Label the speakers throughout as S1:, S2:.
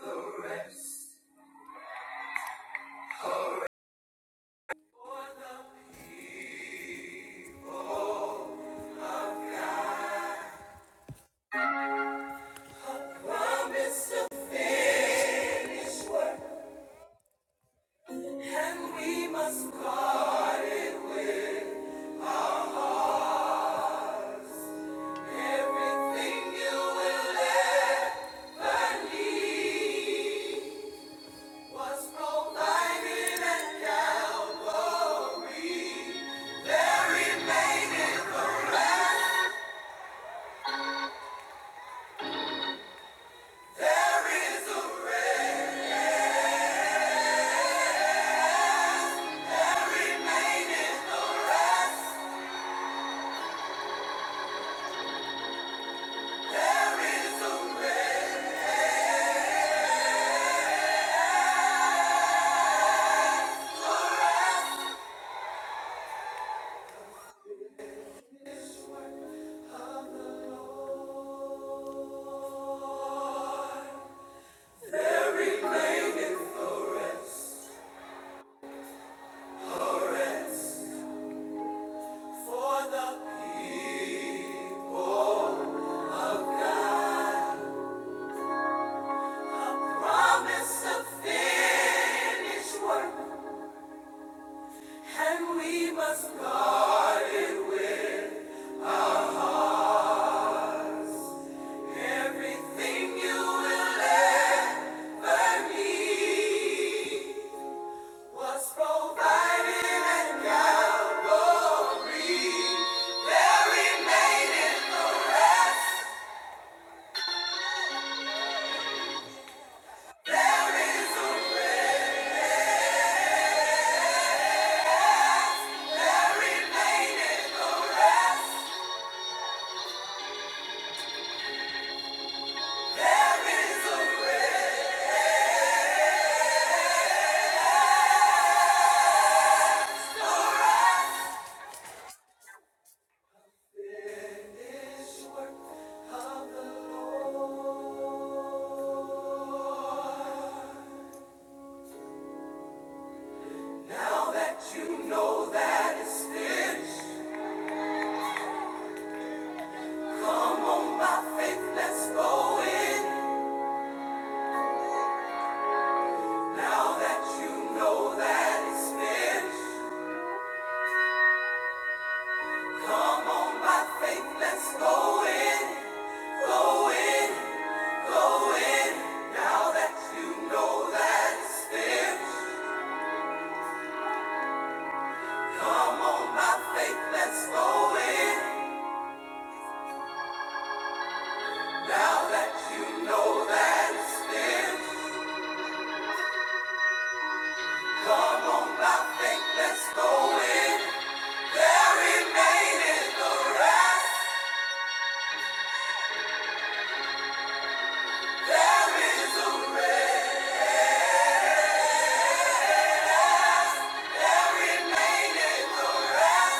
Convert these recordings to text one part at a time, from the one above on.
S1: The rest for the people. Promise to finish work, and we must guard it with everything you will ever need. Was provided at Calvary. There remain, there is a remaining the rest. There is a rest. For the people of God, promise a finished work, and we must guard everything you will ever need. Was provided at Calvary, there remaineth the rest Let's go in now that you know that it's finished. Come on, my faith, let's go in, go in, go in. Now that you know that it's finished. Come on, my faith, let's go in. Now that you know that it's finished. Come on, my faith, let's go in. There remaineth the rest. There is a rest. There remaineth the rest.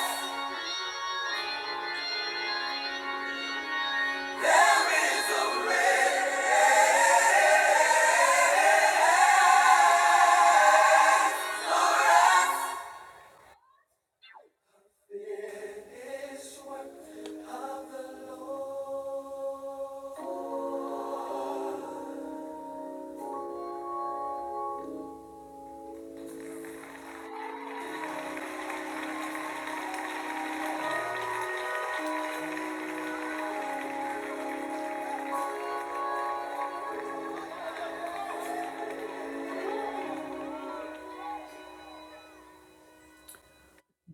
S1: There is a way. It is work of the Lord.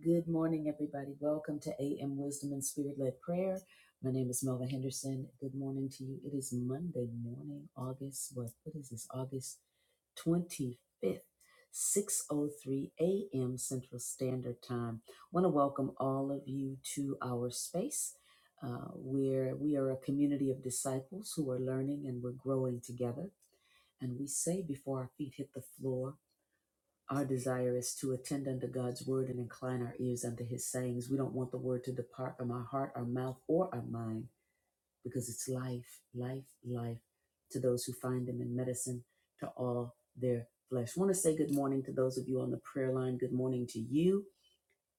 S1: Good morning, everybody. Welcome to AM Wisdom and Spirit Led Prayer. My name is Melva Henderson. Good morning to you. It is Monday morning, August what? What is this? August 25th, 6:03 a.m. Central Standard Time. Want to welcome all of you to our space, uh, where we are a community of disciples who are learning and we're growing together. And we say before our feet hit the floor. Our desire is to attend unto God's word and incline our ears unto his sayings. We don't want the word to depart from our heart, our mouth, or our mind because it's life, life, life to those who find them in medicine, to all their flesh. want to say good morning to those of you on the prayer line. Good morning to you.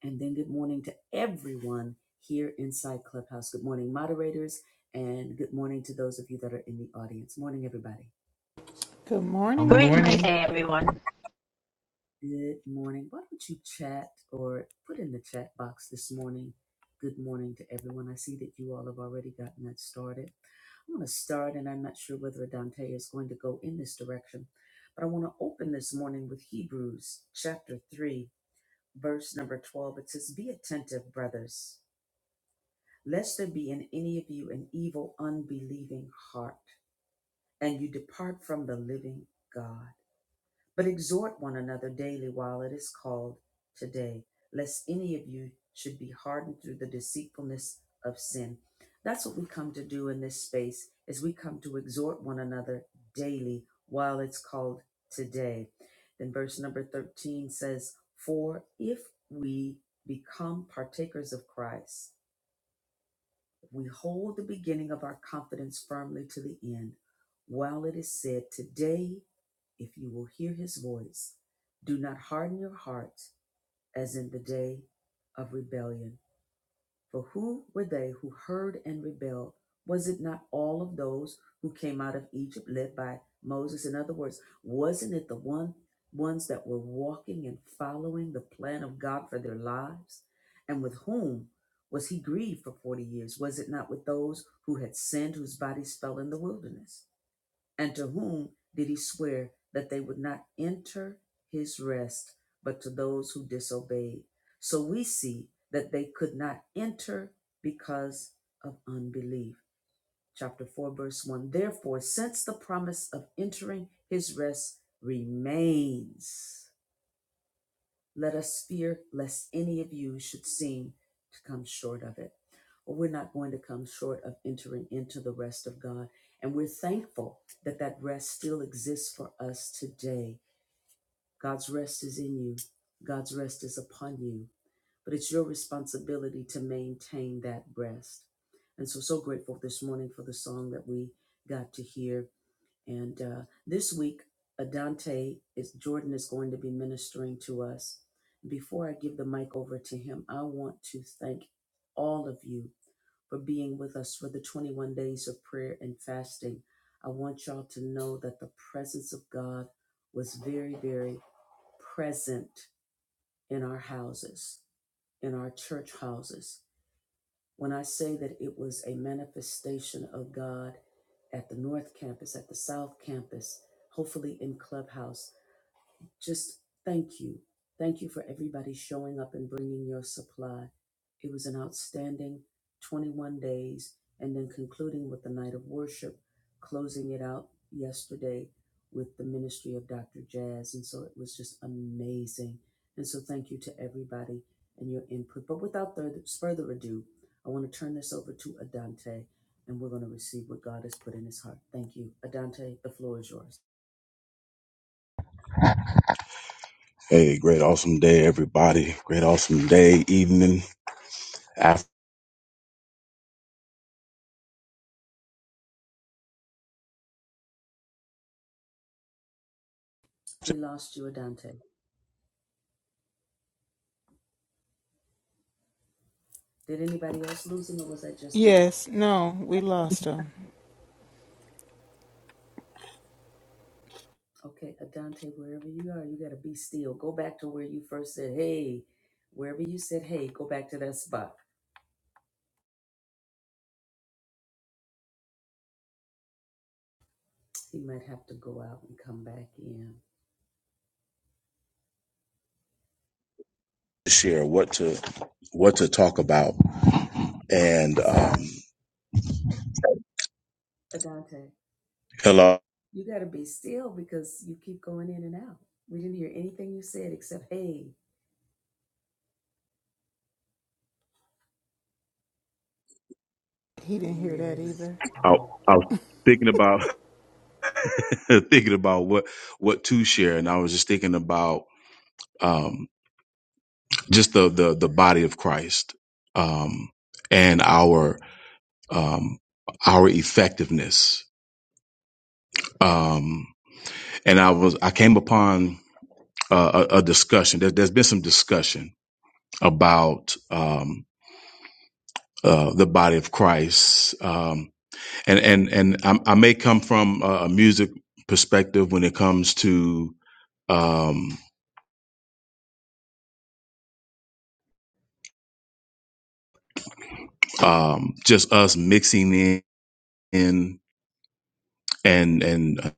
S1: And then good morning to everyone here inside Clubhouse. Good morning, moderators. And good morning to those of you that are in the audience. Morning, everybody.
S2: Good
S3: Good
S4: Great
S2: morning.
S4: Monday,
S3: morning,
S4: everyone.
S1: Good morning. Why don't you chat or put in the chat box this morning? Good morning to everyone. I see that you all have already gotten that started. I'm going to start, and I'm not sure whether Dante is going to go in this direction, but I want to open this morning with Hebrews chapter 3, verse number 12. It says, Be attentive, brothers, lest there be in any of you an evil, unbelieving heart, and you depart from the living God. But exhort one another daily while it is called today, lest any of you should be hardened through the deceitfulness of sin. That's what we come to do in this space is we come to exhort one another daily while it's called today. Then verse number 13 says, For if we become partakers of Christ, if we hold the beginning of our confidence firmly to the end, while it is said, Today if you will hear his voice, do not harden your hearts as in the day of rebellion. For who were they who heard and rebelled? Was it not all of those who came out of Egypt led by Moses? In other words, wasn't it the one ones that were walking and following the plan of God for their lives? And with whom was he grieved for 40 years? Was it not with those who had sinned whose bodies fell in the wilderness? And to whom did he swear that they would not enter his rest, but to those who disobeyed? So we see that they could not enter because of unbelief. Chapter 4, verse 1. Therefore, since the promise of entering his rest remains, let us fear lest any of you should seem to come short of it. Well, We're not going to come short of entering into the rest of God. And we're thankful that that rest still exists for us today. God's rest is in you, God's rest is upon you. But it's your responsibility to maintain that rest. And so, so grateful this morning for the song that we got to hear. And uh, this week, Adante is Jordan is going to be ministering to us. Before I give the mic over to him, I want to thank all of you for being with us for the 21 days of prayer and fasting. I want y'all to know that the presence of God was very, very present in our houses, in our church houses. When I say that it was a manifestation of God at the North Campus, at the South Campus, hopefully in Clubhouse, just thank you. Thank you for everybody showing up and bringing your supply. It was an outstanding 21 days and then concluding with the night of worship, closing it out yesterday with the ministry of Dr. Jazz. And so it was just amazing. And so thank you to everybody and your input. But without further further ado, I want to turn this over to Adante and we're going to receive what God has put in his heart. Thank you. Adante, the floor is yours.
S5: Hey, great awesome day, everybody. Great awesome day, evening. I have
S1: We lost you, Adante. Did anybody else lose him, or was I just
S2: Yes, no, we lost him.
S1: okay? Adante, wherever you are, you gotta be still. Go back to where you first said, "Hey." Wherever you said, "Hey," go back to that spot. He might have to go out and come back in,
S5: to share what to what to talk about. And
S1: sir.
S5: um
S1: Adante,
S5: hello.
S1: you gotta be still because you keep going in and out. We didn't hear anything you said except "Hey."
S2: He
S1: You
S2: didn't
S1: didn't
S2: hear
S1: hear
S2: that
S1: that either.
S2: either.
S5: I, I was thinking about thinking about what what to share, and I was just thinking about um just the the the body of Christ um and our um our effectiveness. Um and I was I came upon uh, a, a discussion. There, there's been some discussion about um, uh, the body of Christ, um, and and and I, I may come from a music perspective when it comes to um, um, just us mixing in, in and and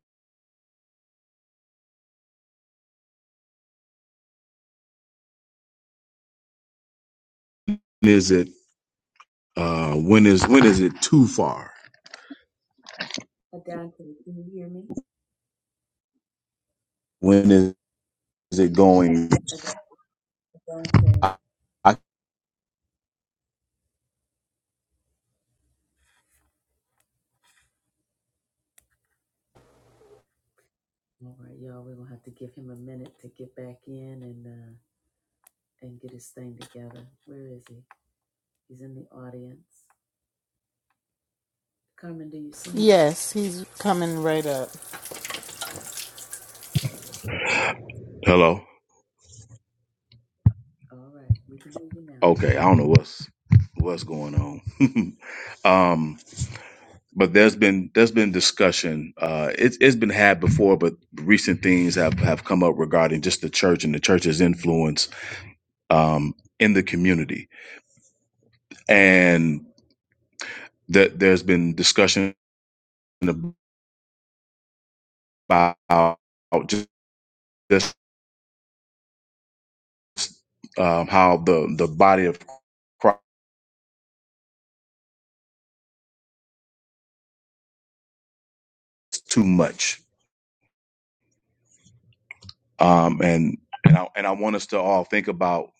S5: is it uh, when is when is it too far?
S1: Adante, can you hear me?
S5: When is, is it going?
S1: Ad- Adante.
S5: I, I,
S1: All right, y'all. We're gonna have to give him a minute to get back in and uh, and get his thing together. Where is he? He's in the audience. Carmen, do you see him?
S2: Yes, he's coming right up.
S5: hello.
S1: All right, we can hear you now.
S5: Okay, I don't know what's what's going on. um, but there's been there's been discussion. Uh, it's it's been had before, but recent things have have come up regarding just the church and the church's influence um, in the community, and that there's been discussion about just, just um, how the the body of Christ is too much, um, and and I and I want us to all think about.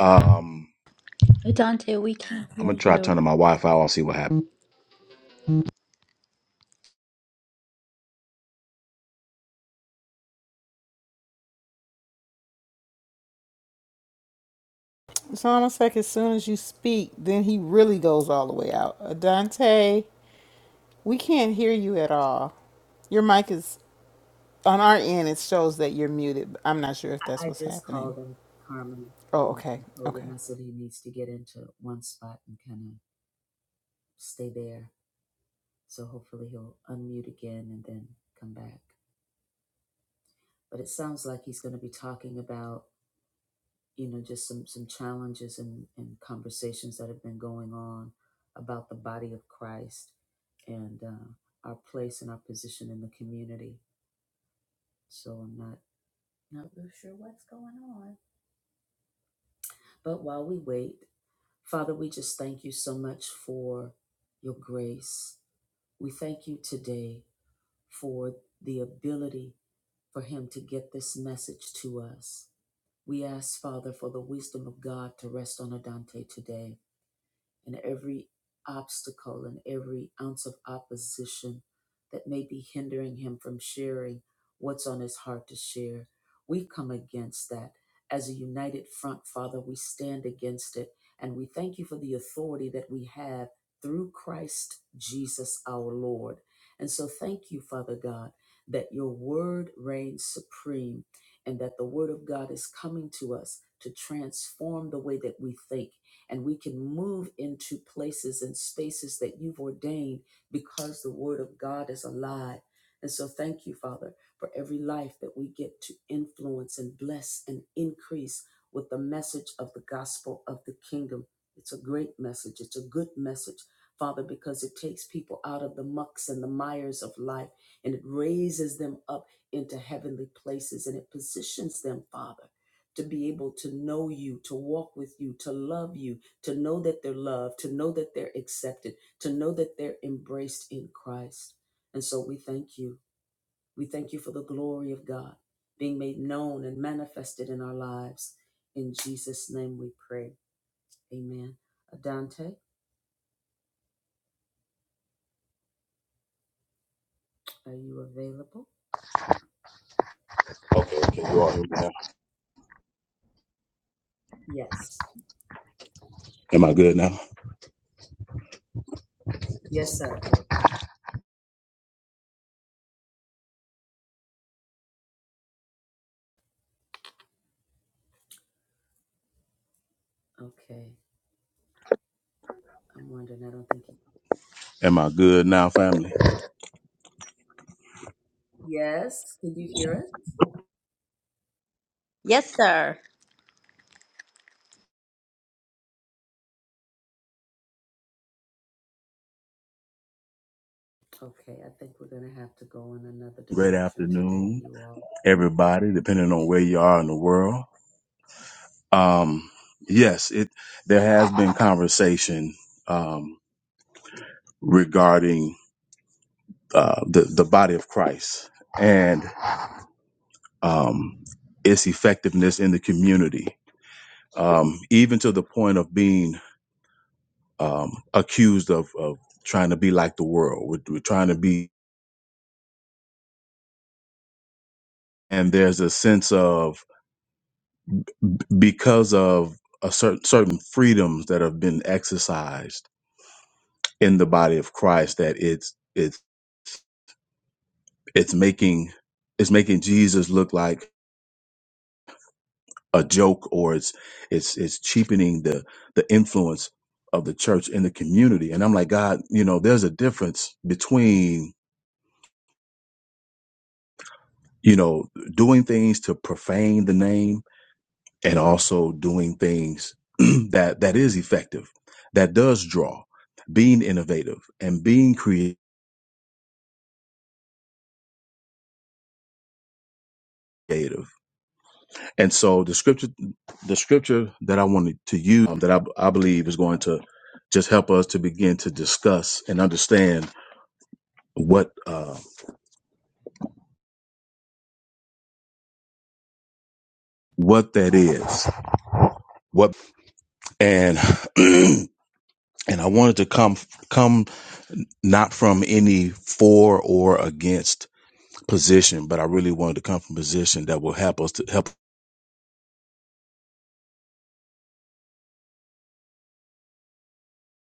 S5: Um,
S4: Dante, we can't
S5: I'm
S4: hear
S5: gonna try
S4: you.
S5: turning my Wi-Fi. I'll see what happens.
S2: It's almost like as soon as you speak, then he really goes all the way out. Uh, Dante, we can't hear you at all. Your mic is on our end. It shows that you're muted. but I'm not sure if
S1: I
S2: that's
S1: I
S2: what's
S1: just
S2: happening.
S1: called him Carmen
S2: Oh,
S1: and
S2: okay,
S1: told
S2: okay.
S1: him I said he needs to get into one spot and kind of stay there. So hopefully he'll unmute again and then come back. But it sounds like he's going to be talking about you know just some some challenges and and conversations that have been going on about the body of Christ and uh, our place and our position in the community. So I'm not Not real sure what's going on. But while we wait, Father, we just thank you so much for your grace. We thank you today for the ability for him to get this message to us. We ask, Father, for the wisdom of God to rest on Adante today. and every obstacle and every ounce of opposition that may be hindering him from sharing what's on his heart to share. We come against that. As a united front, Father, we stand against it. And we thank you for the authority that we have through Christ Jesus our Lord. And so thank you, Father God, that your word reigns supreme and that the word of God is coming to us to transform the way that we think and we can move into places and spaces that you've ordained because the word of God is alive. And so thank you, Father, for every life that we get to influence and bless and increase with the message of the gospel of the kingdom. It's a great message. It's a good message, Father, because it takes people out of the mucks and the mires of life and it raises them up into heavenly places and it positions them, Father to be able to know you, to walk with you, to love you, to know that they're loved, to know that they're accepted, to know that they're embraced in Christ. And so we thank you. We thank you for the glory of God being made known and manifested in our lives. In Jesus' name we pray. Amen. Adante, are you available? Yes.
S5: Am I good now?
S1: Yes, sir. Okay. I'm wondering. I don't think he.
S5: Am I good now, family?
S1: Yes. Can you hear us?
S4: Yes, sir.
S1: Okay, I think we're gonna have to go in another
S5: Great
S1: direction today,
S5: afternoon,
S1: you all.
S5: everybody, depending on where you are in the world. Um, yes, it there has been conversation um, regarding uh, the the body of Christ and um, its effectiveness in the community, um, even to the point of being um, accused of, of trying to be like the world. We're, we're trying to be, and there's a sense of because of a certain certain freedoms that have been exercised in the body of Christ that it's it's it's making it's making Jesus look like a joke or it's it's it's cheapening the the influence of the church in the community and I'm like God you know there's a difference between you know doing things to profane the name and also doing things that that is effective that does draw being innovative and being creative And so the scripture, the scripture that I wanted to use um, that I, I believe is going to just help us to begin to discuss and understand what uh, what that is. What and and I wanted to come come not from any for or against position, but I really wanted to come from a position that will help us to help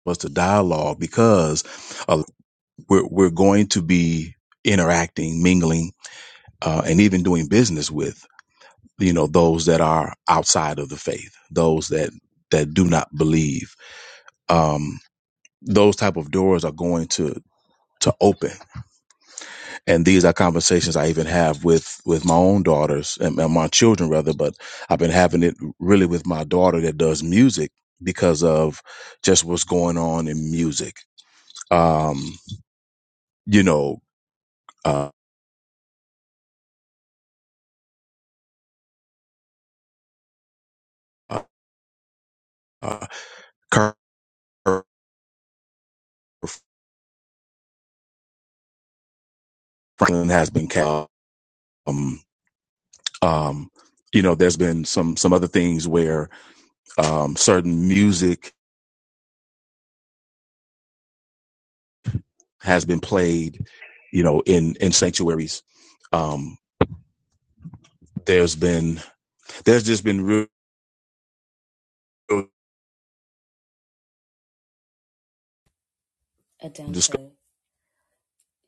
S5: us to dialogue because uh, we're we're going to be interacting, mingling, uh, and even doing business with. you know those that are outside of the faith those that that do not believe um those type of doors are going to to open and these are conversations i even have with with my own daughters and and my children rather but i've been having it really with my daughter that does music because of just what's going on in music um you know uh, uh uh, Kirk franklin has been ca- um um you know there's been some some other things where. um, certain music has been played you know in in sanctuaries um there's been there's just been real discussion
S1: Adante,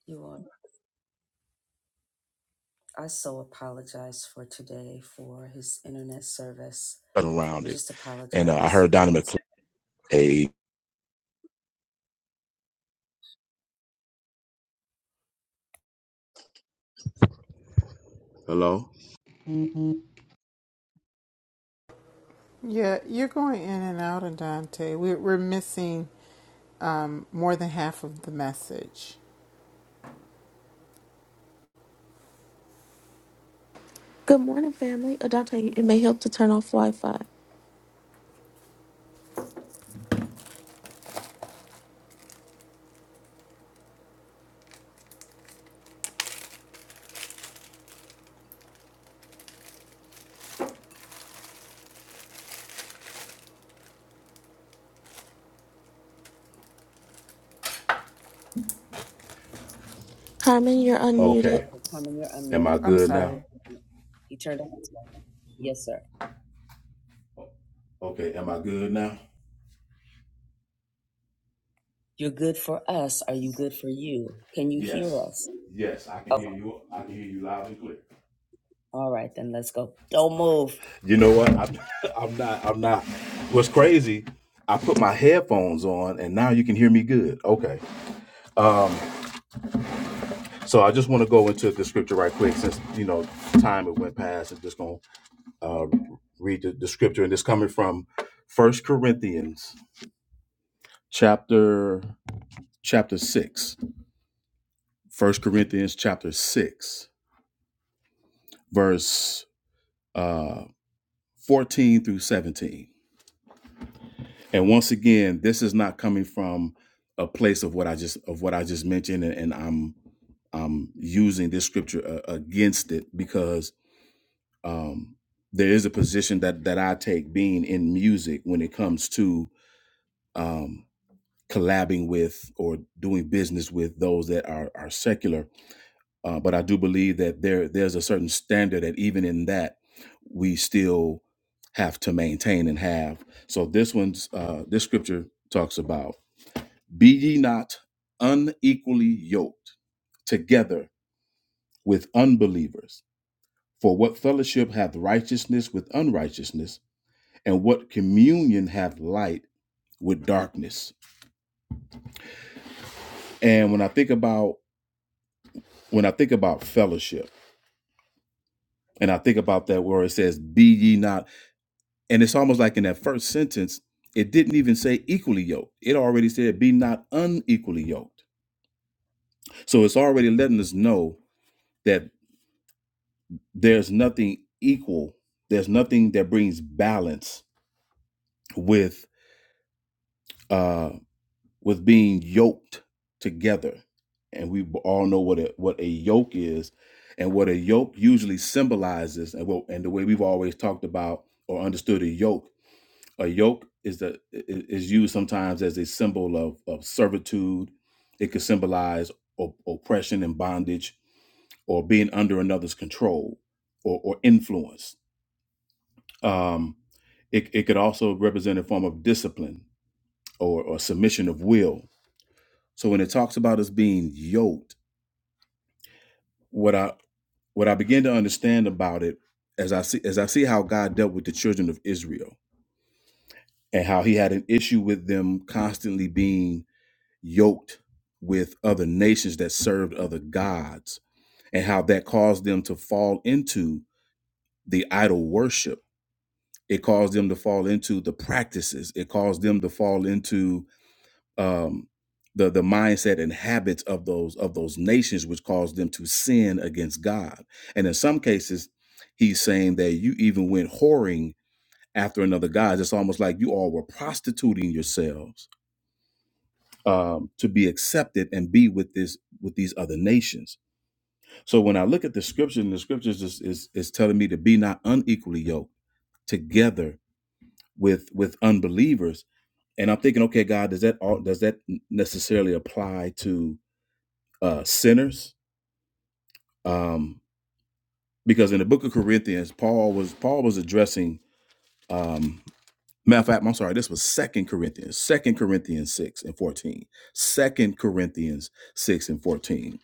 S1: you all. I so apologize for today for his internet service. We
S5: around it
S1: just
S5: and uh, i
S1: apologize.
S5: heard
S1: You
S5: Donnie
S1: know, it's
S5: mcclain a hello Mm-hmm.
S2: Yeah, you're going in and out, Adante. We're we're missing um, more than half of the message.
S6: Good morning, family. Adante, it may help to turn off Wi Fi. Carmen, you're
S5: okay
S6: unmuted.
S1: okay. Carmen, you're
S5: am i
S1: unmuted.
S2: I'm
S1: We,
S5: good
S1: we,
S5: now
S2: sorry.
S1: we, he turned on his mic. Yes, sir.
S5: okay am i good now
S1: You're good for us. Are you good for you? Can you hear
S5: yes
S1: us?
S5: yes i can
S1: Okay.
S5: hear you i can hear you loud and clear
S1: All right, then let's go. Don't move.
S5: you know what i'm, I'm not i'm not what's crazy i put my headphones on and now you can hear me good okay So I just want to go into the scripture right quick, since you know time it went past. I'm just gonna uh, read the, the scripture, and it's coming from First Corinthians chapter chapter six. First Corinthians chapter six, verse uh, fourteen through seventeen. And once again, this is not coming from a place of what I just of what I just mentioned, and, and I'm I'm using this scripture uh, against it because um, there is a position that that I take being in music when it comes to um, collabing with or doing business with those that are are secular. Uh, but I do believe that there there's a certain standard that even in that we still have to maintain and have. So this one's uh, this scripture talks about be ye not unequally yoked together with unbelievers. For what fellowship hath righteousness with unrighteousness? and what communion have light with darkness and when i think about when i think about fellowship and i think about that where it says be ye not and it's almost like in that first sentence it didn't even say equally yoked it already said be not unequally yoked so it's already letting us know that there's nothing equal there's nothing that brings balance with uh, was being yoked together. And we all know what a, what a yoke is and what a yoke usually symbolizes and what, and the way we've always talked about or understood a yoke. A yoke is the is used sometimes as a symbol of, of servitude. It could symbolize op- oppression and bondage or being under another's control or, or influence. Um, it, it could also represent a form of discipline or, or submission of will So when it talks about us being yoked, what I what I begin to understand about it as I see as I see how God dealt with the children of Israel and how he had an issue with them constantly being yoked with other nations that served other gods and how that caused them to fall into the idol worship. It caused them to fall into the practices. It caused them to fall into um, the the mindset and habits of those of those nations, which caused them to sin against God. And in some cases, he's saying that you even went whoring after another god. It's almost like you all were prostituting yourselves um, to be accepted and be with this with these other nations. So when I look at the scripture, and the scriptures is, is is telling me to be not unequally yoked together with with unbelievers. And I'm thinking, okay, God, does that all does that necessarily apply to uh, sinners, um, because in the book of Corinthians, Paul was Paul was addressing. Um, matter of fact, I'm sorry, this was Second Corinthians, Second Corinthians six and fourteen, Second Corinthians six and fourteen,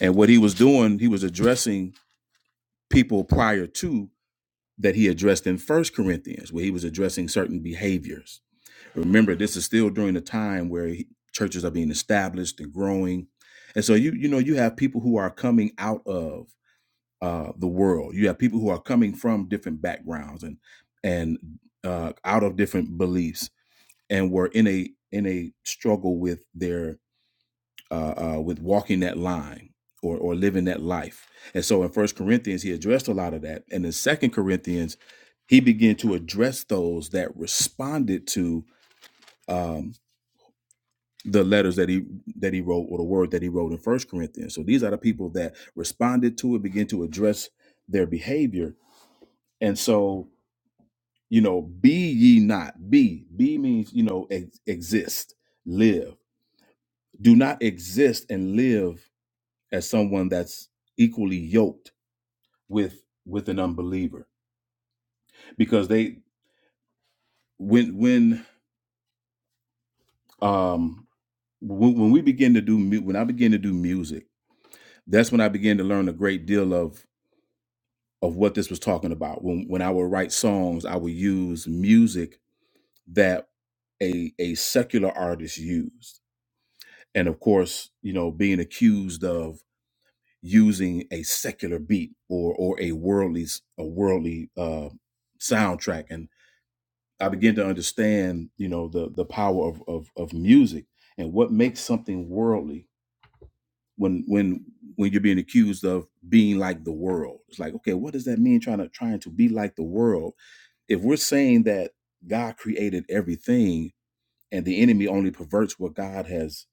S5: and what he was doing, he was addressing people prior to that he addressed in First Corinthians, where he was addressing certain behaviors. Remember, this is still during the time where he- churches are being established and growing, and so you you know you have people who are coming out of uh, the world. You have people who are coming from different backgrounds and and uh, out of different beliefs, and were in a in a struggle with their uh, uh, with walking that line or or living that life. And so in First Corinthians, he addressed a lot of that, and in Second Corinthians, he began to address those that responded to. Um, the letters that he that he wrote or the word that he wrote in first corinthians so these are the people that responded to it began to address their behavior And so, you know, be ye not. Be. Be means, you know, ex- exist, live. Do not exist and live as someone that's equally yoked with with an unbeliever. Because they when when um when, when we begin to do mu- when I begin to do music, that's when I began to learn a great deal of of what this was talking about. When when I would write songs, I would use music that a a secular artist used and of course, you know, being accused of using a secular beat or or a worldly a worldly uh, soundtrack, and I began to understand, you know, the the power of, of of music and what makes something worldly when when when you're being accused of being like the world. It's like, okay, what does that mean? Trying to trying to be like the world. If we're saying that God created everything and the enemy only perverts what God has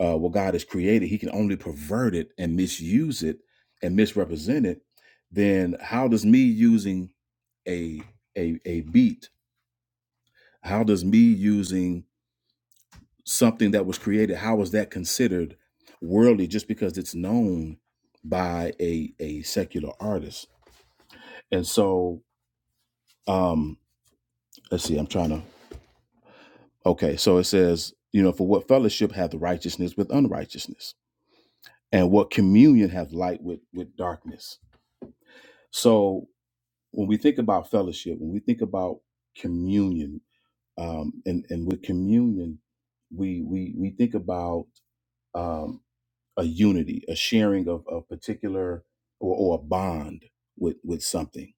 S5: uh, what God has created, he can only pervert it and misuse it and misrepresent it, then how does me using a a a beat, how does me using something that was created, how is that considered worldly just because it's known by a a secular artist? And so um let's see, I'm trying to okay, so it says, you know, for what fellowship hath righteousness with unrighteousness? And what communion hath light with with darkness? So when we think about fellowship, when we think about communion, um, and and with communion, we we we think about um, a unity, a sharing of a particular or, or a bond with with something.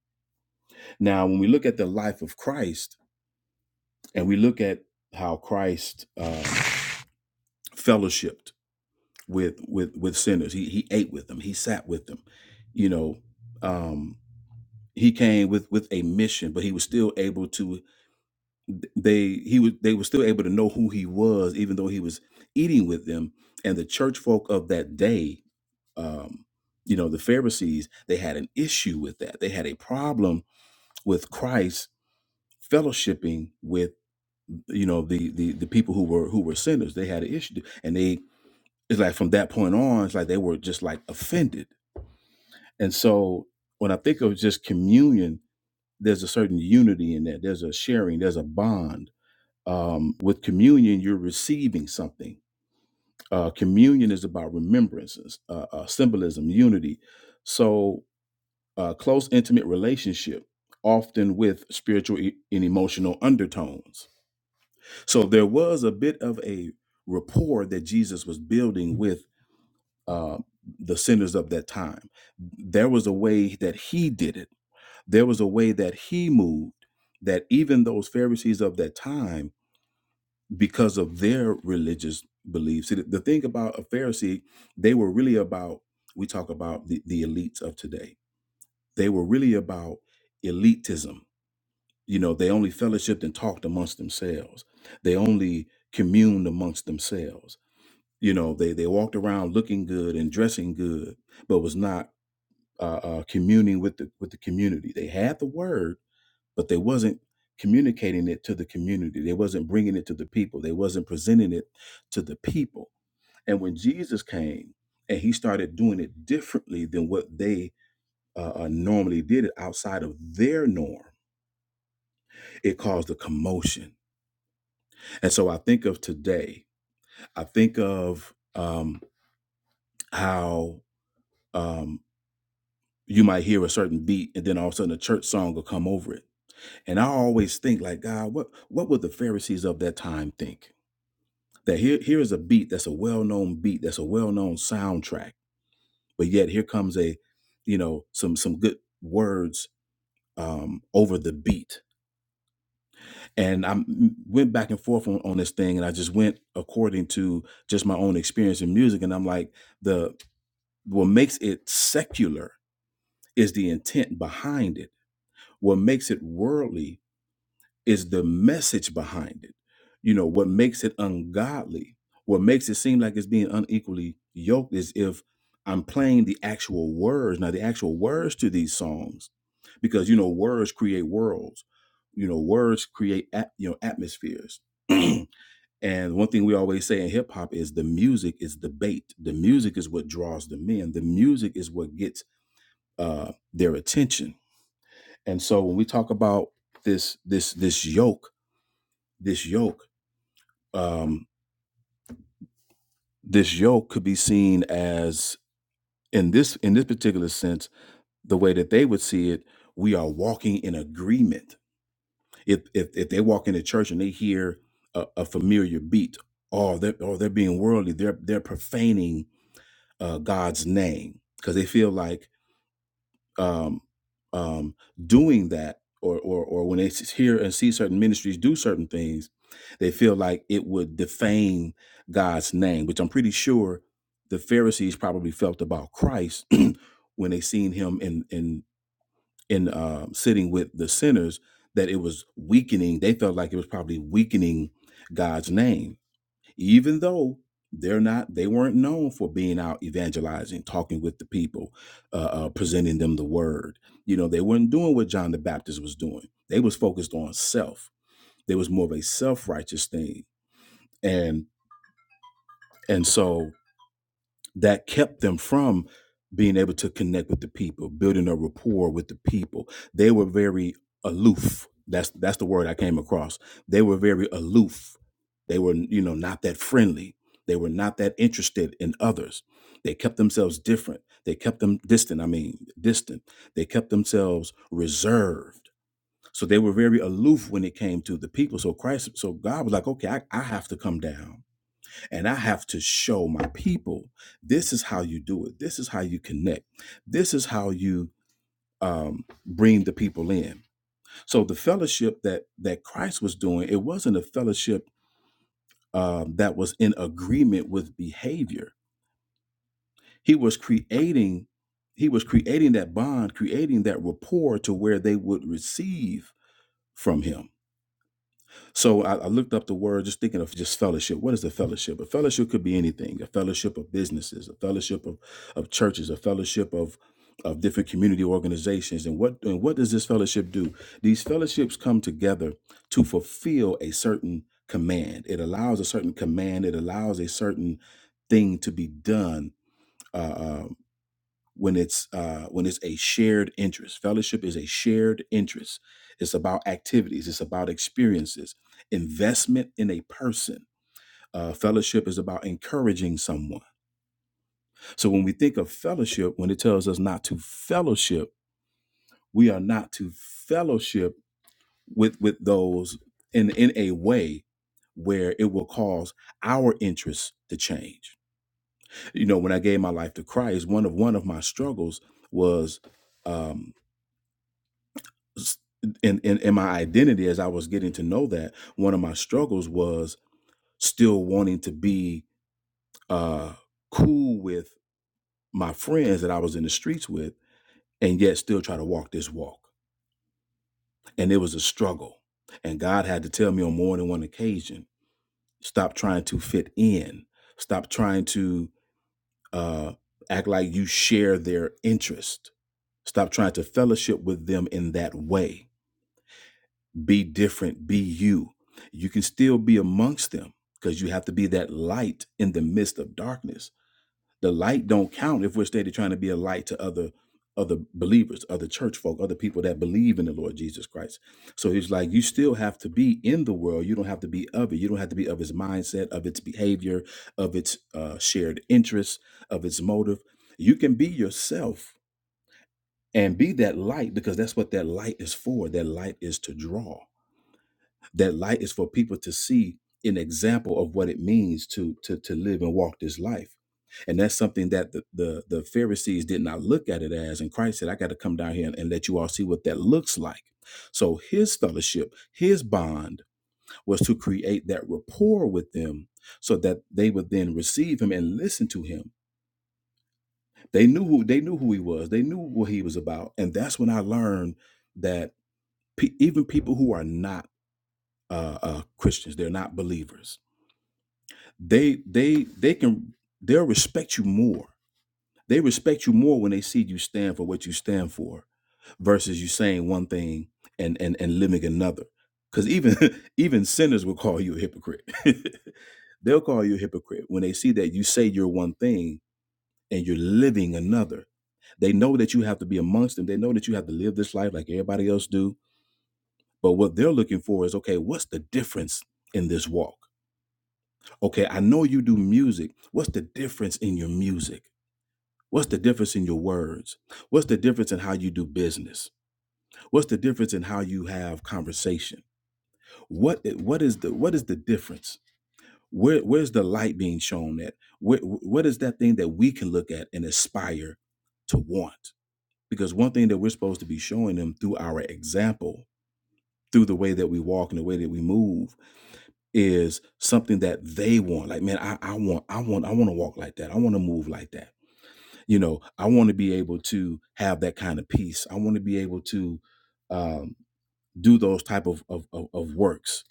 S5: Now, when we look at the life of Christ, and we look at how Christ uh, fellowshipped with with with sinners, he he ate with them, he sat with them, you know. Um, he came with with a mission, but he was still able to th- they he was they were still able to know who he was even though he was eating with them and the church folk of that day um you know the pharisees they had an issue with that they had a problem with christ fellowshipping with you know the the, the people who were who were sinners they had an issue and they it's like from that point on it's like they were just like offended and so when i think of just communion there's a certain unity in that there's a sharing there's a bond um, with communion, you're receiving something. Uh, communion is about remembrances, uh, uh, symbolism, unity. So, uh, close, intimate relationship, often with spiritual e- and emotional undertones. So, there was a bit of a rapport that Jesus was building with uh, the sinners of that time. There was a way that he did it, there was a way that he moved that even those Pharisees of that time because of their religious beliefs. See, the, the thing about a Pharisee, they were really about, we talk about the, the elites of today. They were really about elitism. You know, they only fellowshipped and talked amongst themselves. They only communed amongst themselves. You know, they they walked around looking good and dressing good, but was not uh, uh, communing with the with the community. They had the word, but they wasn't communicating it to the community they wasn't bringing it to the people they wasn't presenting it to the people and when jesus came and he started doing it differently than what they uh, uh, normally did it outside of their norm it caused a commotion and so i think of today i think of um, how um, you might hear a certain beat and then all of a sudden a church song will come over it and i always think like god what what would the pharisees of that time think that here here is a beat that's a well-known beat that's a well-known soundtrack but yet here comes a you know some some good words um over the beat and i m- went back and forth on, on this thing and i just went according to just my own experience in music and i'm like the what makes it secular is the intent behind it what makes it worldly is the message behind it. You know, what makes it ungodly, what makes it seem like it's being unequally yoked is if I'm playing the actual words. Now, the actual words to these songs, because, you know, words create worlds, you know, words create, at, you know, atmospheres. and one thing we always say in hip hop is the music is the bait. The music is what draws them in. The music is what gets uh, their attention. And so when we talk about this, this, this yoke, this yoke um this yoke could be seen as in this in this particular sense the way that they would see it we are walking in agreement if if, if they walk into church and they hear a, a familiar beat or they're or they're being worldly they're they're profaning uh god's name because they feel like um, um, doing that, or, or or when they s- hear and see certain ministries do certain things, they feel like it would defame God's name, which I'm pretty sure the Pharisees probably felt about Christ when they seen him in in in uh, sitting with the sinners. That it was weakening. They felt like it was probably weakening God's name even though they're not they weren't known for being out evangelizing talking with the people uh, uh presenting them the word you know they weren't doing what john the baptist was doing they was focused on self there was more of a self-righteous thing and and so that kept them from being able to connect with the people, building a rapport with the people. They were very aloof. That's that's the word I came across. They were very aloof. They were, you know, not that friendly. They were not that interested in others. They kept themselves different. They kept them distant, I mean, distant. They kept themselves reserved. So they were very aloof when it came to the people. So Christ, so God was like, okay, I, I have to come down and I have to show my people this is how you do it. This is how you connect. This is how you um, bring the people in. So the fellowship that that Christ was doing, it wasn't a fellowship um, that was in agreement with behavior. He was creating, he was creating that bond, creating that rapport to where they would receive from him So I, I looked up the word, just thinking of just fellowship. What is a fellowship? A fellowship could be anything. A fellowship of businesses, a fellowship of, of churches, a fellowship of of different community organizations. And what and what does this fellowship do? These fellowships come together to fulfill a certain command. It allows a certain command. It allows a certain thing to be done Uh. uh, when it's uh, when it's a shared interest. Fellowship is a shared interest. It's about activities. It's about experiences. Investment in a person. Uh, fellowship is about encouraging someone. So when we think of fellowship, when it tells us not to fellowship, we are not to fellowship with with those in in a way where it will cause our interests to change. You know, when I gave my life to Christ, one of one of my struggles was um, s- in, in in my identity as I was getting to know that one of my struggles was still wanting to be uh cool with my friends that I was in the streets with and yet still try to walk this walk and it was a struggle and God had to tell me on more than one occasion stop trying to fit in stop trying to uh act like you share their interest stop trying to fellowship with them in that way Be different, be you. You can still be amongst them because you have to be that light in the midst of darkness. The light don't count if we're steady trying to be a light to other other believers, other church folk, other people that believe in the Lord Jesus Christ. So he's like, you still have to be in the world. You don't have to be of it. You don't have to be of its mindset, of its behavior, of its uh, shared interests, of its motive. You can be yourself and be that light because that's what that light is for. That light is to draw. That light is for people to see an example of what it means to to to live and walk this life. And that's something that the the, the Pharisees did not look at it as. And Christ said, I got to come down here and, and let you all see what that looks like. So his fellowship, his bond was to create that rapport with them so that they would then receive him and listen to him. They knew who they knew who he was. They knew what he was about. And that's when I learned that pe- even people who are not uh, uh, Christians, they're not believers they they they can they'll respect you more they respect you more when they see you stand for what you stand for versus you saying one thing and and and living another because even even sinners will call you a hypocrite they'll call you a hypocrite when they see that you say you're one thing and you're living another they know that you have to be amongst them they know that you have to live this life like everybody else do but what they're looking for is okay what's the difference in this walk Okay, I know you do music. What's the difference in your music? What's the difference in your words? What's the difference in how you do business? What's the difference in how you have conversation? What i- what is the what is the difference? Where where's the light being shown at? Where, what is that thing that we can look at and aspire to want? Because one thing that we're supposed to be showing them through our example, through the way that we walk and the way that we move, is something that they want. Like, man, I, I want, I want, I want to walk like that. I want to move like that. You know, I want to be able to have that kind of peace. I want to be able to um, do those type of, of of of works.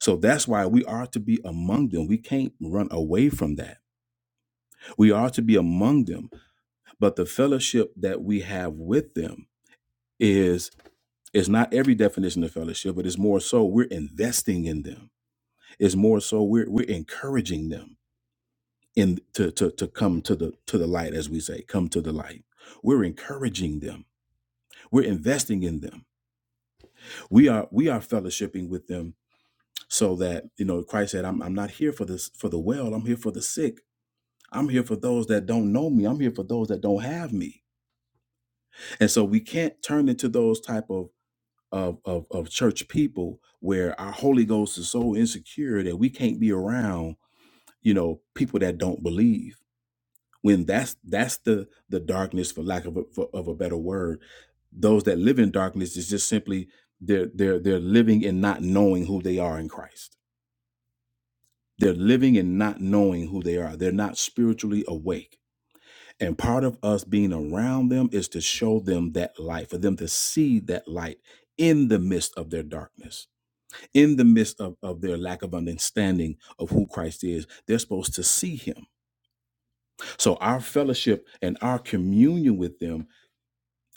S5: So that's why we are to be among them. We can't run away from that. We are to be among them. But the fellowship that we have with them is is not every definition of fellowship, but it's more so we're investing in them. It's more so we're we're encouraging them in to, to to come to the to the light as we say come to the light we're encouraging them we're investing in them we are we are fellowshipping with them so that you know christ said i'm, I'm not here for this for the well i'm here for the sick i'm here for those that don't know me i'm here for those that don't have me and so we can't turn into those type of of, of, of church people where our holy ghost is so insecure that we can't be around you know people that don't believe when that's that's the the darkness for lack of a, for, of a better word those that live in darkness is just simply they're they're they're living and not knowing who they are in Christ they're living and not knowing who they are they're not spiritually awake and part of us being around them is to show them that light for them to see that light in the midst of their darkness in the midst of, of their lack of understanding of who christ is they're supposed to see him so our fellowship and our communion with them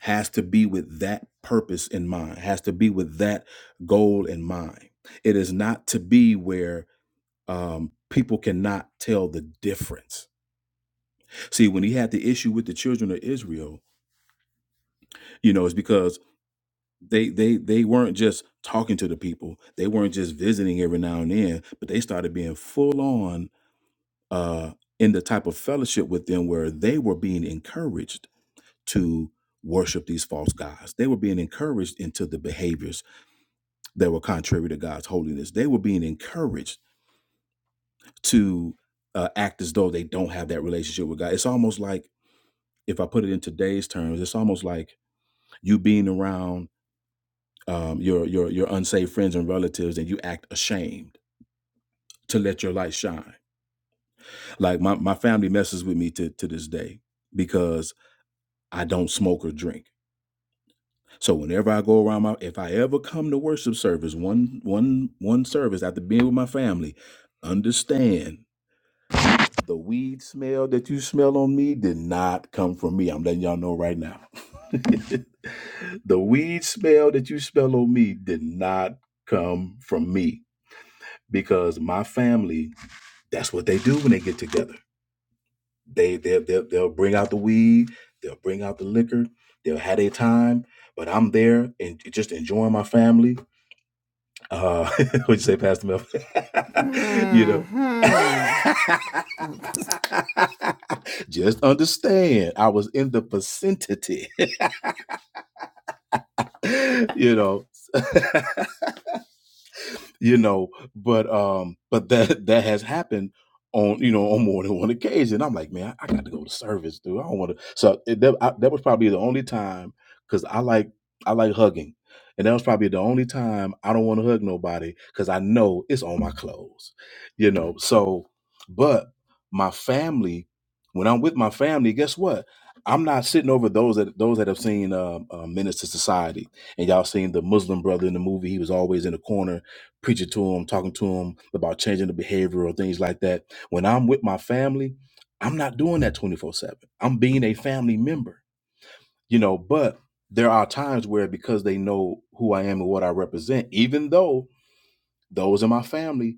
S5: has to be with that purpose in mind, has to be with that goal in mind. It is not to be where um, people cannot tell the difference. See, when he had the issue with the children of Israel, you know, it's because they they they weren't just talking to the people, they weren't just visiting every now and then, but they started being full on uh, in the type of fellowship with them where they were being encouraged to worship these false gods. They were being encouraged into the behaviors that were contrary to God's holiness. They were being encouraged to uh, act as though they don't have that relationship with God. It's almost like, if I put it in today's terms, it's almost like you being around um, your your your unsaved friends and relatives, and you act ashamed to let your light shine. Like my my family messes with me to to this day because I don't smoke or drink. So whenever I go around my, if I ever come to worship service, one one one service after being with my family, understand The weed smell that you smell on me did not come from me. I'm letting y'all know right now. the weed smell that you smell on me did not come from me because my family, that's what they do when they get together. They, they, they'll, they'll bring out the weed, they'll bring out the liquor, they'll have their time, but I'm there and just enjoying my family uh, would you say Pastor Mel? you know.
S2: Hmm.
S5: Just understand, I was in the vicinity, you know. you know but um but that that has happened on you know on more than one occasion i'm like man i, got to go to service dude i don't want to so it, that, I, that was probably the only time because i like i like hugging and that was probably the only time i don't want to hug nobody because i know it's on my clothes you know so but my family when i'm with my family guess what i'm not sitting over those that those that have seen uh, uh, menace to society and y'all seen the muslim brother in the movie he was always in the corner preaching to them, talking to them about changing the behavior or things like that. When I'm with my family, I'm not doing that 24 7. I'm being a family member, you know, but there are times where because they know who I am and what I represent, even though those in my family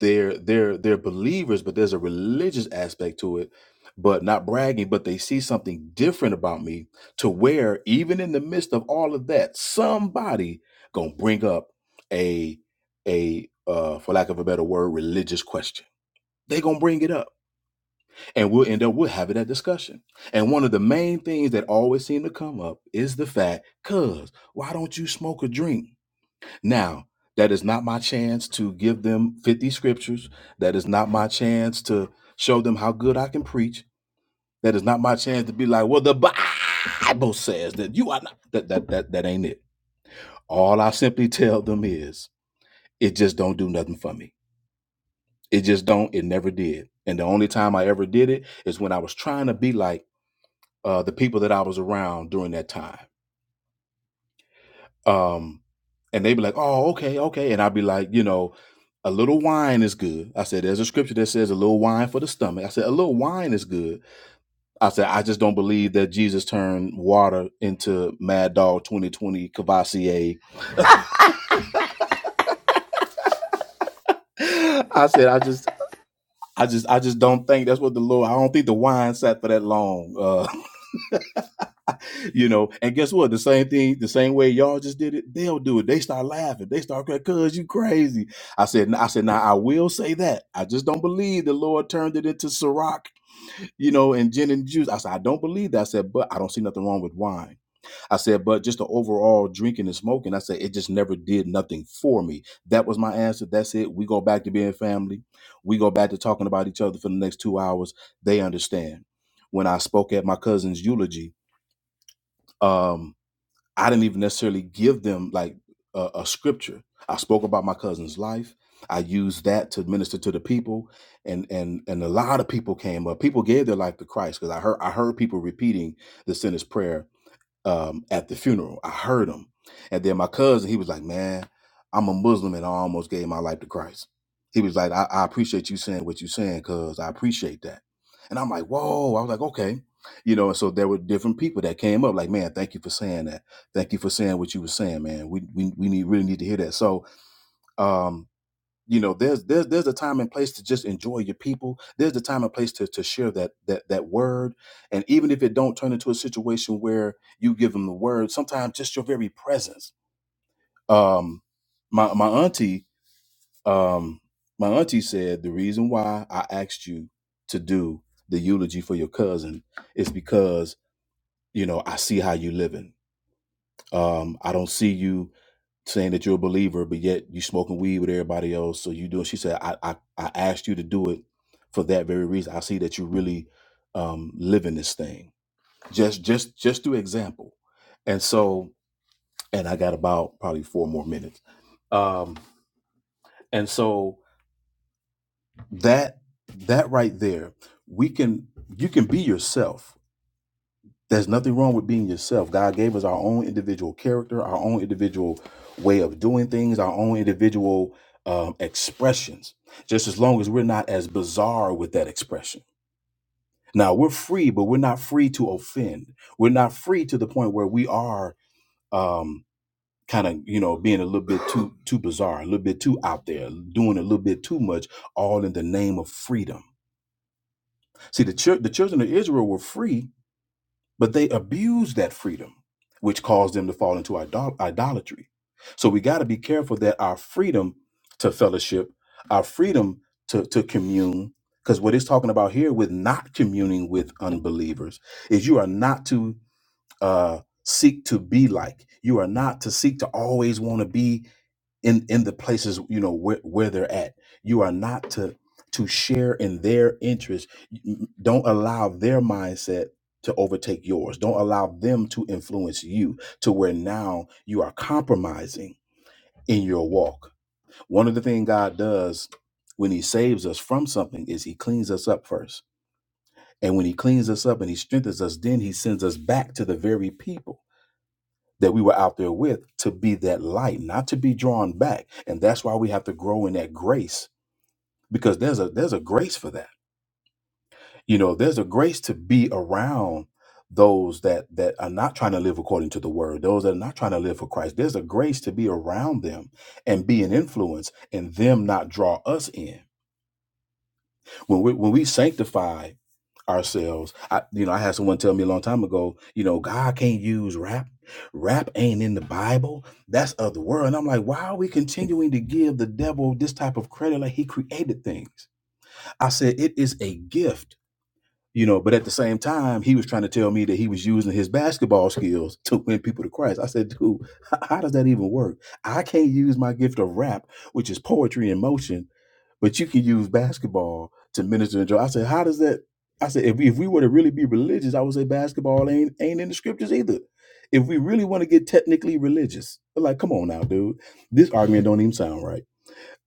S5: they're they're they're believers but there's a religious aspect to it but not bragging but they see something different about me to where even in the midst of all of that somebody gonna bring up a a uh for lack of a better word religious question they gonna bring it up and we'll end up we'll having that discussion and one of the main things that always seem to come up is the fact cuz why don't you smoke or drink now, that is not my chance to give them 50 scriptures. That is not my chance to show them how good I can preach. That is not my chance to be like, well, the Bible says that you are not. That that that, that ain't it. All I simply tell them is it just don't do nothing for me. It just don't, it never did. And the only time I ever did it is when I was trying to be like uh, the people that I was around during that time. Um, and they'd be like, "Oh, okay, okay," and I'd be like, you know, a little wine is good. I said, there's a scripture that says a little wine for the stomach. I said, a little wine is good. I said, I just don't believe that Jesus turned water into Mad Dog 2020 Cavassier. I said, I just, I just, I just don't think that's what the Lord. I don't think the wine sat for that long. Uh, you know, and guess what? The same thing, the same way y'all just did it, they'll do it. They start laughing. They start crying, cuz you crazy. I said, I said, now I will say that. I just don't believe the Lord turned it into Ciroc, you know, and gin and juice. I said, I don't believe that. I said, but I don't see nothing wrong with wine. I said, but just the overall drinking and smoking, I said, it just never did nothing for me. That was my answer. That's it. We go back to being family. We go back to talking about each other for the next two hours. They understand. When I spoke at my cousin's eulogy, um, I didn't even necessarily give them like a, a scripture. I spoke about my cousin's life. I used that to minister to the people, and and and a lot of people came up. People gave their life to Christ because I heard I heard people repeating the sinner's prayer um, at the funeral. I heard him. And then my cousin, he was like, Man, I'm a Muslim and I almost gave my life to Christ. He was like, I, I appreciate you saying what you're saying, cuz I appreciate that. And I'm like, Whoa. I was like, Okay. You know, and so there were different people that came up, like, man, thank you for saying that. Thank you for saying what you were saying, man. We we, we need really need to hear that. So um you know there's there's there's a time and place to just enjoy your people there's a time and place to to share that that that word and even if it don't turn into a situation where you give them the word sometimes just your very presence um my my auntie um my auntie said the reason why i asked you to do the eulogy for your cousin is because you know i see how you living um i don't see you saying that you're a believer, but yet you smoking weed with everybody else. So you do it. She said, I, I, I asked you to do it for that very reason. I see that you really um, living this thing. Just, just, just through example. And so, and I got about probably four more minutes. Um, and so that, that right there, we can, you can be yourself There's nothing wrong with being yourself. God gave us our own individual character, our own individual way of doing things, our own individual um, expressions, just as long as we're not as bizarre with that expression. Now, we're free, but we're not free to offend. We're not free to the point where we are um, kind of, you know, being a little bit too too bizarre, a little bit too out there, doing a little bit too much, all in the name of freedom. See, the, chil- the children of Israel were free, But they abused that freedom, which caused them to fall into idol- idolatry. So we got to be careful that our freedom to fellowship, our freedom to, to commune, because what it's talking about here with not communing with unbelievers is you are not to uh, seek to be like. You are not to seek to always want to be in in the places you know where, where they're at you are not to to share in their interests don't allow their mindset to overtake yours don't allow them to influence you to where now you are compromising in your walk one of the things god does when he saves us from something is he cleans us up first and when he cleans us up and he strengthens us then he sends us back to the very people that we were out there with to be that light, not to be drawn back. And that's why we have to grow in that grace because there's a there's a grace for that. You know, there's a grace to be around those that that are not trying to live according to the word, those that are not trying to live for Christ. There's a grace to be around them and be an influence and them not draw us in. When we when we sanctify ourselves. I, you know, I had someone tell me a long time ago, you know, God can't use rap. Rap ain't in the Bible. That's of the world. And I'm like, why are we continuing to give the devil this type of credit like he created things? I said, it is a gift you know but at the same time he was trying to tell me that he was using his basketball skills to win people to christ i said dude h- how does that even work i can't use my gift of rap which is poetry in motion but you can use basketball to minister and joy i said how does that i said if we, if we were to really be religious i would say basketball ain't ain't in the scriptures either if we really want to get technically religious like come on now dude this argument don't even sound right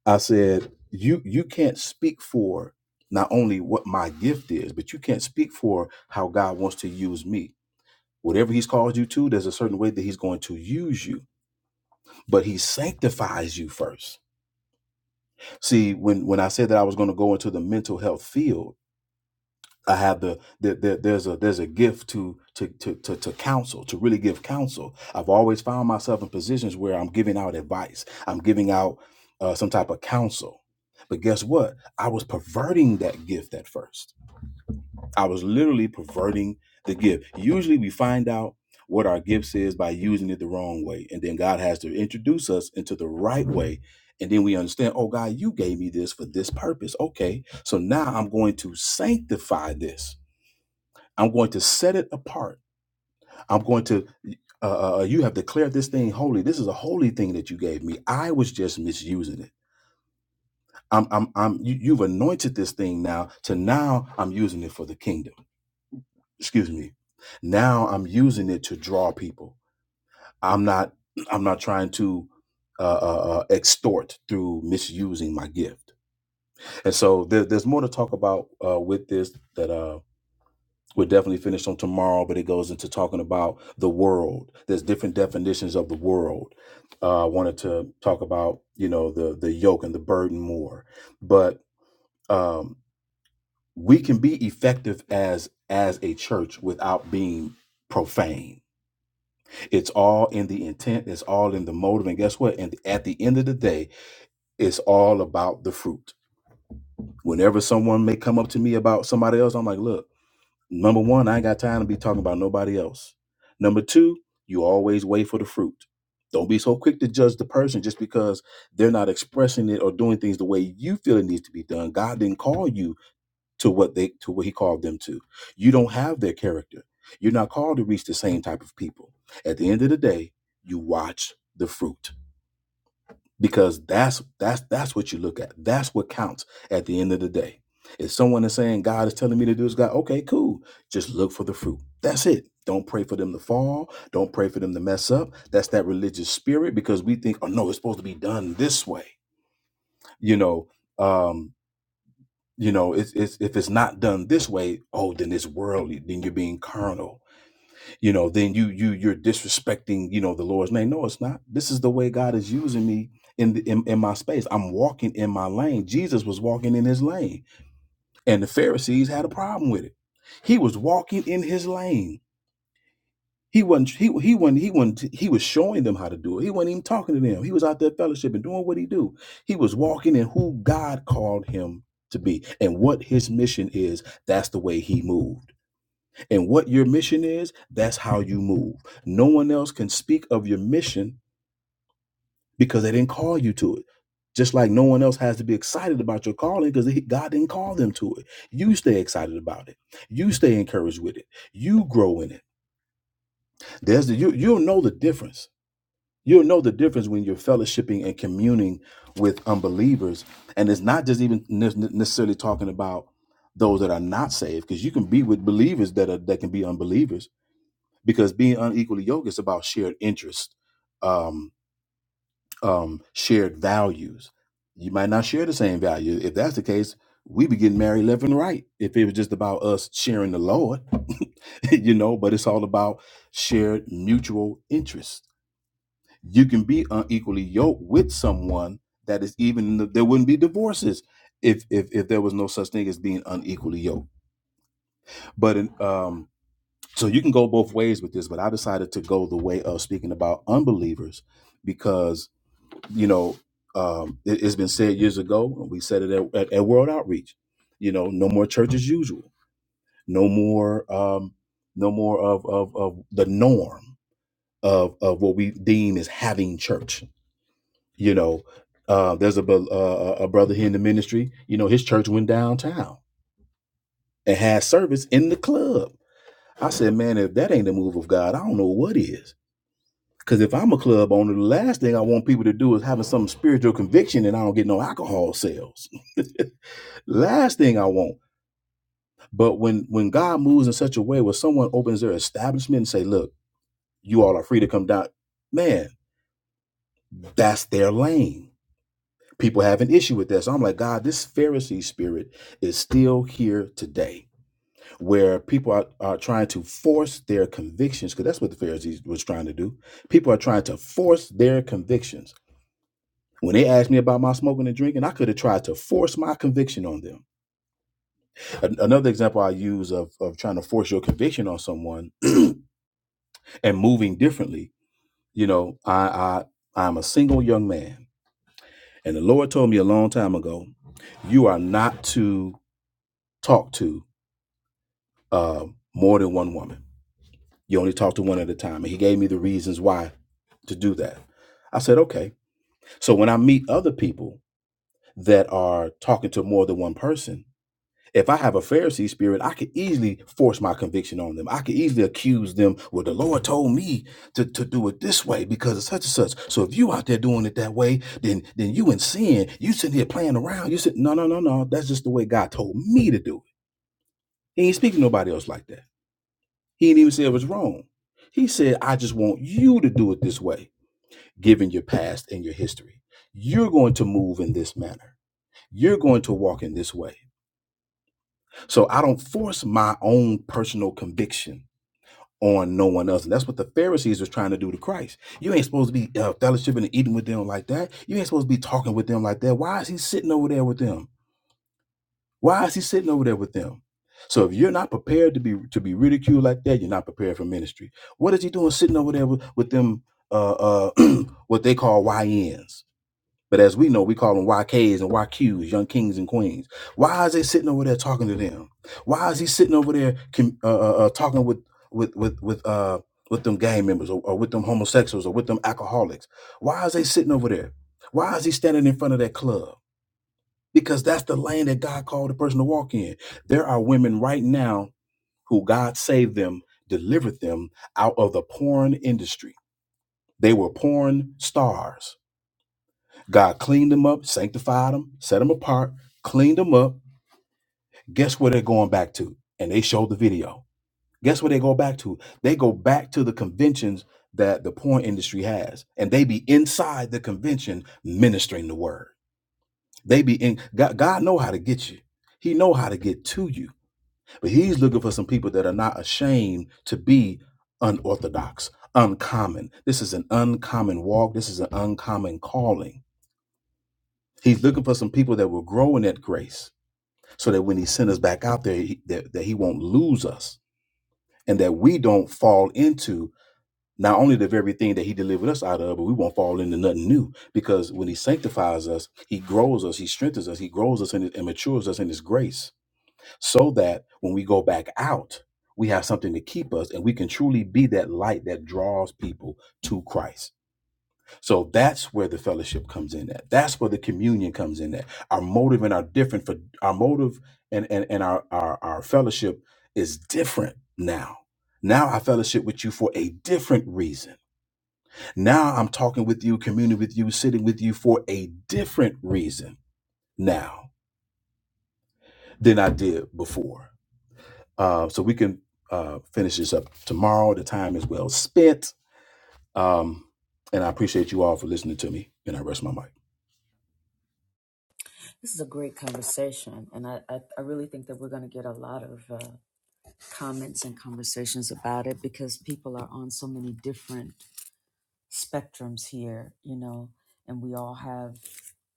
S5: I said, you you can't speak for not only what my gift is, but you can't speak for how God wants to use me. Whatever he's called you to, there's a certain way that he's going to use you, but he sanctifies you first. See, when when I said that I was going to go into the mental health field, I have the, the, the there's a there's a gift to to to to to counsel to really give counsel. I've always found myself in positions where I'm giving out advice. I'm giving out uh, some type of counsel. But guess what? I was perverting that gift at first. I was literally perverting the gift. Usually, we find out what our gift is by using it the wrong way, and then God has to introduce us into the right way. And then we understand, oh God, you gave me this for this purpose. Okay, so now I'm going to sanctify this I'm going to set it apart. I'm going to, uh, uh, uh, you have declared this thing holy. This is a holy thing that you gave me. I was just misusing it. I'm, I'm, I'm, you, you've anointed this thing now to now I'm using it for the kingdom. Excuse me. Now I'm using it to draw people. I'm not, I'm not trying to uh, uh, uh, extort through misusing my gift. And so there, there's more to talk about uh, with this that. uh, we're definitely finished on tomorrow, but it goes into talking about the world. There's different definitions of the world. Uh, I wanted to talk about, you know, the the yoke and the burden more, but um, we can be effective as as a church without being profane. It's all in the intent. It's all in the motive. And guess what? And at the end of the day, it's all about the fruit. Whenever someone may come up to me about somebody else, I'm like, look. Number one, I ain't got time to be talking about nobody else. Number two, you always wait for the fruit. Don't be so quick to judge the person just because they're not expressing it or doing things the way you feel it needs to be done. God didn't call you to what they to what he called them to. You don't have their character. You're not called to reach the same type of people. At the end of the day, you watch the fruit because that's that's that's what you look at. That's what counts at the end of the day. If someone is saying God is telling me to do this, God, okay, cool. Just look for the fruit. That's it. Don't pray for them to fall. Don't pray for them to mess up. That's that religious spirit because we think, oh no, it's supposed to be done this way. You know, um, you know, it's, it's if it's not done this way, oh, then it's worldly. Then you're being carnal you know then you you you're disrespecting you know the lord's name no it's not this is the way god is using me in the in, in my space i'm walking in my lane jesus was walking in his lane and the pharisees had a problem with it he was walking in his lane he wasn't he, he wasn't he wasn't he was showing them how to do it he wasn't even talking to them he was out there fellowship and doing what he do he was walking in who god called him to be and what his mission is that's the way he moved and what your mission is, that's how you move. No one else can speak of your mission because they didn't call you to it. Just like no one else has to be excited about your calling because God didn't call them to it. You stay excited about it. You stay encouraged with it. You grow in it. There's the, you, you'll know the difference. You'll know the difference when you're fellowshipping and communing with unbelievers. And it's not just even ne- necessarily talking about those that are not saved because you can be with believers that are that can be unbelievers because being unequally yoked is about shared interest, um, um, shared values. You might not share the same value. If that's the case, we be getting married left and right. If it was just about us sharing the Lord, you know, but it's all about shared mutual interests. You can be unequally yoked with someone that is even there wouldn't be divorces if if if there was no such thing as being unequally yoked. But in, um, So you can go both ways with this, but I decided to go the way of speaking about unbelievers because, you know, um, it, has been said years ago, and we said it at, at, at World Outreach, you know, no more church as usual, no more, um, no more of, of, of the norm of, of what we deem as having church. You know, uh, there's a, bel- uh, a brother here in the ministry, you know, his church went downtown and had service in the club. I said, man, if that ain't the move of God, I don't know what is Because if I'm a club owner, the last thing I want people to do is having some spiritual conviction and I don't get no alcohol sales. last thing I want. But when when God moves in such a way where someone opens their establishment and say, "Look, you all are free to come down," man, that's their lane. People have an issue with that. So I'm like, God, this Pharisee spirit is still here today, where people are, are trying to force their convictions, because that's what the Pharisees was trying to do. People are trying to force their convictions When they asked me about my smoking and drinking, I could have tried to force my conviction on them. An- another example I use of, of trying to force your conviction on someone and moving differently. You know, I, I I'm a single young man, and the Lord told me a long time ago, you are not to talk to uh, more than one woman. You only talk to one at a time, and He gave me the reasons why to do that. I said, okay. So when I meet other people that are talking to more than one person If I have a Pharisee spirit, I could easily force my conviction on them. I could easily accuse them, well, the Lord told me to, to do it this way because of such and such. So if you out there doing it that way, then then you in sin. You sitting here playing around. You sitting, no, no, no, no. That's just the way God told me to do it. He ain't speaking to nobody else like that. He didn't even say it was wrong. He said, I just want you to do it this way, given your past and your history. You're going to move in this manner. You're going to walk in this way So I don't force my own personal conviction on no one else. And that's what the Pharisees was trying to do to Christ. You ain't supposed to be uh, fellowshipping and eating with them like that. You ain't supposed to be talking with them like that. Why is he sitting over there with them? Why is he sitting over there with them? So if you're not prepared to be to be ridiculed like that, you're not prepared for ministry. What is he doing sitting over there with, with them uh, uh, what they call YNs? But as we know, we call them YKs and YQs, young kings and queens. Why is they sitting over there talking to them? Why is he sitting over there com- uh, uh, uh, talking with with with with uh with them gang members or, or with them homosexuals or with them alcoholics? Why is they sitting over there? Why is he standing in front of that club? Because that's the lane that God called the person to walk in. There are women right now who God saved them, delivered them out of the porn industry. They were porn stars God cleaned them up, sanctified them, set them apart, cleaned them up. Guess where they're going back to? And they showed the video. Guess where they go back to? They go back to the conventions that the porn industry has, and they be inside the convention ministering the word. They be in God. God know how to get you. He know how to get to you, but He's looking for some people that are not ashamed to be unorthodox, uncommon. This is an uncommon walk. This is an uncommon calling He's looking for some people that will grow in that grace so that when he sends us back out there, he, that, that he won't lose us and that we don't fall into not only the very thing that he delivered us out of, but we won't fall into nothing new because when he sanctifies us, he grows us, he strengthens us, he grows us in it and matures us in his grace so that when we go back out, we have something to keep us and we can truly be that light that draws people to Christ. So that's where the fellowship comes in at. That's where the communion comes in at. Our motive and our different for our motive and and, and our, our our fellowship is different now. Now I fellowship with you for a different reason. Now I'm talking with you, communing with you, sitting with you for a different reason now than I did before. Uh, so we can uh, finish this up tomorrow. The time is well spent. Um, and I appreciate you all for listening to me. And I rest my mic.
S1: This is a great conversation, and I, I, I really think that we're going to get a lot of uh, comments and conversations about it because people are on so many different spectrums here, you know, and we all have,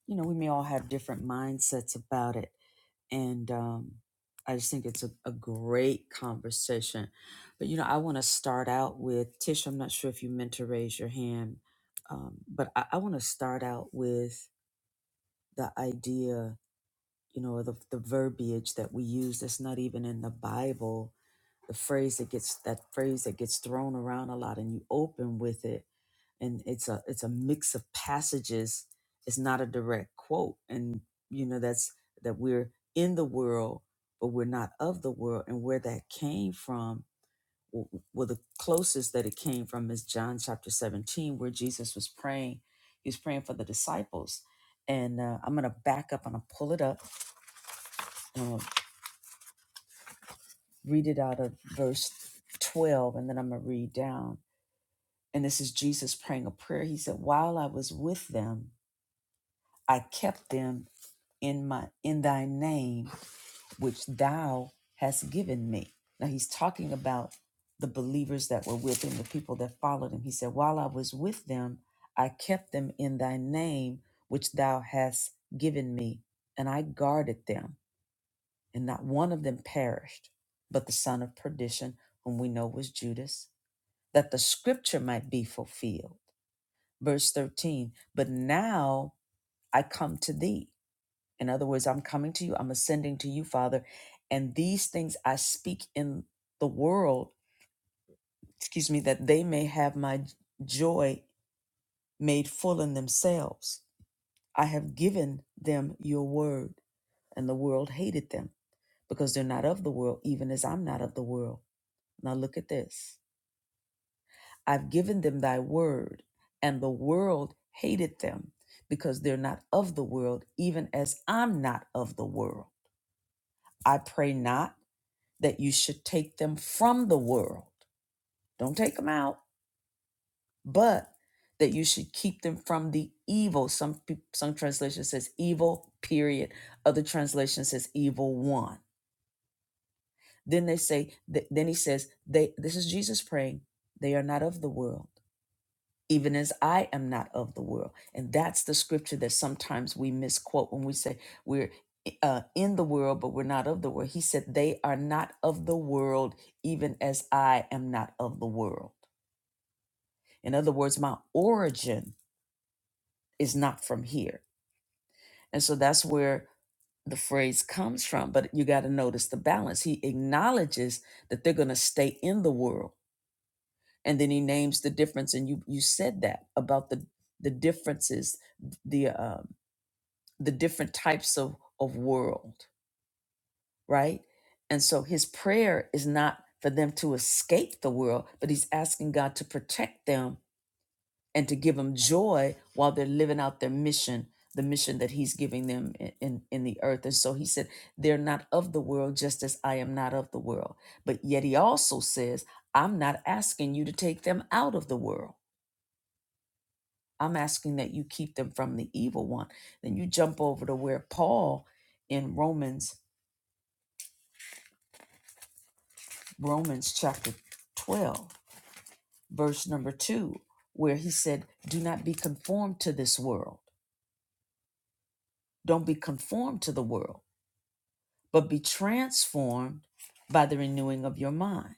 S1: you know, we may all have different mindsets about it. And um, I just think it's a, a great conversation. But, you know, I want to start out with Tish, I'm not sure if you meant to raise your hand, um, but I, I want to start out with the idea you know the the verbiage that we use that's not even in the Bible. The phrase that gets that phrase that gets thrown around a lot, and you open with it, and it's a it's a mix of passages. It's not a direct quote, and you know that's that we're in the world, but we're not of the world, and where that came from. w- Well, the closest that it came from is John chapter 17, where Jesus was praying. He was praying for the disciples. And uh, I'm going to back up and I'll pull it up read it out of verse 12 and then I'm going to read down. And this is Jesus praying a prayer. He said, "While I was with them, I kept them in my in thy name which thou hast given me." Now he's talking about the believers that were with him, the people that followed him. He said, "While I was with them, I kept them in thy name which thou hast given me, and I guarded them." and not one of them perished, but the son of perdition, whom we know was Judas, that the scripture might be fulfilled. Verse 13, but now I come to thee. In other words, I'm coming to you, I'm ascending to you, Father, and these things I speak in the world, excuse me, that they may have my joy made full in themselves. I have given them your word, and the world hated them because they're not of the world, even as I'm not of the world. Now look at this. I've given them thy word, and the world hated them because they're not of the world, even as I'm not of the world. I pray not that you should take them from the world. Don't take them out, but that you should keep them from the evil. Some peop- some translation says evil, period. Other translation says evil one. Then they say, th- then he says, they this is Jesus praying, they are not of the world even as I am not of the world. And that's the scripture that sometimes we misquote when we say we're uh, in the world, but we're not of the world. He said, They are not of the world, even as I am not of the world. In other words, my origin is not from here. And so that's where the phrase comes from. But you got to notice the balance. He acknowledges that they're going to stay in the world. And then he names the difference. And you, you said that about the, the differences, the, uh, the different types of of world right and so his prayer is not for them to escape the world but he's asking god to protect them and to give them joy while they're living out their mission the mission that he's giving them in, in, in the earth and so he said they're not of the world just as i am not of the world but yet he also says i'm not asking you to take them out of the world i'm asking that you keep them from the evil one then you jump over to where paul in romans Romans chapter 12, verse number 2, where he said, Do not be conformed to this world. Don't be conformed to the world, but be transformed by the renewing of your mind.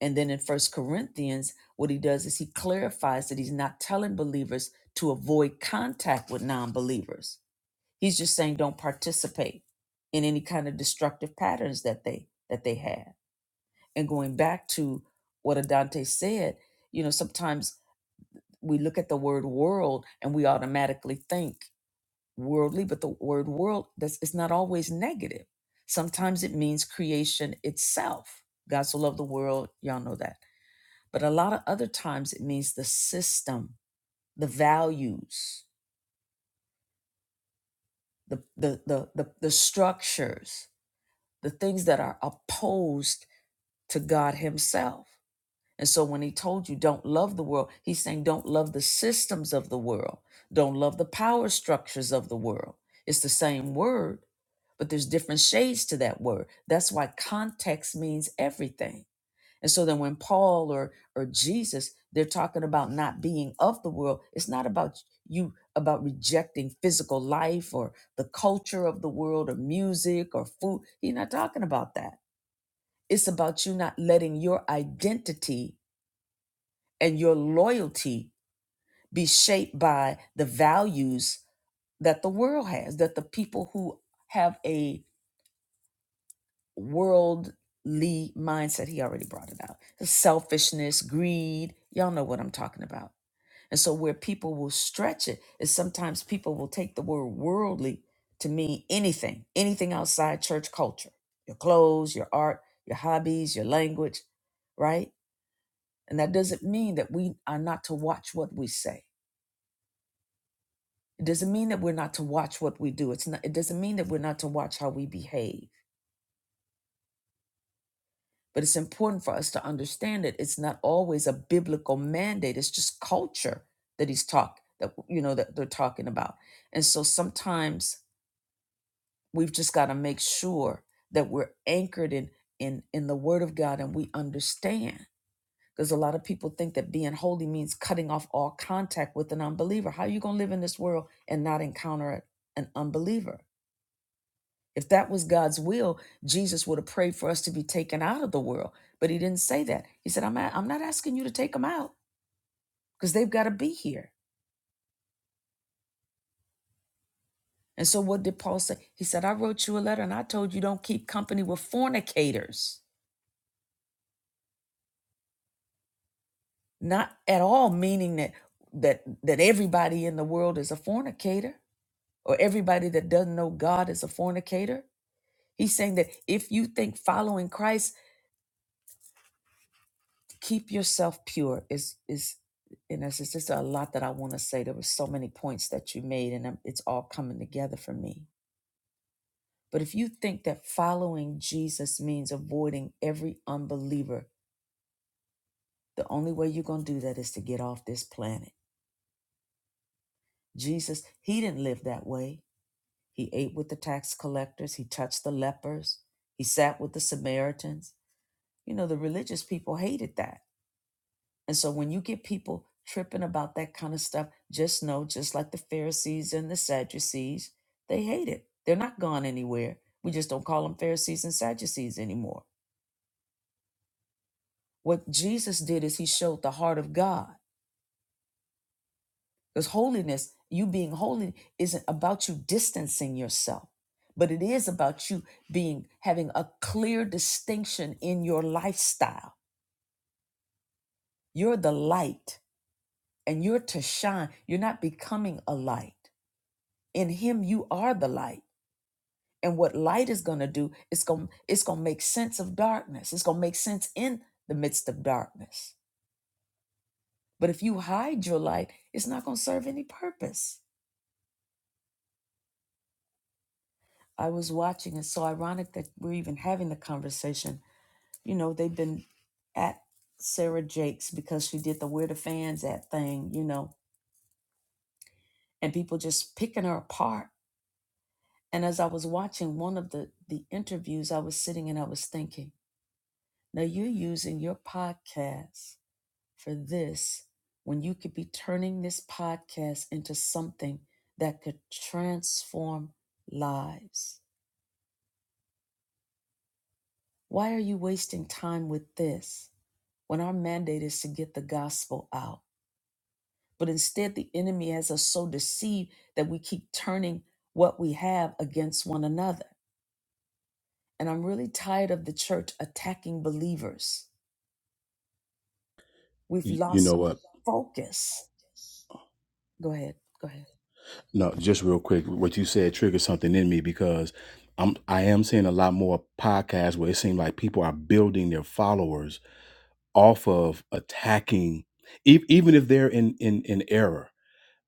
S1: And then in First Corinthians, what he does is he clarifies that he's not telling believers to avoid contact with non believers. He's just saying don't participate in any kind of destructive patterns that they that they have. And going back to what Adante said, you know, sometimes we look at the word world and we automatically think worldly but the word world that's it's not always negative sometimes it means creation itself god so loved the world y'all know that but a lot of other times it means the system the values the the the the, the structures the things that are opposed to god himself And so when he told you don't love the world, he's saying don't love the systems of the world, don't love the power structures of the world. It's the same word, but there's different shades to that word. That's why context means everything. And so then when Paul or or Jesus they're talking about not being of the world, it's not about you about rejecting physical life or the culture of the world or music or food. He's not talking about that. It's about you not letting your identity and your loyalty be shaped by the values that the world has, that the people who have a worldly mindset, he already brought it out selfishness, greed. Y'all know what I'm talking about. And so, where people will stretch it is sometimes people will take the word worldly to mean anything, anything outside church culture your clothes, your art, your hobbies, your language, right? And that doesn't mean that we are not to watch what we say It doesn't mean that we're not to watch what we do. It's not it doesn't mean that we're not to watch how we behave. But it's important for us to understand that it's not always a biblical mandate. It's just culture that he's talk that you know that they're talking about. And so sometimes we've just got to make sure that we're anchored in in in the word of God and we understand. Because a lot of people think that being holy means cutting off all contact with an unbeliever. How are you gonna live in this world and not encounter an unbeliever? If that was God's will, Jesus would have prayed for us to be taken out of the world. But he didn't say that. He said, I'm, a- I'm not asking you to take them out because they've got to be here. And so what did Paul say? He said, I wrote you a letter and I told you don't keep company with fornicators. Not at all meaning that that that everybody in the world is a fornicator or everybody that doesn't know God is a fornicator. He's saying that if you think following Christ keep yourself pure is is in essence there's a lot that i want to say there were so many points that you made and I'm- it's all coming together for me but if you think that following jesus means avoiding every unbeliever the only way you're going to do that is to get off this planet jesus he didn't live that way he ate with the tax collectors he touched the lepers he sat with the samaritans you know the religious people hated that And so when you get people tripping about that kind of stuff, just know, just like the Pharisees and the Sadducees, they hate it. They're not gone anywhere. We just don't call them Pharisees and Sadducees anymore. What Jesus did is he showed the heart of God. Because holiness, you being holy, isn't about you distancing yourself, but it is about you being having a clear distinction in your lifestyle. You're the light and you're to shine. You're not becoming a light. in him you are the light and what light is going to do it's going it's going to make sense of darkness it's going to make sense in the midst of darkness but if you hide your light it's not going to serve any purpose i was watching it's so ironic that we're even having the conversation you know they've been at sarah jakes because she did the where the fans at thing you know and people just picking her apart and as i was watching one of the the interviews i was sitting and i was thinking Now you're using your podcast for this when you could be turning this podcast into something that could transform lives. Why are you wasting time with this when our mandate is to get the gospel out? But instead, the enemy has us so deceived that we keep turning what we have against one another. And I'm really tired of the church attacking believers. We've
S5: You, you
S1: lost
S5: know what?
S1: focus. Go ahead. Go ahead.
S5: No, just real quick, what you said triggered something in me because I'm I am seeing a lot more podcasts where it seems like people are building their followers off of attacking, e- even if they're in in in error.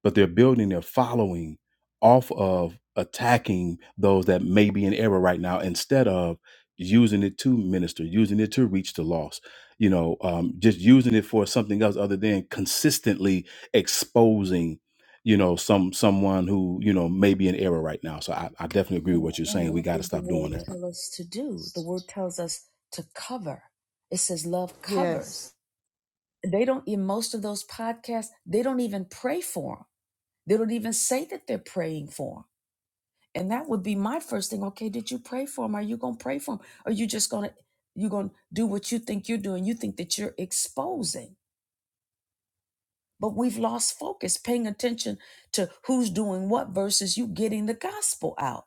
S5: but they're building their following off of attacking those that may be in error right now instead of using it to minister using it to reach the lost you know um, just using it for something else other than consistently exposing you know some someone who you know may be in error right now so i, I definitely agree with
S1: And,
S5: what you're
S1: and
S5: saying we
S1: what
S5: got to
S1: does the
S5: stop
S1: word
S5: doing that
S1: tell us to do? The word tells us to cover. It says love covers.
S2: Yes.
S1: They don't, in most of those podcasts, they don't even pray for them. They don't even say that they're praying for them. And that would be my first thing. Okay, did you pray for them? Are you going to pray for them? Are you just going to, you're going to do what you think you're doing? You think that you're exposing. But we've lost focus, paying attention to who's doing what versus you getting the gospel out.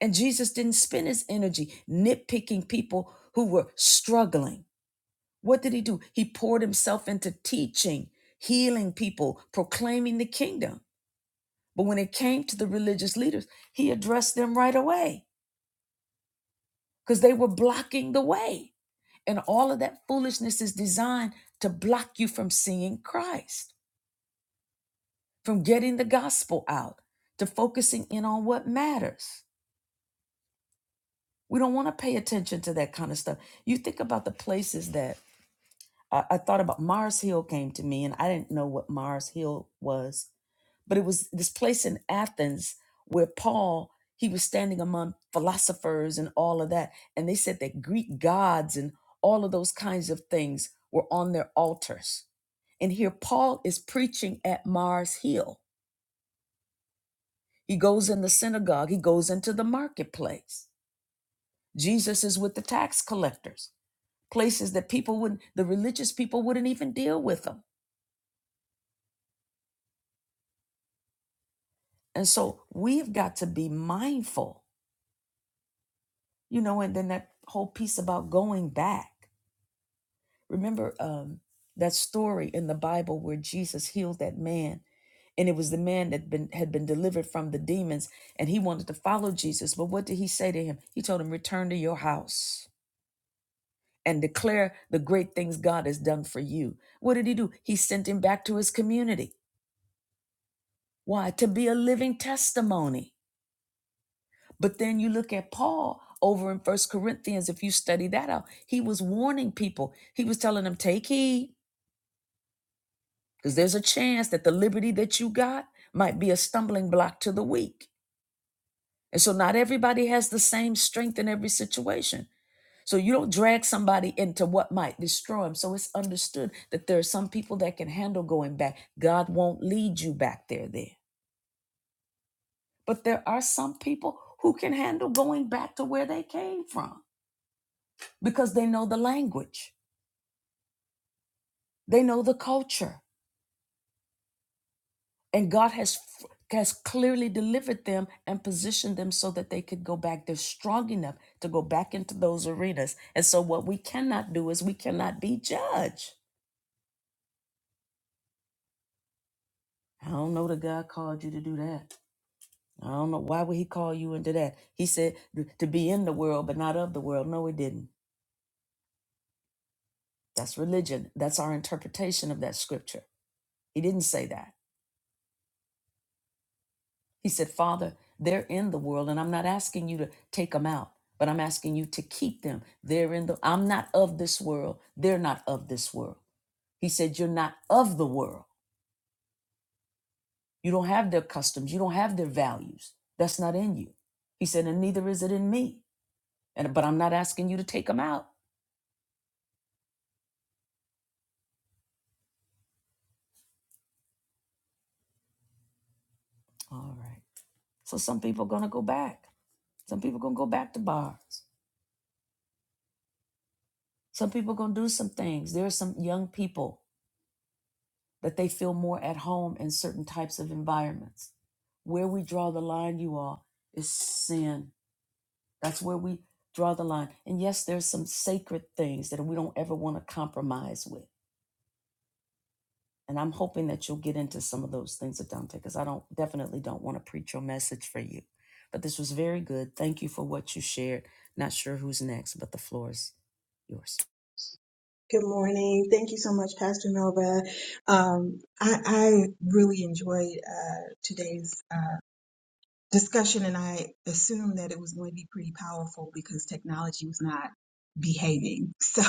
S1: And Jesus didn't spend his energy nitpicking people who were struggling. What did he do? He poured himself into teaching, healing people, proclaiming the kingdom. But when it came to the religious leaders, he addressed them right away because they were blocking the way. And all of that foolishness is designed to block you from seeing Christ, from getting the gospel out, to focusing in on what matters. We don't want to pay attention to that kind of stuff. You think about the places that I, I thought about Mars Hill came to me, and I didn't know what Mars Hill was, but it was this place in Athens where Paul he was standing among philosophers and all of that, and they said that Greek gods and all of those kinds of things were on their altars. And here Paul is preaching at Mars Hill. He goes in the synagogue, he goes into the marketplace. Jesus is with the tax collectors, places that people would not the religious people wouldn't even deal with him And so we've got to be mindful, you know, and then that whole piece about going back. Remember um, that story in the Bible where Jesus healed that man, and it was the man that been, had been delivered from the demons, and he wanted to follow Jesus. But what did he say to him? He told him, Return to your house and declare the great things God has done for you. What did he do? He sent him back to his community. Why? To be a living testimony. But then you look at Paul over in First Corinthians, if you study that out, he was warning people. He was telling them, take heed, because there's a chance that the liberty that you got might be a stumbling block to the weak. And so not everybody has the same strength in every situation. So you don't drag somebody into what might destroy them. So it's understood that there are some people that can handle going back. God won't lead you back there, there. But there are some people who can handle going back to where they came from. because they know the language, they know the culture, and God has has clearly delivered them and positioned them so that they could go back. They're strong enough to go back into those arenas. And so, what we cannot do is we cannot be judged. I don't know that God called you to do that. I don't know why would He call you into that. He said to be in the world, but not of the world. No, He didn't. That's religion. That's our interpretation of that scripture. He didn't say that. He said, Father, they're in the world, and I'm not asking you to take them out, but I'm asking you to keep them. They're in the, I'm not of this world. They're not of this world. He said, You're not of the world. You don't have their customs. You don't have their values. That's not in you. He said, And neither is it in me. And, but I'm not asking you to take them out. All right. So some people are going to go back. Some people are going to go back to bars. Some people are going to do some things. There are some young people. that they feel more at home in certain types of environments. Where we draw the line, you all, is sin. That's where we draw the line. And yes, there's some sacred things that we don't ever want to compromise with. And I'm hoping that you'll get into some of those things, Adante, because I don't definitely don't want to preach your message for you. But this was very good. Thank you for what you shared. Not sure who's next, but the floor is yours.
S7: Good morning. Thank you so much, Pastor Melba. Um, I, I really enjoyed uh, today's. uh, discussion and I assumed that it was going to be pretty powerful because technology was not behaving. So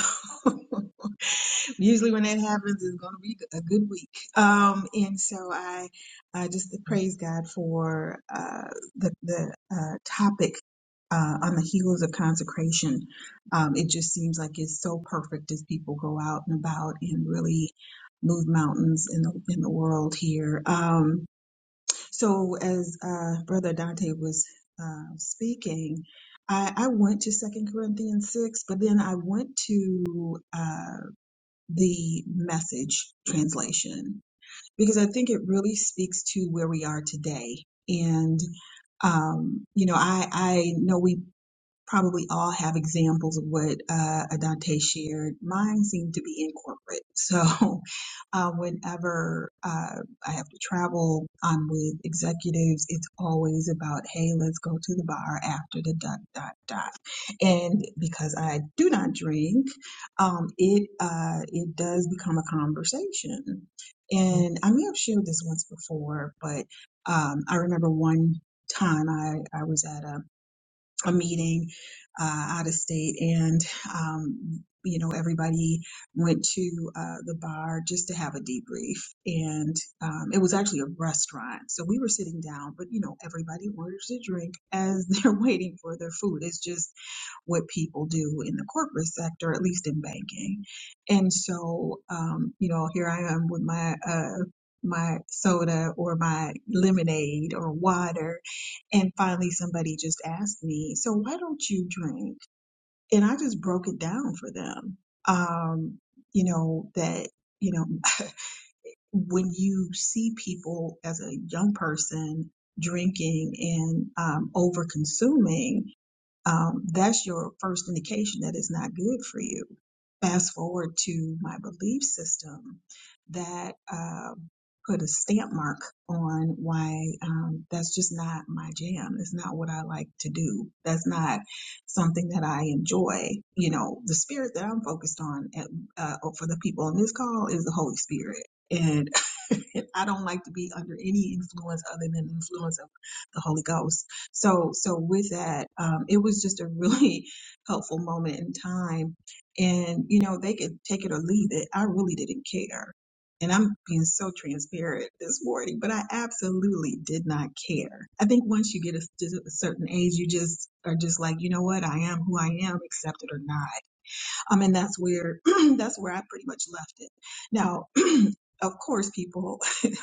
S7: usually when that happens, it's going to be a good week. Um, and so I, I just praise God for uh, the, the uh, topic. Uh, on the heels of consecration, um, it just seems like it's so perfect as people go out and about and really move mountains in the in the world here. Um, so, as uh, Brother Dante was uh, speaking, I, I went to Second Corinthians six, but then I went to uh, the Message translation because I think it really speaks to where we are today. And um, you know, I I know we probably all have examples of what uh, Adante shared. Mine seem to be in corporate. So uh, whenever uh, I have to travel, I'm with executives. It's always about, hey, let's go to the bar after the dot, dot, dot. And because I do not drink, um, it, uh, it does become a conversation. And I may have shared this once before, but um, I remember one time I, I was at a a meeting uh, out of state and um, you know everybody went to uh, the bar just to have a debrief and um, it was actually a restaurant so we were sitting down but you know everybody orders a drink as they're waiting for their food it's just what people do in the corporate sector, at least in banking. And so, um, you know, here I am with my uh, my soda or my lemonade or water, and finally somebody just asked me, "So why don't you drink?" And I just broke it down for them. Um, you know that you know when you see people as a young person drinking and um, over consuming, um, that's your first indication that it's not good for you. Fast forward to my belief system that um put a stamp mark on why um, that's just not my jam. It's not what I like to do. That's not something that I enjoy. You know, the spirit that I'm focused on at, uh, for the people on this call is the Holy Spirit. And I don't like to be under any influence other than the influence of the Holy Ghost. So, so with that, um, it was just a really helpful moment in time. And, you know, they could take it or leave it. I really didn't care. And I'm being so transparent this morning, but I absolutely did not care. I think once you get a, to a certain age, you just are just like, you know what? I am who I am, accept it or not. Um, and that's where, that's where I pretty much left it. Now, of course, people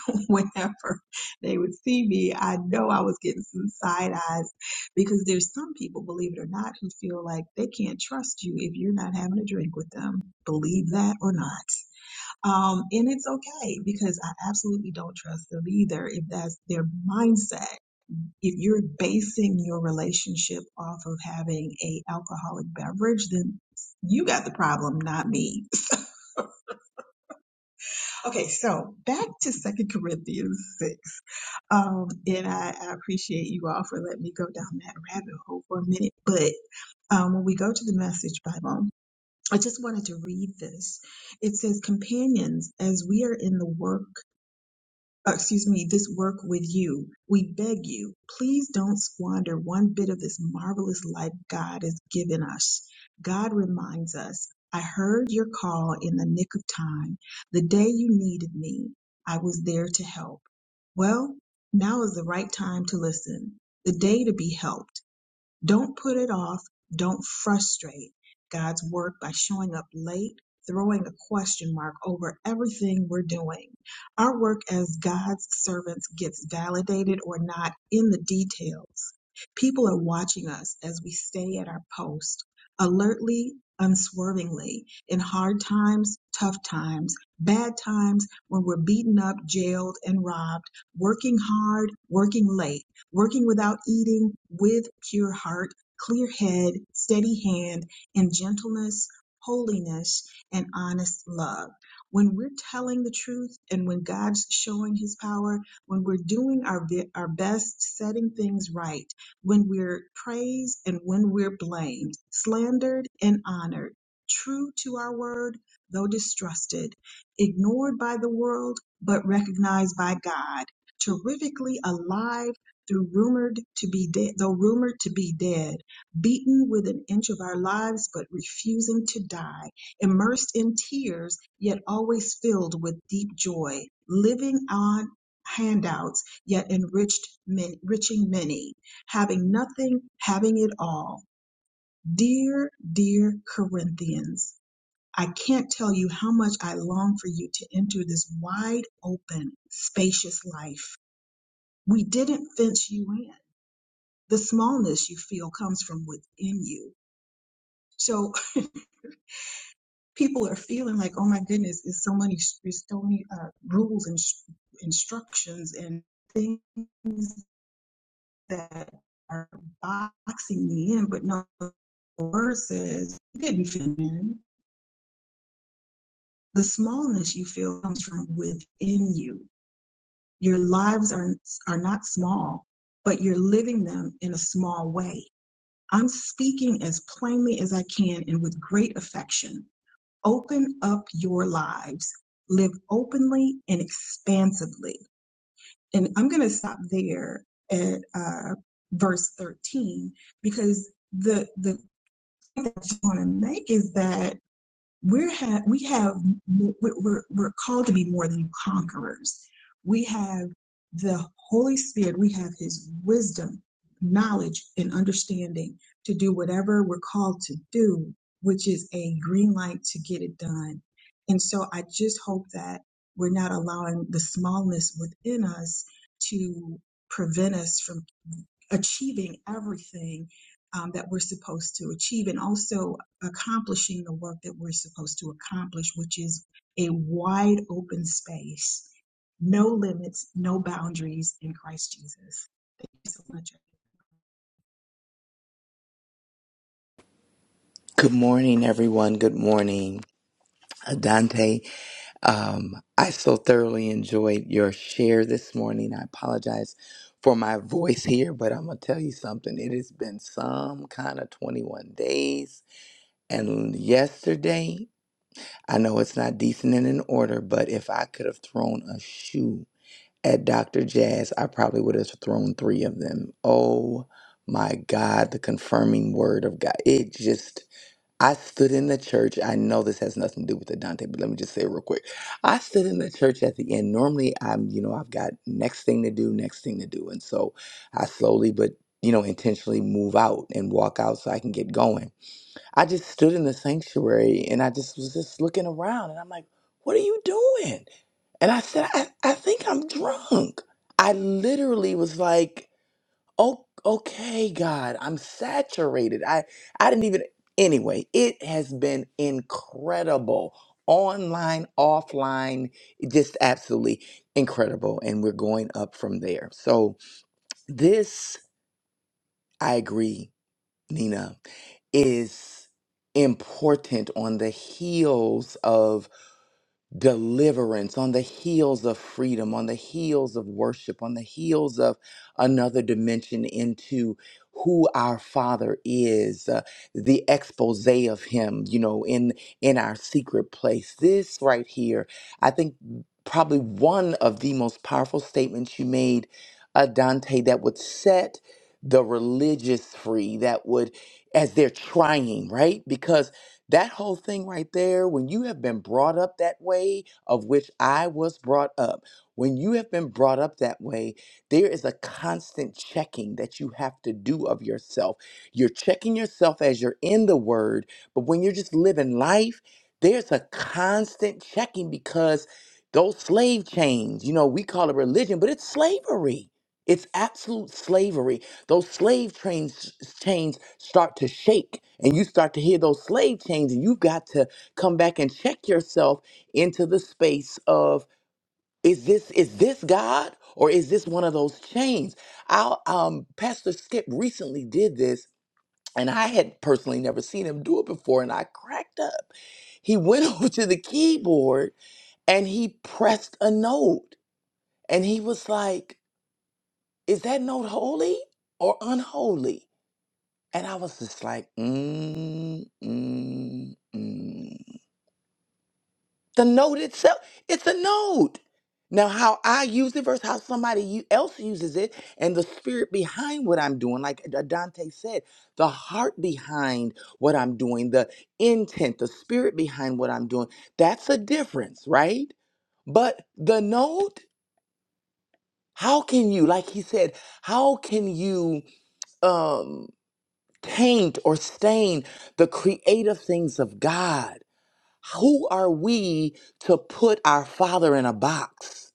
S7: whenever they would see me, I know I was getting some side eyes because there's some people, believe it or not, who feel like they can't trust you if you're not having a drink with them, believe that or not. Um, and it's okay because I absolutely don't trust them either if that's their mindset. If you're basing your relationship off of having a alcoholic beverage, then you got the problem, not me Okay, so back to Second Corinthians 6. Um, and I, I appreciate you all for letting me go down that rabbit hole for a minute. But um, when we go to the Message Bible, I just wanted to read this. It says, Companions, as we are in the work uh, excuse me, this work with you. We beg you, please don't squander one bit of this marvelous life God has given us. God reminds us, I heard your call in the nick of time. The day you needed me, I was there to help. Well, now is the right time to listen, the day to be helped don't put it off. Don't frustrate God's work by showing up late, throwing a question mark over everything we're doing. Our work as God's servants gets validated or not in the details. People are watching us as we stay at our post, alertly, unswervingly, in hard times, tough times, bad times, when we're beaten up, jailed, and robbed, working hard, working late working without eating with pure heart, clear head, steady hand, and gentleness, holiness, and honest love. When we're telling the truth and when God's showing his power, when we're doing our, our best, setting things right, when we're praised and when we're blamed, slandered and honored, true to our word, though distrusted, ignored by the world, but recognized by God, terrifically alive Though rumored to be dead, though rumored to be dead, beaten with an inch of our lives, but refusing to die, immersed in tears, yet always filled with deep joy, living on handouts, yet enriched, enriching many, having nothing, having it all. Dear, dear Corinthians, I can't tell you how much I long for you to enter this wide open, spacious life. We didn't fence you in the smallness you feel comes from within you. So people are feeling like, oh my goodness, there's so many, there's so many uh, rules and instructions and things that are boxing me in. But no, the word says you didn't fit in. The smallness you feel comes from within you. Your lives are are not small, but you're living them in a small way. I'm speaking as plainly as I can and with great affection open up your lives, live openly and expansively. And I'm going to stop there at uh, verse 13 because the the thing that you want to make is that we're ha- we have we're, we're called to be more than conquerors we have the holy spirit we have his wisdom knowledge and understanding to do whatever we're called to do which is a green light to get it done and so i just hope that we're not allowing the smallness within us to prevent us from achieving everything um, that we're supposed to achieve and also accomplishing the work that we're supposed to accomplish, which is a wide open space, no limits, no boundaries in Christ Jesus. Thank you so much.
S8: Good morning, everyone. Good morning, Uh, Dante. Um, I so thoroughly enjoyed your share this morning. I apologize for my voice here, but I'm gonna tell you something. It has been some kind of 21 days, and yesterday, I know it's not decent and in order, but if I could have thrown a shoe at Dr. Jazz, I probably would have thrown three of them. Oh my God, the confirming word of God. It just I stood in the church. I know this has nothing to do with the Dante, but let me just say it real quick. I stood in the church at the end. Normally, I'm, you know, I've got next thing to do, next thing to do. And so I slowly, but, you know, intentionally move out and walk out so I can get going. I just stood in the sanctuary and I just was just looking around and I'm like, what are you doing? And I said, I, I think I'm drunk. I literally was like, Oh, okay, God, I'm saturated. I I didn't even anyway, it has been incredible. Online, offline, just absolutely incredible. And we're going up from there. So this, I agree, Nina, is important on the heels deliverance, on the heels of freedom, on the heels of worship, on the heels of another dimension into who our father is uh, the expose of him you know in in our secret place this right here i think probably one of the most powerful statements you made uh, dante that would set the religious free that would as they're trying right because that whole thing right there, when you have been brought up that way, of which I was brought up, when you have been brought up that way, there is a constant checking that you have to do of yourself. You're checking yourself as you're in the word, but when you're just living life, there's a constant checking because those slave chains, you know, we call it religion, but it's slavery. It's absolute slavery those slave trains chains start to shake and you start to hear those slave chains and you've got to come back and check yourself into the space of is this is this god or is this one of those chains Our um pastor skip recently did this and i had personally never seen him do it before and i cracked up he went over to the keyboard and he pressed a note and he was like is that note holy or unholy And I was just like, mm, mm, mm. The note itself, it's a note. Now, how I use it versus how somebody u- else uses it, and the spirit behind what I'm doing, like D- Dante said, the heart behind what I'm doing, the intent, the spirit behind what I'm doing, that's a difference, right? But the note, how can you, like he said, how can you? um, taint or stain the creative things of God. Who are we to put our Father in a box?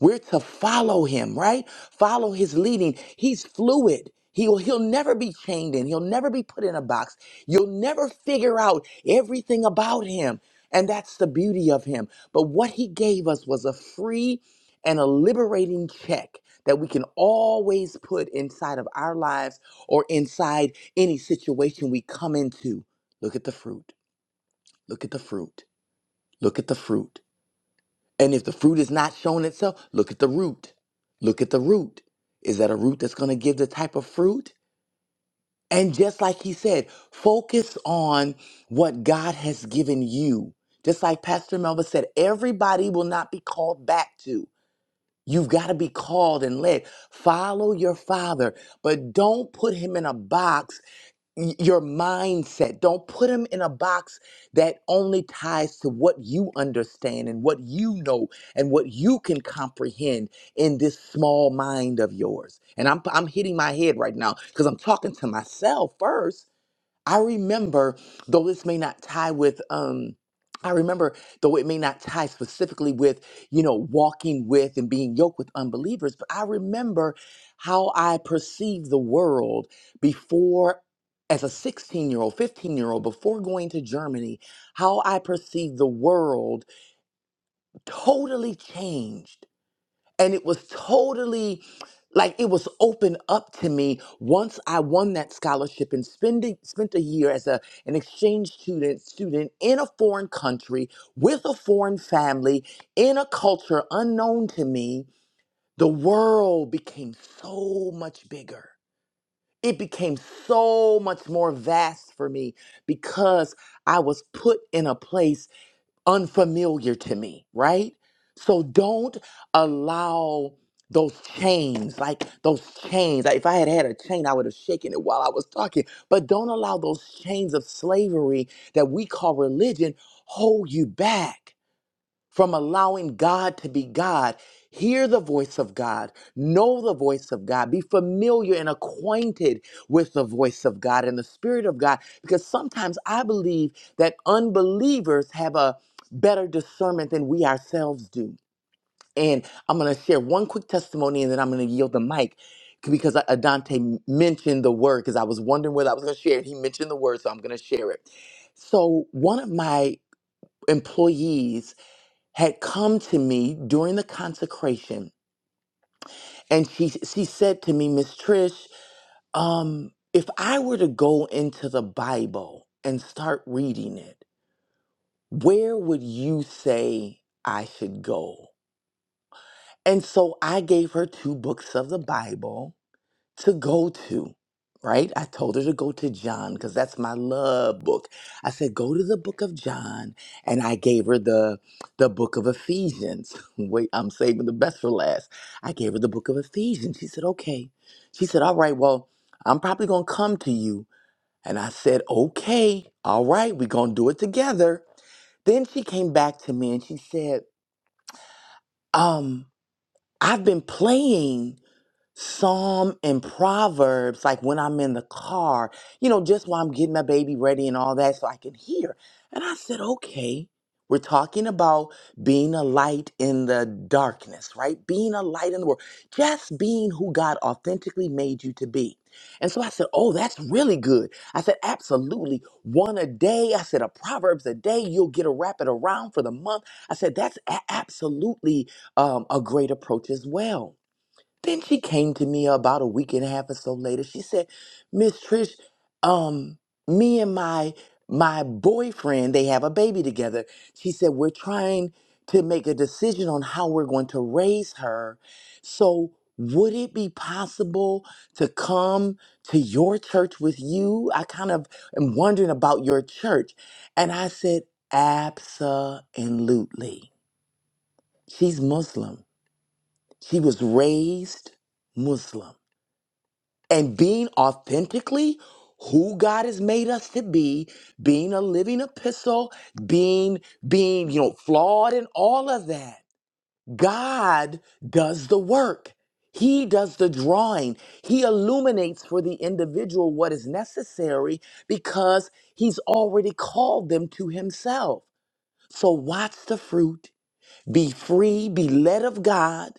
S8: We're to follow him, right? Follow his leading. He's fluid. He'll, he'll never be chained in. He'll never be put in a box. You'll never figure out everything about him. And that's the beauty of him. But what he gave us was a free and a liberating check that we can always put inside of our lives or inside any situation we come into. Look at the fruit. Look at the fruit. Look at the fruit. And if the fruit is not showing itself, look at the root. Look at the root. Is that a root that's going to give the type of fruit? And just like he said, focus on what God has given you. Just like Pastor Melba said, everybody will not be called back to. You've got to be called and led. Follow your father, but don't put him in a box y- your mindset. Don't put them in a box that only ties to what you understand and what you know and what you can comprehend in this small mind of yours. And I'm I'm hitting my head right now because I'm talking to myself first I remember, though this may not tie with, um, I remember, though it may not tie specifically with, you know, walking with and being yoked with unbelievers, but I remember how I perceived the world before, as a 16 year old, 15 year old, before going to Germany, how I perceived the world totally changed and it was totally like it was open up to me once I won that scholarship and spending spent a year as a an exchange student student in a foreign country with a foreign family in a culture unknown to me the world became so much bigger it became so much more vast for me because I was put in a place unfamiliar to me, right? So don't allow those chains, like those chains. Like if I had had a chain, I would have shaken it while I was talking. But don't allow those chains of slavery that we call religion hold you back from allowing God to be God. Hear the voice of God, know the voice of God, be familiar and acquainted with the voice of God and the Spirit of God. Because sometimes I believe that unbelievers have a better discernment than we ourselves do. And I'm going to share one quick testimony and then I'm going to yield the mic because Adante mentioned the word because I was wondering whether I was going to share it. He mentioned the word, so I'm going to share it. So, one of my employees had come to me during the consecration and she she said to me miss trish um if i were to go into the bible and start reading it where would you say i should go and so i gave her two books of the bible to go to, right? I told her to go to John because that's my love book. I said, go to the book of John. And I gave her the the book of Ephesians. Wait, I'm saving the best for last. I gave her the book of Ephesians. She said, okay. She said, all right, well, I'm probably gonna come to you. And I said, okay, all right, we're gonna do it together. Then she came back to me and she said, um, I've been playing Psalm and Proverbs, like when I'm in the car, you know, just while I'm getting my baby ready and all that, so I can hear. And I said, okay, we're talking about being a light in the darkness, right? Being a light in the world, just being who God authentically made you to be. And so I said, oh, that's really good. I said, absolutely. One a day. I said, a Proverbs a day. You'll get a wrap it around for the month. I said, that's a- absolutely um, a great approach as well. Then she came to me about a week and a half or so later. She said, Miss Trish, um, me and my my boyfriend, they have a baby together. She said, We're trying to make a decision on how we're going to raise her. So would it be possible to come to your church with you? I kind of am wondering about your church. And I said, Absolutely. She's Muslim. She was raised Muslim and being authentically who God has made us to be, being a living epistle, being being, you know, flawed and all of that. God does the work. He does the drawing. He illuminates for the individual what is necessary because he's already called them to himself. So watch the fruit be free, be led of God,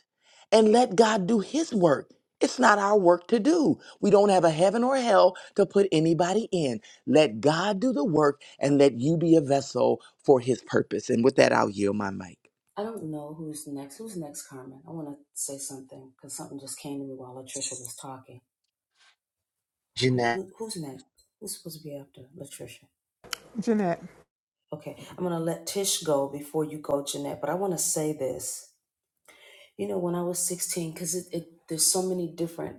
S8: and let God do His work. It's not our work to do. We don't have a heaven or hell to put anybody in. Let God do the work and let you be a vessel for His purpose. And with that, I'll yield my mic.
S1: I don't know who's next. Who's next, Carmen? I want to say something because something just came to me while Latricia was talking. Who,
S3: Jeanette.
S1: who who's next? Who's supposed to be after Latricia?
S2: Jeanette.
S1: Okay, I'm gonna let Tish go before you go, Jeanette. But I want to say this. You know, when I was 16, because it, it there's so many different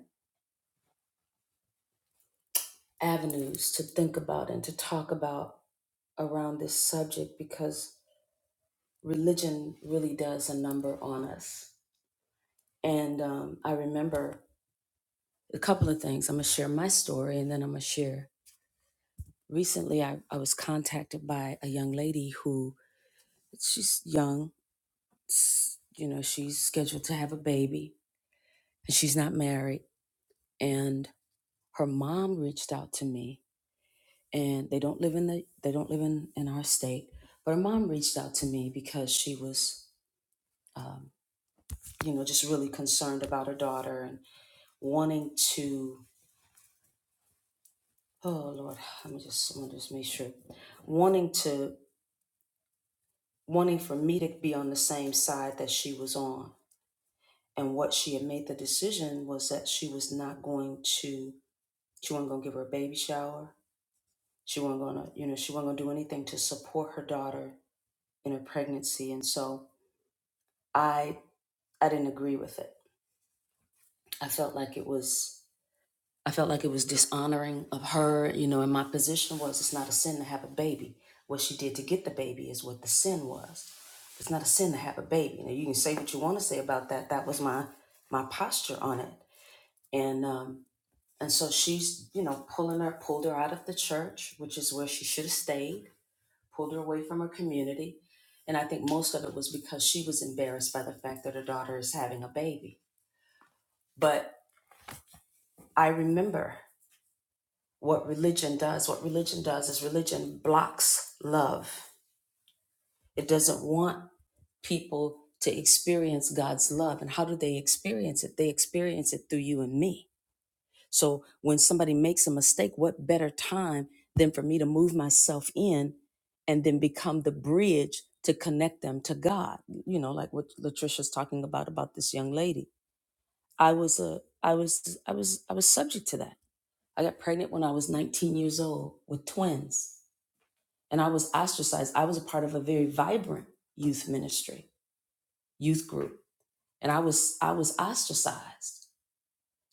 S1: avenues to think about and to talk about around this subject because religion really does a number on us. And um, I remember a couple of things. I'm gonna share my story, and then I'm gonna share. Recently, I, I was contacted by a young lady who she's young You know, she's scheduled to have a baby and she's not married. And her mom reached out to me and they don't live in the they don't live in, in our state. But her mom reached out to me because she was um, you know, just really concerned about her daughter and wanting to oh Lord, let me just let me just make sure. Wanting to wanting for me to be on the same side that she was on. And what she had made the decision was that she was not going to She wasn't gonna give her a baby shower. She wasn't gonna, you know, she wasn't gonna do anything to support her daughter in her pregnancy. And so I I didn't agree with it. I felt like it was I felt like it was dishonoring of her, you know, and my position was it's not a sin to have a baby. What she did to get the baby is what the sin was. It's not a sin to have a baby. Now you can say what you want to say about that. That was my my posture on it. And um and so she's, you know, pulling her, pulled her out of the church, which is where she should have stayed pulled her away from her community. And I think most of it was because she was embarrassed by the fact that her daughter is having a baby. But I remember what religion does. What religion does is religion blocks love, it doesn't want people to experience God's love. And how do they experience it? They experience it through you and me So when somebody makes a mistake, what better time than for me to move myself in and then become the bridge to connect them to God? You know, like what Latricia's talking about about this young lady. I was a I was I was I was subject to that. I got pregnant when I was 19 years old with twins and I was ostracized. I was a part of a very vibrant youth ministry, youth group, and I was I was ostracized.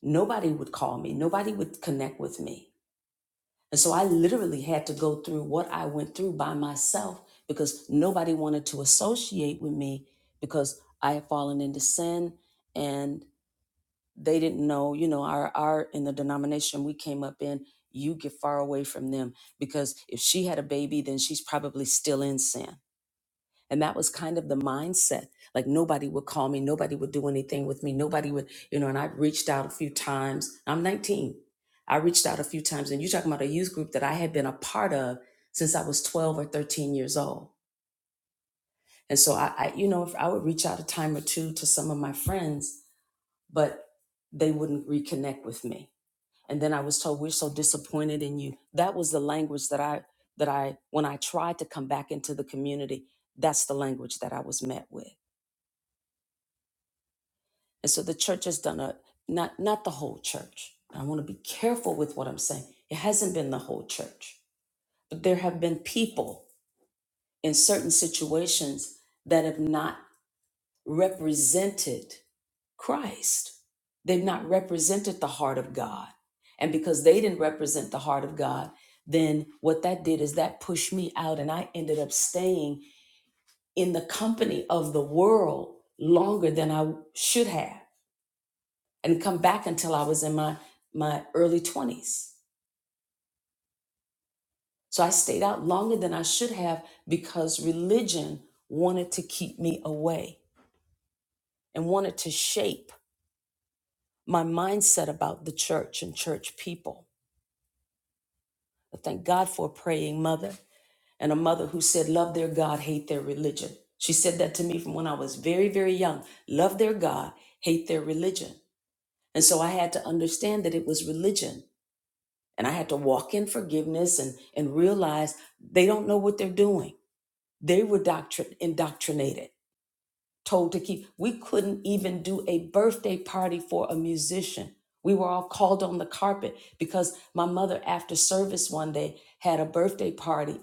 S1: Nobody would call me, nobody would connect with me And so I literally had to go through what I went through by myself because nobody wanted to associate with me because I had fallen into sin and they didn't know, you know, our our in the denomination we came up in, you get far away from them because if she had a baby, then she's probably still in sin. And that was kind of the mindset. Like nobody would call me, nobody would do anything with me, nobody would, you know, and I reached out a few times. I'm 19. I reached out a few times, and you're talking about a youth group that I had been a part of since I was 12 or 13 years old. And so I, I you know, if I would reach out a time or two to some of my friends, but they wouldn't reconnect with me. And then I was told, we're so disappointed in you. That was the language that I, that I, when I tried to come back into the community, that's the language that I was met with. And so the church has done a not not the whole church. I want to be careful with what I'm saying. It hasn't been the whole church. But there have been people in certain situations that have not represented Christ. They've not represented the heart of God. And because they didn't represent the heart of God, then what that did is that pushed me out and I ended up staying in the company of the world longer than I should have and come back until I was in my my early 20s. So I stayed out longer than I should have because religion wanted to keep me away and wanted to shape my mindset about the church and church people. But thank God for a praying mother and a mother who said, Love their God, hate their religion. She said that to me from when I was very, very young. Love their God, hate their religion. And so I had to understand that it was religion And I had to walk in forgiveness and, and realize they don't know what they're doing. They were doctrin- indoctrinated, told to keep. We couldn't even do a birthday party for a musician. We were all called on the carpet because my mother, after service one day, had a birthday party.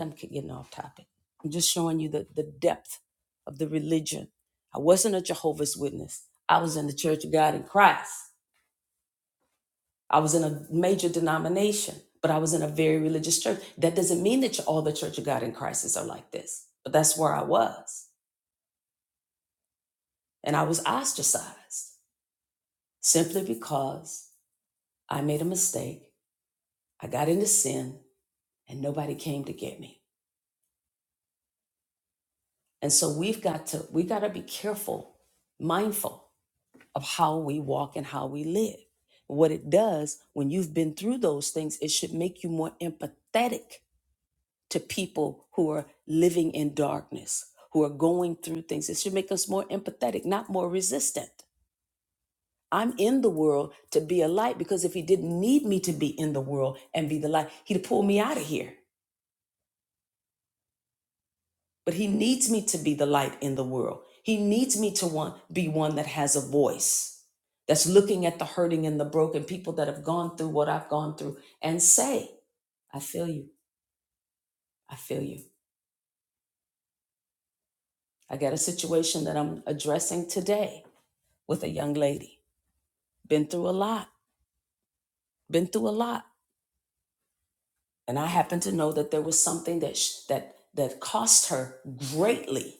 S1: I'm getting off topic. I'm just showing you the, the depth of the religion. I wasn't a Jehovah's Witness, I was in the Church of God in Christ. I was in a major denomination, but I was in a very religious church. That doesn't mean that all the Church of God in crisis are like this, but that's where I was. And I was ostracized simply because I made a mistake. I got into sin and nobody came to get me. And so we've got to, we got to be careful, mindful of how we walk and how we live. What it does when you've been through those things, it should make you more empathetic to people who are living in darkness, who are going through things. It should make us more empathetic, not more resistant. I'm in the world to be a light because if he didn't need me to be in the world and be the light, he'd pull me out of here. But he needs me to be the light in the world. He needs me to want, be one that has a voice, that's looking at the hurting and the broken people that have gone through what I've gone through and say, I feel you. I feel you. I got a situation that I'm addressing today with a young lady. Been through a lot. Been through a lot. And I happen to know that there was something that sh- that that cost her greatly.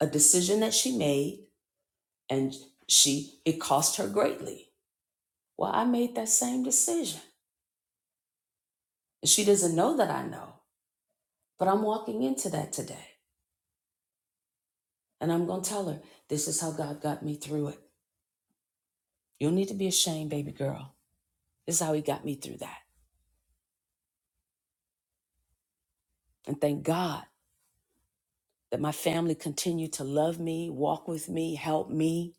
S1: A decision that she made, and she it cost her greatly. Well, I made that same decision, and she doesn't know that I know. But I'm walking into that today, and I'm gonna tell her this is how God got me through it. You don't need to be ashamed, baby girl. This is how He got me through that. And thank God that my family continued to love me, walk with me, help me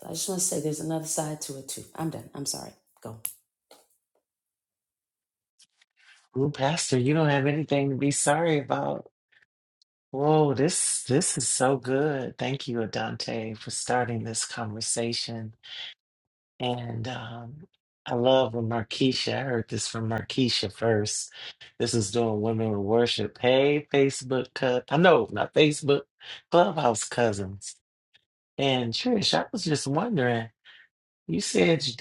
S1: So I just want to say there's another side to it too. I'm done. I'm sorry. Go.
S3: Ooh, Pastor, you don't have anything to be sorry about. Whoa, this this is so good. Thank you, Adante, for starting this conversation. And um, I love when Markeisha, I heard this from Markeisha first. This is doing Women with Worship. Hey, Facebook, cou- I know, not Facebook, Clubhouse Cousins. And Trish, I was just wondering, you said you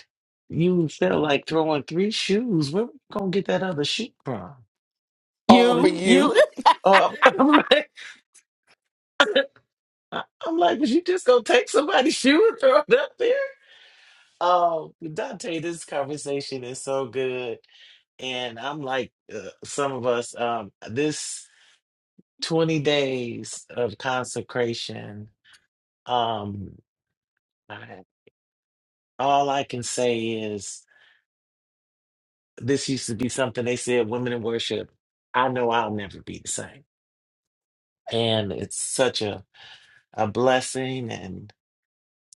S3: you felt like throwing three shoes. Where we going to get that other shoe from?
S8: All
S6: You.
S8: for
S3: With
S8: you.
S3: uh, I'm like, I- I'm like, was you just gonna take somebody's shoe and throw it up there? Oh, Dante, this conversation is so good, and I'm like, uh, some of us, um, this 20 days of consecration, um, I- all I can say is this used to be something they said women in worship. I know I'll never be the same, and it's such a a blessing,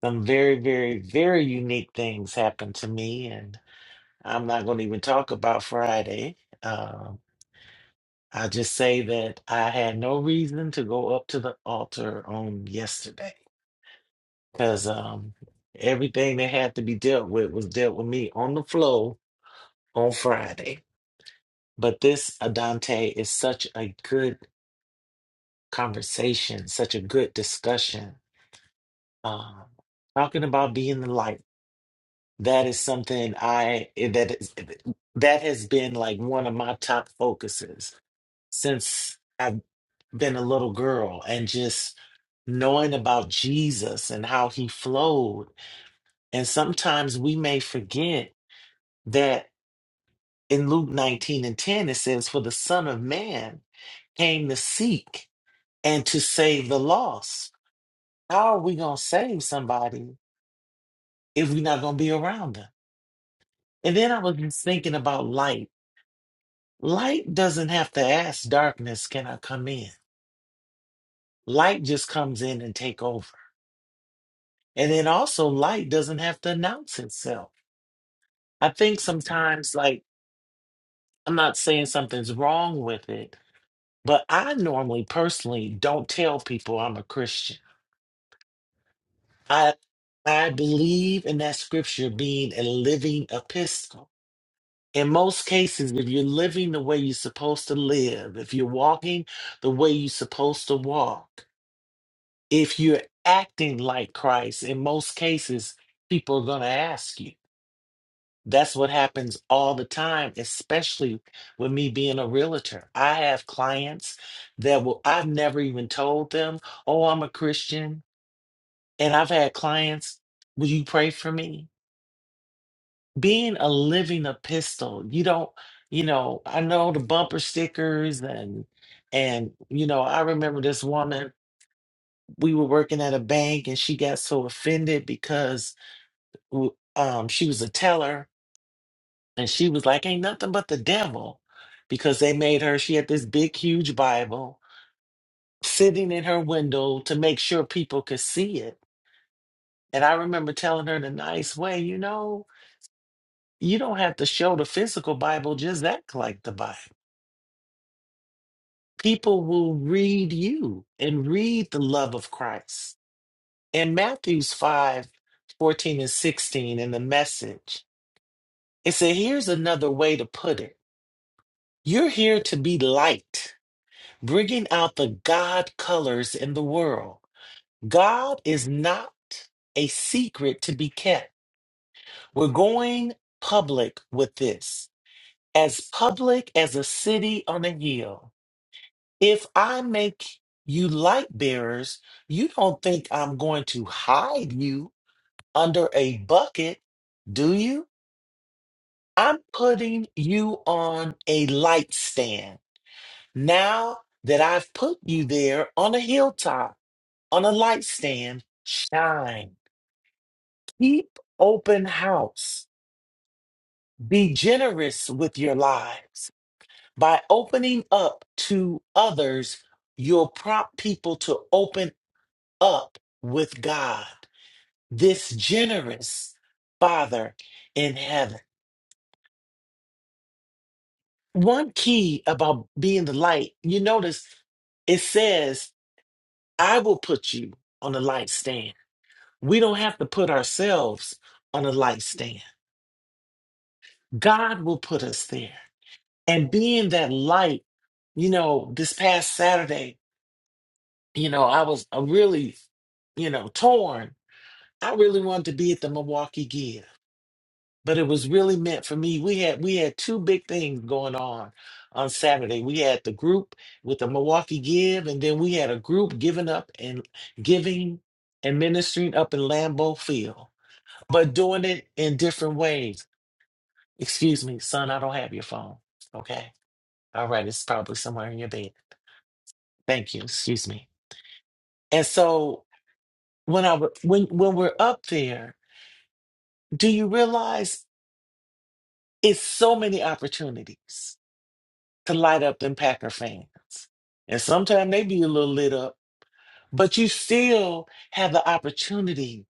S3: Some very, very, very unique things happened to me, and I'm not going to even talk about Friday. Um, I just say that I had no reason to go up to the altar on yesterday because um, everything that had to be dealt with was dealt with me on the flow on Friday. But this, Adante, is such a good conversation, such a good discussion. Um, talking about being the light. That is something I eh, that is eh, that has been like one of my top focuses since I've been a little girl and just knowing about Jesus and how he flowed. And sometimes we may forget that in Luke 19 and 10 it says, For the Son of Man came to seek and to save the lost. How are we gonna save somebody if we're not gonna be around them? And then I was just thinking about life Light doesn't have to ask darkness, can I come in? Light just comes in and take over. And then also light doesn't have to announce itself. I think sometimes like I'm not saying something's wrong with it, but I normally personally don't tell people I'm a Christian. I I believe in that scripture being a living epistle. In most cases, if you're living the way you're supposed to live, if you're walking the way you're supposed to walk, if you're acting like Christ, in most cases, people are going to ask you. That's what happens all the time, especially with me being a realtor. I have clients that will, I've never even told them, oh, I'm a Christian. And I've had clients, will you pray for me? Being a living epistle, you don't, you know, I know the bumper stickers and, and, you know, I remember this woman, we were working at a bank and she got so offended because who um she was a teller and she was like ain't nothing but the devil because they made her she had this big huge bible sitting in her window to make sure people could see it and i remember telling her in a nice way you know you don't have to show the physical bible just act like the bible people will read you and read the love of christ in matthews 5, 14, and 16 in the message it said here's another way to put it you're here to be light bringing out the God colors in the world. God is not a secret to be kept. We're going public with this, as public as a city on a hill. If I make you light bearers, you don't think I'm going to hide you under a bucket, do you? I'm putting you on a light stand. Now that I've put you there on a hilltop, on a light stand, shine. Keep open house. Be generous with your lives. By opening up to others, you'll prompt people to open up with God, this generous Father in heaven. One key about being the light, you notice it says, I will put you on a light stand. We don't have to put ourselves on a light stand. God will put us there. and being that light, you know, this past Saturday, you know, I was uh, really, you know, torn. I really wanted to be at the Milwaukee Give, but it was really meant for me. We had we had two big things going on on Saturday. We had the group with the Milwaukee Give, and then we had a group giving up and giving and ministering up in Lambeau Field, but doing it in different ways. Excuse me, son, I don't have your phone. Okay. All right, it's probably somewhere in your bed. Thank you. Excuse me. And so when I w- when when we're up there, do you realize it's so many opportunities to light up them Packer fans, and sometimes they be a little lit up, but you still have the opportunity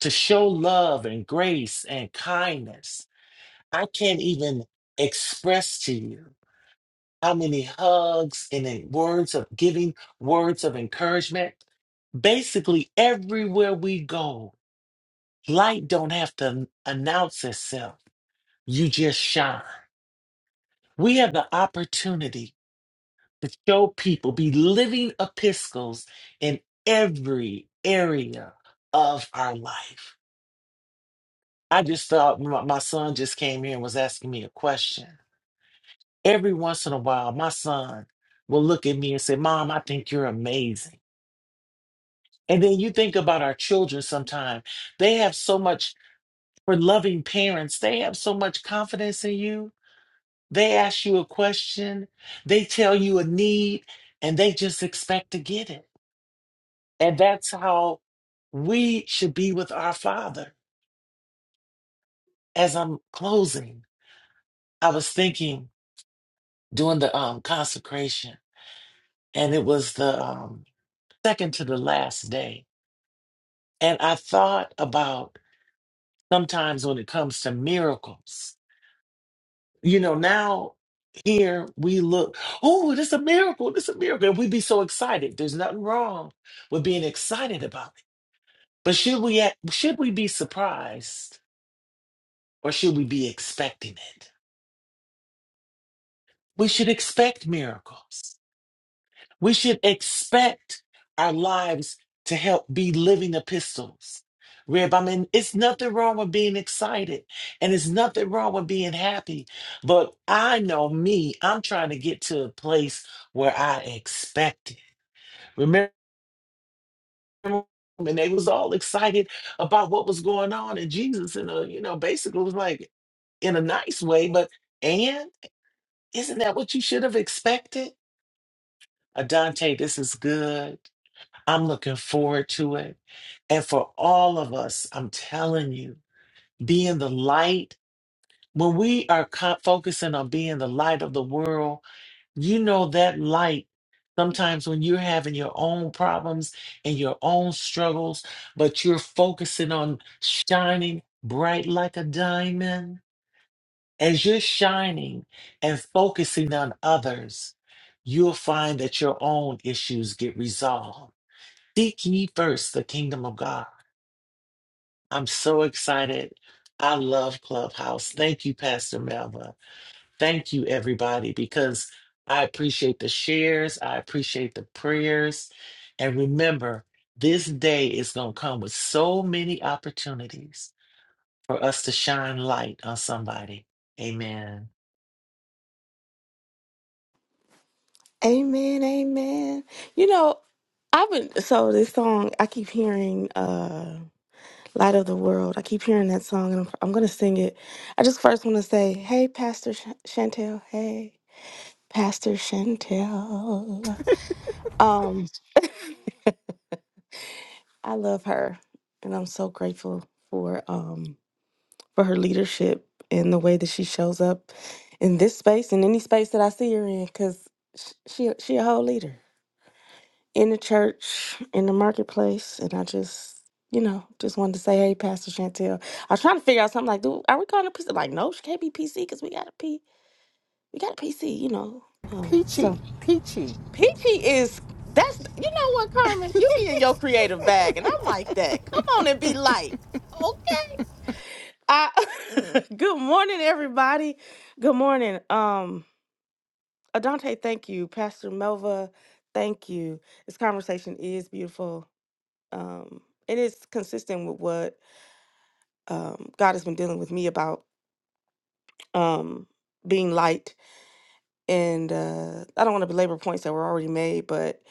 S3: to show love and grace and kindness. I can't even express to you how many hugs and then words of giving, words of encouragement. Basically, everywhere we go, Light don't have to announce itself. You just shine. We have the opportunity to show people, be living epistles in every area of our life. I just thought my, my son just came here and was asking me a question. Every once in a while, my son will look at me and say, Mom, I think you're amazing. And then you think about our children sometimes. They have so much, for loving parents, they have so much confidence in you They ask you a question, they tell you a need, and they just expect to get it. And that's how we should be with our Father. As I'm closing, I was thinking during the um, consecration, and it was the um, second to the last day. And I thought about sometimes when it comes to miracles. you know, now here we look, oh, this a miracle, this a miracle. And we would be so excited. There's nothing wrong with being excited about it. But should we act, should we be surprised or should we be expecting it? We should expect miracles. We should expect our lives to help be living epistles. Rib, I mean, it's nothing wrong with being excited and it's nothing wrong with being happy. But I know me, I'm trying to get to a place where I expect it. Remember when they was all excited about what was going on and Jesus in a, you know, basically was like in a nice way, but and isn't that what you should have expected? Adante, this is good. I'm looking forward to it. And for all of us, I'm telling you, being the light, when we are co- focusing on being the light of the world, you know that light. Sometimes when you're having your own problems and your own struggles, but you're focusing on shining bright like a diamond, as you're shining and focusing on others, you'll find that your own issues get resolved Seek ye first the kingdom of God. I'm so excited. I love Clubhouse. Thank you, Pastor Melva. Thank you, everybody, because I appreciate the shares. I appreciate the prayers. And remember, this day is going to come with so many opportunities for us to shine light on somebody. Amen.
S6: Amen, amen. You know, I've been, so this song, I keep hearing uh, Light of the World. I keep hearing that song and I'm, I'm going to sing it. I just first want to say, hey, Pastor Sh- Chantel. Hey, Pastor Chantel. Um, I love her and I'm so grateful for. um. for her leadership and the way that she shows up in this space and any space that I see her in because she she a whole leader in the church in the marketplace and I just you know just wanted to say hey Pastor Chantel I was trying to figure out something like dude, are we calling her PC like no she can't be PC because we got a P we got a PC you know um, so
S2: Peachy. Peachy.
S6: Peachy is that's you know what Carmen you be in your creative bag and I'm like that come on and be light okay? I good morning, everybody. Good morning. Um, Adante, thank you. Pastor Melva, thank you. This conversation is beautiful. Um, it is consistent with what um God has been dealing with me about um being light. And uh I don't want to belabor points that were already made, but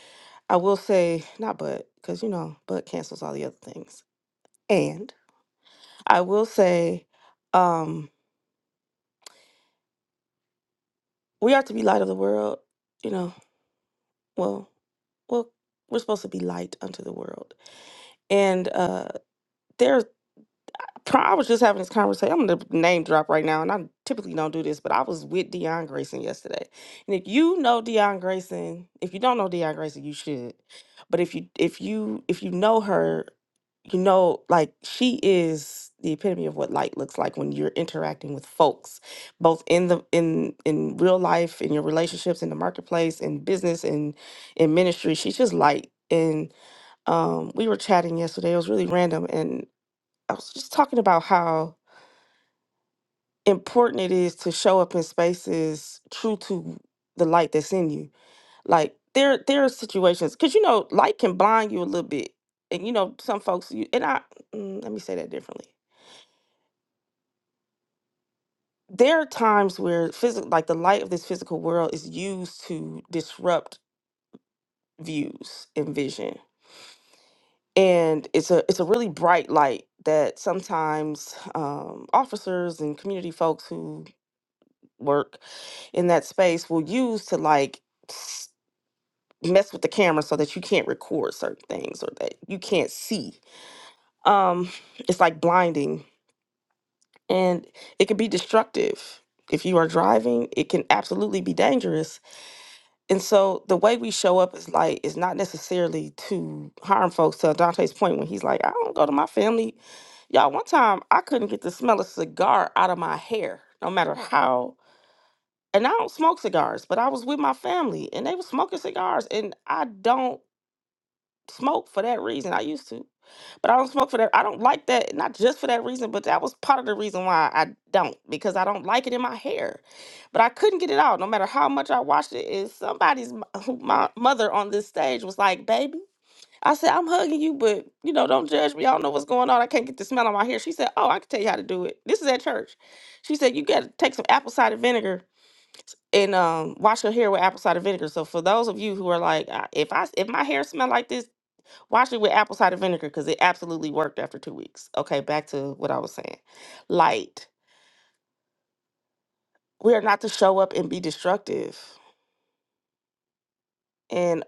S6: I will say not but, because you know, but cancels all the other things. And I will say, um, we are to be light of the world, you know. well well we're supposed to be light unto the world and uh there Pri- I was just having this conversation. I'm gonna name drop right now, and I typically don't do this, but I was with Deion Grayson yesterday. And if you know Deion Grayson, if you don't know Deion Grayson, you should. But if you if you if you know her, you know like she is the epitome of what light looks like when you're interacting with folks, both in the in in real life, in your relationships, in the marketplace, in business, and in in ministry. She's just light. And um, we were chatting yesterday. It was really random, I was just talking about how important it is to show up in spaces true to the light that's in you. Like there there are situations because you know light can blind you a little bit, and you know some folks you and I mm, let me say that differently. There are times where physical like the light of this physical world is used to disrupt views and vision. And it's a it's a really bright light that sometimes um, officers and community folks who work in that space will use to like s- mess with the camera so that you can't record certain things or that you can't see. Um, it's like blinding and it can be destructive. If you are driving, it can absolutely be dangerous. And so the way we show up is like is not necessarily to harm folks. To Dante's point, when he's like, I don't go to my family. Y'all, one time I couldn't get the smell of cigar out of my hair, no matter how and I don't smoke cigars, but I was with my family and they were smoking cigars and I don't smoke for that reason. I used to, but I don't smoke for that. I don't like that, not just for that reason, but that was part of the reason why I don't because I don't like it in my hair. But I couldn't get it out no matter how much I washed it. Is somebody's m- who- my mother on this stage was like, "Baby, I said I'm hugging you, but you know, don't judge me. I don't know what's going on. I can't get the smell on my hair." She said, "Oh, I can tell you how to do it. This is at church." She said, "You got to take some apple cider vinegar and um wash your hair with apple cider vinegar. So for those of you who are like, "Uh, if I if my hair smell like this, wash it with apple cider vinegar because it absolutely worked after two weeks. Okay, back to what I was saying. Light. We are not to show up and be destructive and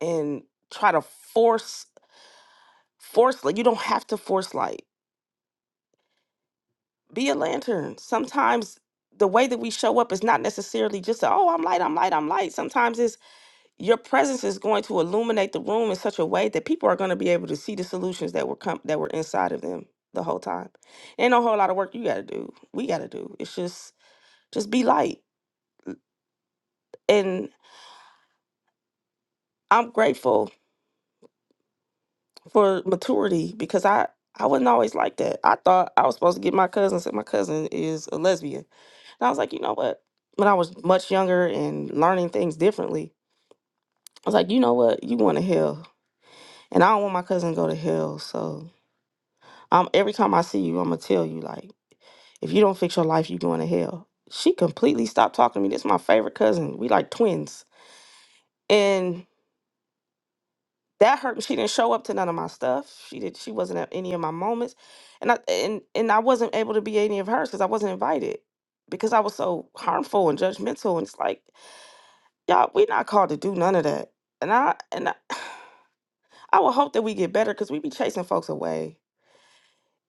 S6: and try to force force light. You don't have to force light. Be a lantern. Sometimes the way that we show up is not necessarily just a, oh I'm light I'm light I'm light. Sometimes it's your presence is going to illuminate the room in such a way that people are going to be able to see the solutions that were come that were inside of them the whole time. Ain't no whole lot of work you got to do. We got to do. It's just just be light. And I'm grateful for maturity because I I wasn't always like that. I thought I was supposed to get my cousin said my cousin is a lesbian. And I was like, you know what? When I was much younger and learning things differently, I was like, you know what? You want to hell, and I don't want my cousin to go to hell. So I'm every time I see you, I'm gonna tell you like, if you don't fix your life, you're going to hell. She completely stopped talking to me. This is my favorite cousin. We like twins, and that hurt. me. She didn't show up to none of my stuff. She did. She wasn't at any of my moments, and I and and I wasn't able to be any of hers because I wasn't invited because I was so harmful and judgmental. And it's like, y'all, we're not called to do none of that. And I and I, I would hope that we get better because we be chasing folks away.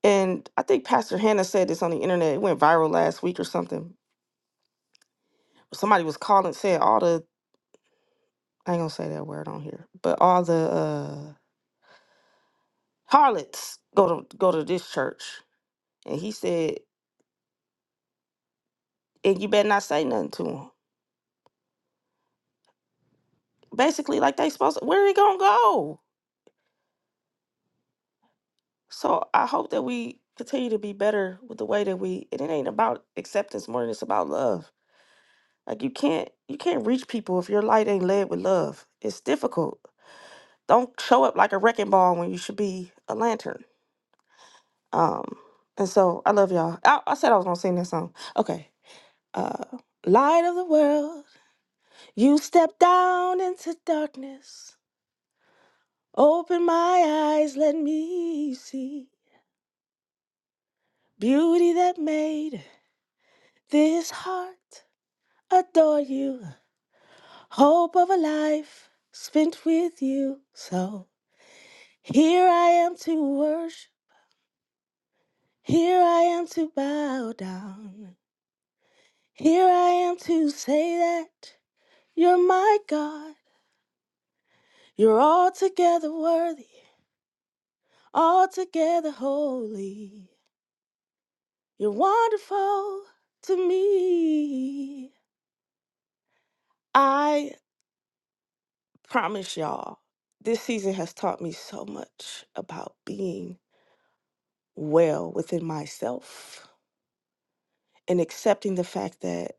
S6: And I think Pastor Hannah said this on the internet. It went viral last week or something somebody was calling said all the I ain't gonna say that word on here, but all the uh harlots go to go to this church, and he said, and you better not say nothing to them. Basically, like they supposed to, where he gonna go? So I hope that we continue to be better with the way that we. And it ain't about acceptance more than it's about love. Like you can't you can't reach people if your light ain't led with love. It's difficult. Don't show up like a wrecking ball when you should be a lantern. Um, and so I love y'all. I, I said I was gonna sing this song. Okay. Uh Light of the world, you step down into darkness. Open my eyes, let me see beauty that made this heart adore you. Hope of a life spent with you. So here I am to worship. Here I am to bow down. Here I am to say that you're my God. You're altogether worthy, altogether holy. You're wonderful to me. I promise y'all, this season has taught me so much about being well within myself and accepting the fact that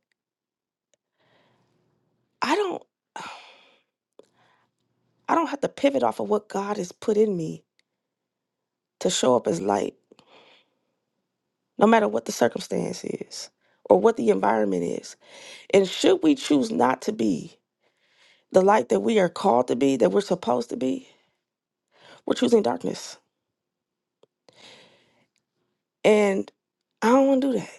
S6: I don't I don't have to pivot off of what God has put in me to show up as light, no matter what the circumstance is or what the environment is. And should we choose not to be, the light that we are called to be, that we're supposed to be, we're choosing darkness. And I don't want to do that.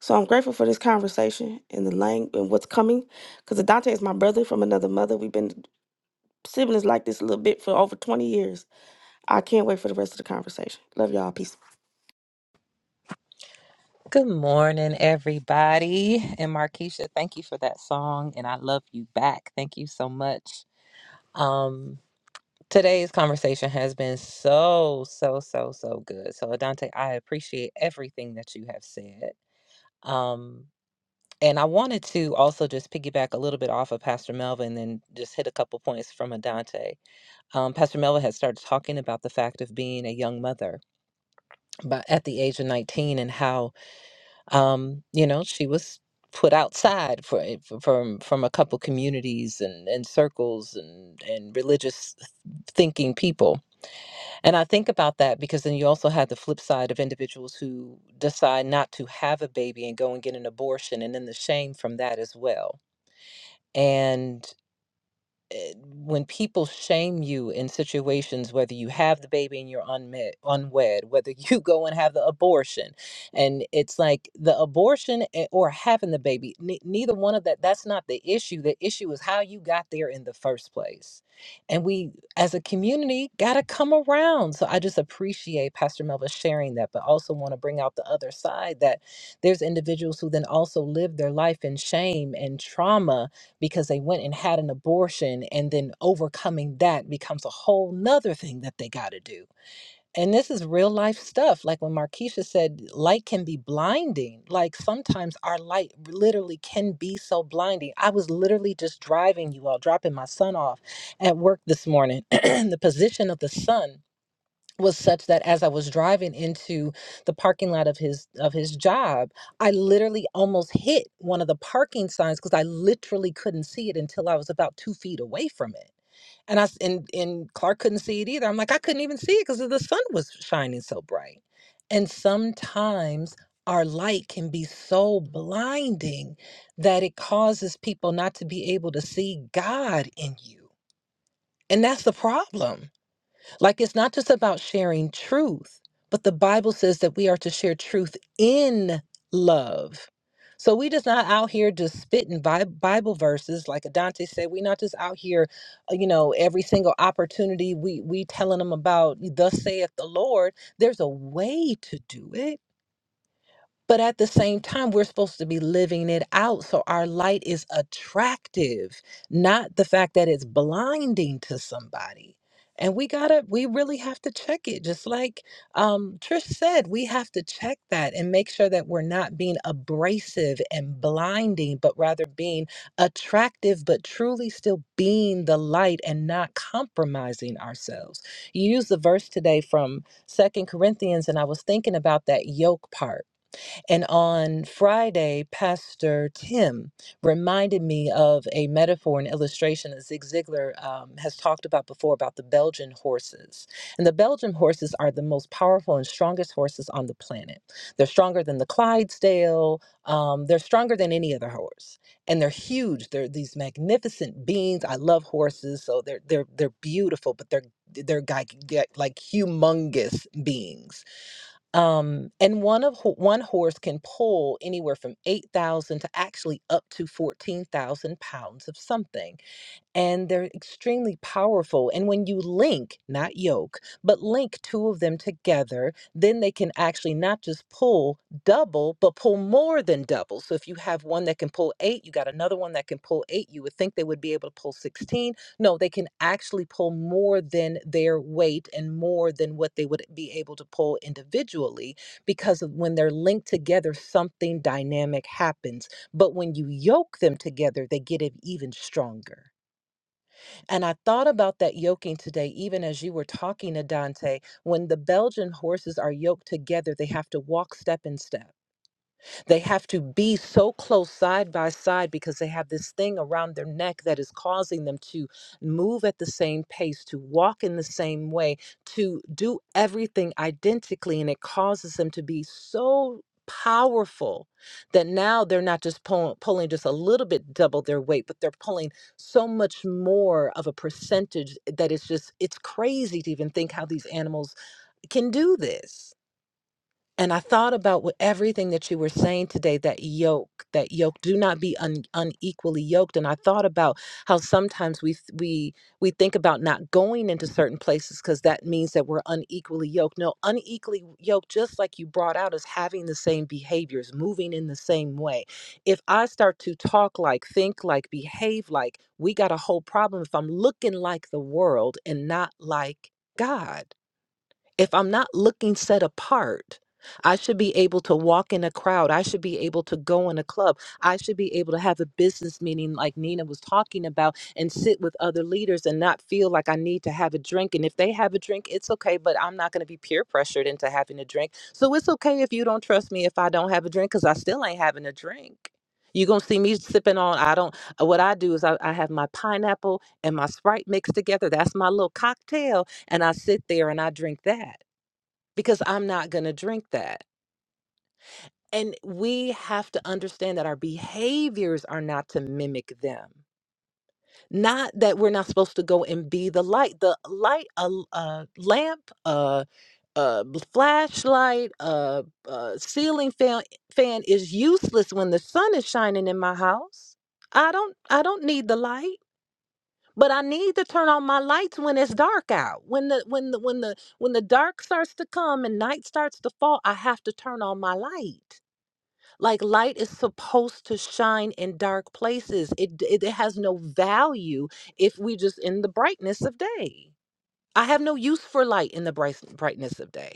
S6: So I'm grateful for this conversation and the lang and what's coming. Because Adante is my brother from another mother. We've been siblings like this a little bit for over 20 years. I can't wait for the rest of the conversation. Love y'all. Peace.
S9: Good morning, everybody. And Markeisha, thank you for that song. And I love you back. Thank you so much. Um, today's conversation has been so, so, so, so good. So, Adante, I appreciate everything that you have said. Um, and I wanted to also just piggyback a little bit off of Pastor Melvin and then just hit a couple points from Adante. Um, Pastor Melvin had started talking about the fact of being a young mother but at the age of 19 and how um, you know, she was put outside for, it- from from a couple communities and, and circles and, and religious thinking people. And I think about that because then you also have the flip side of individuals who decide not to have a baby and go and get an abortion and then the shame from that as well. And eh, when people shame you in situations whether you have the baby and you're unmet, unwed whether you go and have the abortion and it's like the abortion a- or having the baby ne- neither one of that that's not the issue the issue is how you got there in the first place and we as a community got to come around so i just appreciate pastor melva sharing that but also want to bring out the other side that there's individuals who then also live their life in shame and trauma because they went and had an abortion and then overcoming that becomes a whole nother thing that they got to do and this is real life stuff like when markeisha said light can be blinding like sometimes our light literally can be so blinding i was literally just driving you all dropping my son off at work this morning the position of the sun was such that as I was driving into the parking lot of his of his job, I literally almost hit one of the parking signs because I literally couldn't see it until I was about two feet away from it. And I s- and and Clark couldn't see it either. I'm like, I couldn't even see it because the sun was shining so bright. And sometimes our light can be so blinding that it causes people not to be able to see God in you. And that's the problem like it's not just about sharing truth, but the Bible says that we are to share truth in love. So we just not out here just spitting Bi- Bible verses, like Adante said. We're not just out here, uh, you know, every single opportunity we we telling them about. Thus saith the Lord. There's a way to do it but at the same time, we're supposed to be living it out. So our light is attractive, not the fact that it's blinding to somebody. And we gotta, we really have to check it. Just like um, Trish said, we have to check that and make sure that we're not being abrasive and blinding, but rather being attractive, but truly still being the light and not compromising ourselves. You used the verse today from Second Corinthians, and I was thinking about that yoke part and on Friday, Pastor Tim reminded me of a metaphor and illustration that Zig Ziglar um, has talked about before about the Belgian horses. And the Belgian horses are the most powerful and strongest horses on the planet. They're stronger than the Clydesdale, um, they're stronger than any other horse. And they're huge. They're these magnificent beings. I love horses, so they're they're they're beautiful, but they're they're gi- gi- like humongous beings um, and one of ho- one horse can pull anywhere from eight thousand to actually up to fourteen thousand pounds of something and they're extremely powerful. And when you link, not yoke, but link two of them together, then they can actually not just pull double, but pull more than double. So if you have one that can pull eight, you got another one that can pull eight. You would think they would be able to pull 16. No, they can actually pull more than their weight and more than what they would be able to pull individually because of when they're linked together, something dynamic happens. But when you yoke them together, they get it even stronger. And I thought about that yoking today, even as you were talking to Dante. When the Belgian horses are yoked together, they have to walk step in step. They have to be so close side by side because they have this thing around their neck that is causing them to move at the same pace, to walk in the same way, to do everything identically. And it causes them to be so powerful that now they're not just pull, pulling just a little bit double their weight, but they're pulling so much more of a percentage that it's just, it's crazy to even think how these animals can do this and I thought about what everything that you were saying today, that yoke, that yoke, do not be un, unequally yoked. And I thought about how sometimes we th- we we think about not going into certain places because that means that we're unequally yoked. No, unequally yoked, just like you brought out, is having the same behaviors, moving in the same way. If I start to talk like, think like, behave like, we got a whole problem. If I'm looking like the world and not like God if I'm not looking set apart, I should be able to walk in a crowd. I should be able to go in a club. I should be able to have a business meeting like Nina was talking about and sit with other leaders and not feel like I need to have a drink. And if they have a drink, it's okay, but I'm not going to be peer pressured into having a drink. So it's okay if you don't trust me if I don't have a drink because I still ain't having a drink. You're going to see me sipping on, I don't, what I do is I, I have my pineapple and my Sprite mixed together. That's my little cocktail and I sit there and I drink that because I'm not going to drink that. And we have to understand that our behaviors are not to mimic them. Not that we're not supposed to go and be the light, the light, a l- a lamp, a, a b- flashlight, a, a ceiling fan, fan is useless when the sun is shining in my house. I don't, I don't need the light. but I need to turn on my lights when it's dark out. When the when the when the when the dark starts to come and night starts to fall, I have to turn on my light. Like light is supposed to shine in dark places. It d- it, it has no value if we just in the brightness of day. I have no use for light in the bright, brightness of day.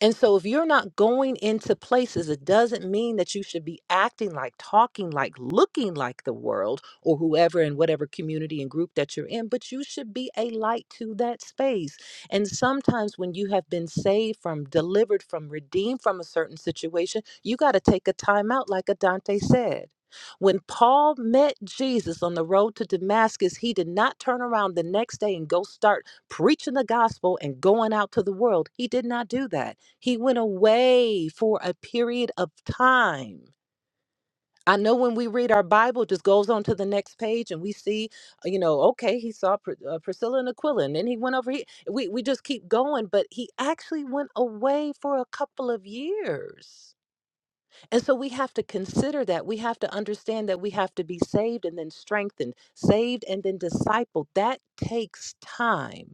S9: And so, if you're not going into places, it doesn't mean that you should be acting like, talking like, looking like the world or whoever in whatever community and group that you're in, but you should be a light to that space. And sometimes, when you have been saved from, delivered from, redeemed from a certain situation, you got to take a time out, like Adante said. When Paul met Jesus on the road to Damascus, he did not turn around the next day and go start preaching the gospel and going out to the world. He did not do that. He went away for a period of time. I know when we read our Bible, it just goes on to the next page and we see, uh, you know, okay, he saw Pr- uh, Priscilla and Aquila and then he went over here. We, we just keep going, but he actually went away for a couple of years. And so we have to consider that. We have to understand that we have to be saved and then strengthened, saved and then discipled. That takes time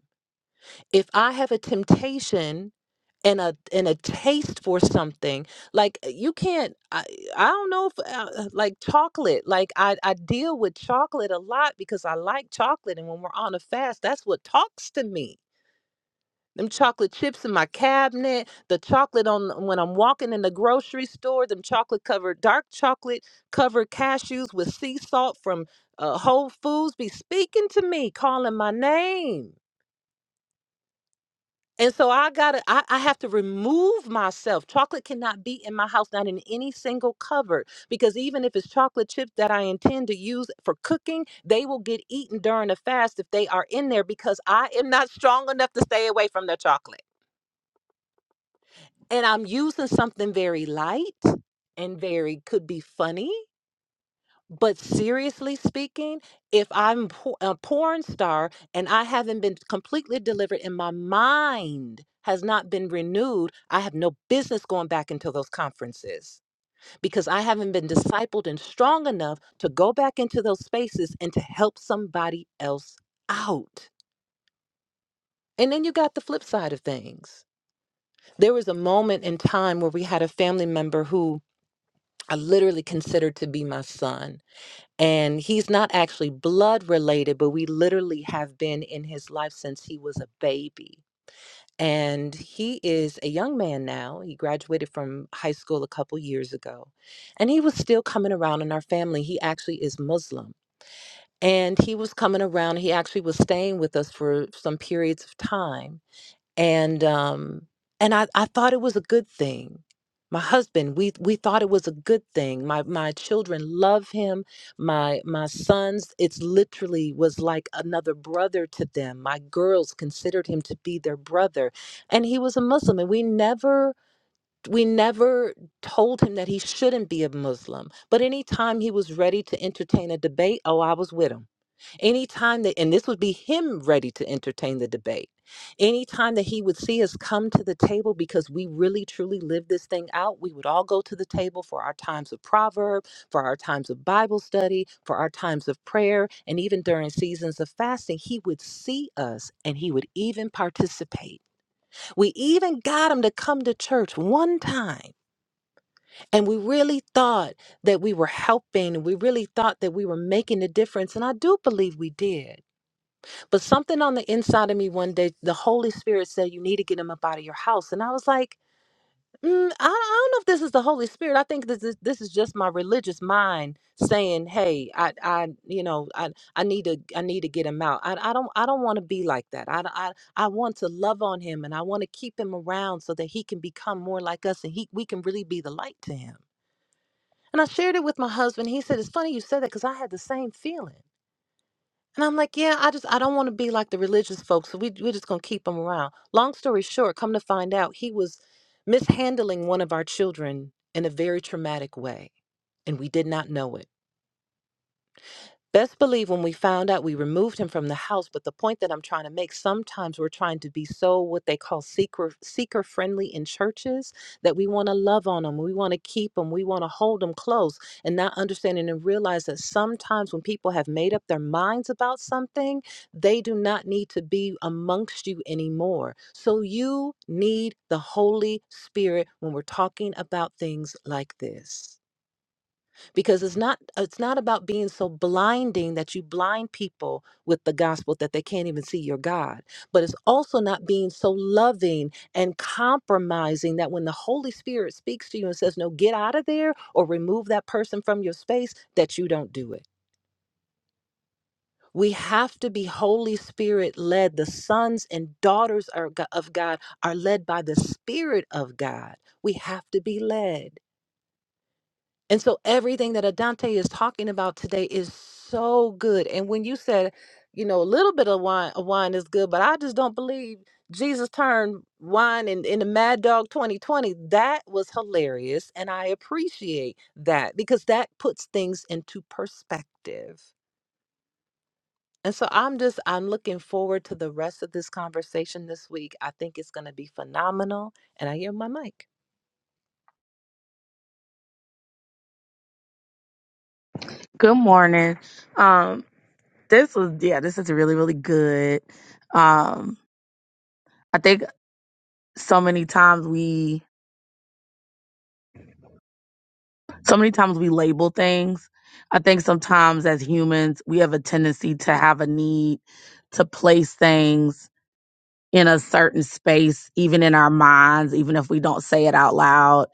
S9: if I have a temptation and a and a taste for something, like uh, you can't, I, I don't know if uh, uh, like chocolate. Like I I deal with chocolate a lot because I like chocolate, and when we're on a fast, that's what talks to me. Them chocolate chips in my cabinet, the chocolate on when I'm walking in the grocery store, them chocolate covered dark chocolate covered cashews with sea salt from uh, Whole Foods be speaking to me, calling my name And so I gotta, I, I have to remove myself. Chocolate cannot be in my house, not in any single cupboard, because even if it's chocolate chips that I intend to use for cooking, they will get eaten during the fast if they are in there because I am not strong enough to stay away from the chocolate. And I'm using something very light and very could be funny but seriously speaking, if I'm po- a porn star and I haven't been completely delivered and my mind has not been renewed, I have no business going back into those conferences because I haven't been discipled and strong enough to go back into those spaces and to help somebody else out. And then you got the flip side of things. There was a moment in time where we had a family member who I literally considered to be my son And he's not actually blood related, but we literally have been in his life since he was a baby. And he is a young man now. He graduated from high school a couple years ago. And he was still coming around in our family. He actually is Muslim. And he was coming around. He actually was staying with us for some periods of time and um and I, I thought it was a good thing my husband we we thought it was a good thing my my children love him my my sons it's literally was like another brother to them my girls considered him to be their brother and he was a muslim and we never we never told him that he shouldn't be a muslim but anytime he was ready to entertain a debate oh i was with him Anytime that, and this would be him ready to entertain the debate. Anytime that he would see us come to the table because we really truly live this thing out, we would all go to the table for our times of proverb, for our times of Bible study, for our times of prayer, and even during seasons of fasting. He would see us and he would even participate. We even got him to come to church one time, and we really thought that we were helping. and We really thought that we were making a difference, and I do believe we did. But something on the inside of me one day, the Holy Spirit said, You need to get him up out of your house. And I was like, "Mm, I, I don't know if this is the Holy Spirit. I think this is, this is just my religious mind saying, Hey, I, I, you know, I, I need to, I need to get him out. I, I don't, I don't want to be like that. I, I, I want to love on him and I want to keep him around so that he can become more like us and he, we can really be the light to him. And I shared it with my husband. He said, It's funny you said that because I had the same feeling. And I'm like, yeah, I just I don't want to be like the religious folks, so we we're just gonna keep him around. Long story short, come to find out, he was mishandling one of our children in a very traumatic way, and we did not know it. Best believe when we found out, we removed him from the house. But the point that I'm trying to make, sometimes we're trying to be so what they call seeker seeker friendly in churches that we want to love on them, we want to keep them, we want to hold them close, and not understanding and realize that sometimes when people have made up their minds about something, they do not need to be amongst you anymore. So you need the Holy Spirit when we're talking about things like this because it's not it's not about being so blinding that you blind people with the gospel that they can't even see your god but it's also not being so loving and compromising that when the holy spirit speaks to you and says no get out of there or remove that person from your space that you don't do it we have to be Holy Spirit led. The sons and daughters are go- of God are led by the Spirit of God. We have to be led. And so everything that Adante is talking about today is so good. And when you said, you know, a little bit of wine of wine is good, but I just don't believe Jesus turned wine in, in the Mad Dog 2020. That was hilarious. And I appreciate that because that puts things into perspective. And so I'm just I'm looking forward to the rest of this conversation this week. I think it's gonna be phenomenal. And I hear my mic.
S10: Good morning. Um, this was yeah, this is really really good. Um, I think so many times we so many times we label things. I think sometimes as humans we have a tendency to have a need to place things in a certain space, even in our minds, even if we don't say it out loud,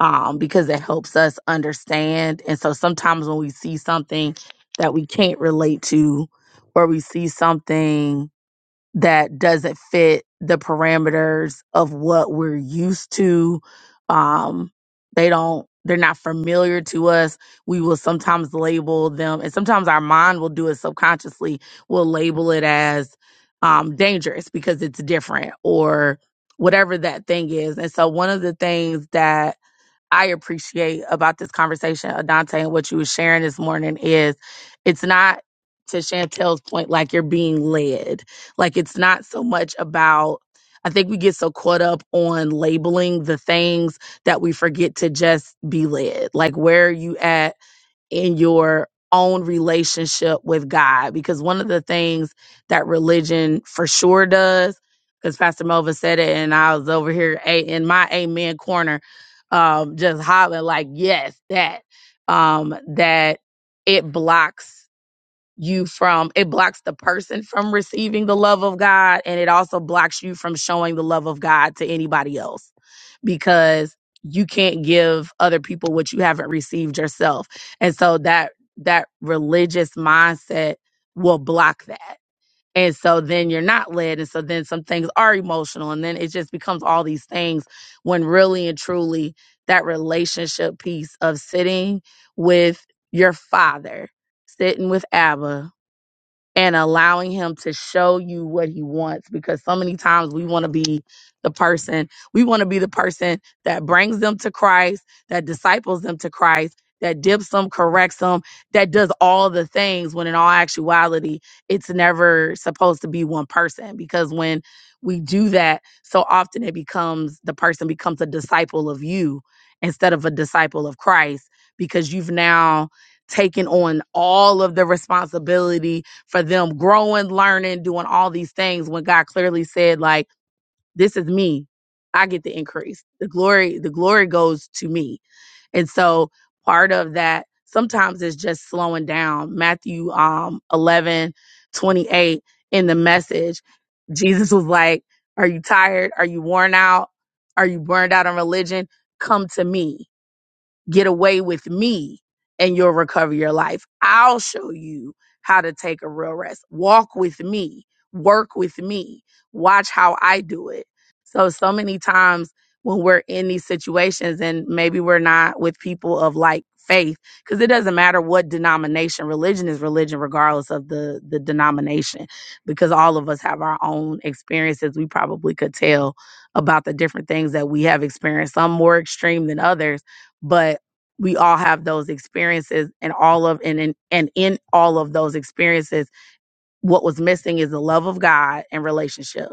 S10: um, because it helps us understand. And so sometimes when we see something that we can't relate to, or we see something that doesn't fit the parameters of what we're used to. Um, they don't, they're not familiar to us. We will sometimes label them, and sometimes our mind will do it subconsciously. We'll label it as um, dangerous because it's different or whatever that thing is. And so, one of the things that I appreciate about this conversation, Adante, and what you were sharing this morning is it's not to Chantel's point, like you're being led. Like it's not so much about I think we get so caught up on labeling the things that we forget to just be led. Like where are you at? in your own relationship with God. Because one of the things that religion for sure does, because Pastor Melvin said it, and I was over here a- in my amen corner, um, just hollering like, yes, that, um, that it blocks you from it blocks the person from receiving the love of God and it also blocks you from showing the love of God to anybody else because you can't give other people what you haven't received yourself. And so that that religious mindset will block that. And so then you're not led and so then some things are emotional and then it just becomes all these things when really and truly that relationship piece of sitting with your father, sitting with Abba and allowing him to show you what he wants because so many times we want to be the person we want to be the person that brings them to Christ that disciples them to Christ that dips them corrects them that does all the things when in all actuality it's never supposed to be one person because when we do that so often it becomes the person becomes a disciple of you instead of a disciple of Christ because you've now taken on all of the responsibility for them growing, learning, doing all these things when God clearly said, like, this is me. I get the increase. The glory, the glory goes to me. And so part of that sometimes is just slowing down. Matthew um 11, 28 in the message, Jesus was like, are you tired? Are you worn out? Are you burned out on religion? Come to me get away with me and you'll recover your life. I'll show you how to take a real rest. Walk with me, work with me, watch how I do it. So, so many times when we're in these situations and maybe we're not with people of like faith, because it doesn't matter what denomination, religion is religion, regardless of the, the denomination, because all of us have our own experiences. We probably could tell about the different things that we have experienced, some more extreme than others. But we all have those experiences and all of and in and in all of those experiences what was missing is the love of god and relationship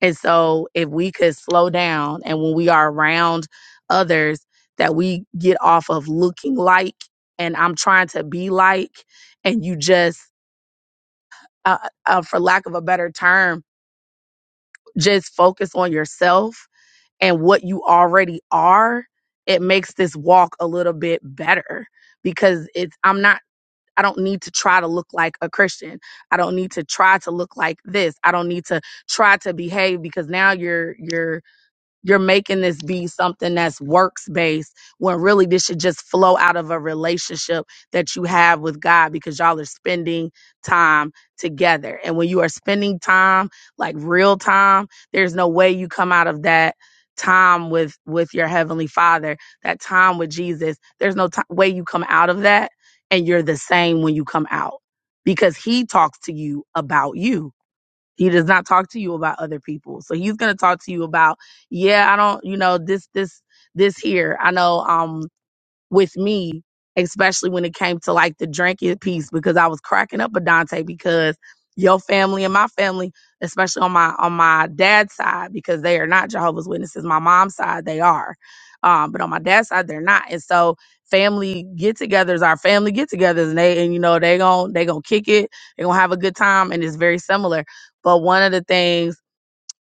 S10: and so if we could slow down and when we are around others that we get off of looking like and i'm trying to be like and you just uh, uh, for lack of a better term just focus on yourself and what you already are it makes this walk a little bit better because it's i'm not I don't need to try to look like a Christian. I don't need to try to look like this. I don't need to try to behave because now you're you're you're making this be something that's works based when really this should just flow out of a relationship that you have with God because y'all are spending time together. And when you are spending time, like real time, there's no way you come out of that time with with your heavenly father, that time with Jesus. There's no ti way you come out of that and you're the same when you come out because he talks to you about you he does not talk to you about other people. So he's going to talk to you about, yeah, I don't, you know, this, this, this here. I know, um, with me, especially when it came to like the drinking piece, because I was cracking up with Dante because your family and my family, especially on my on my dad's side, because they are not Jehovah's Witnesses. My mom's side, they are. Um, but on my dad's side, they're not. And so family get-togethers are family get-togethers, and they and you know they gon' they gonna kick it, they gonna have a good time, and it's very similar. But one of the things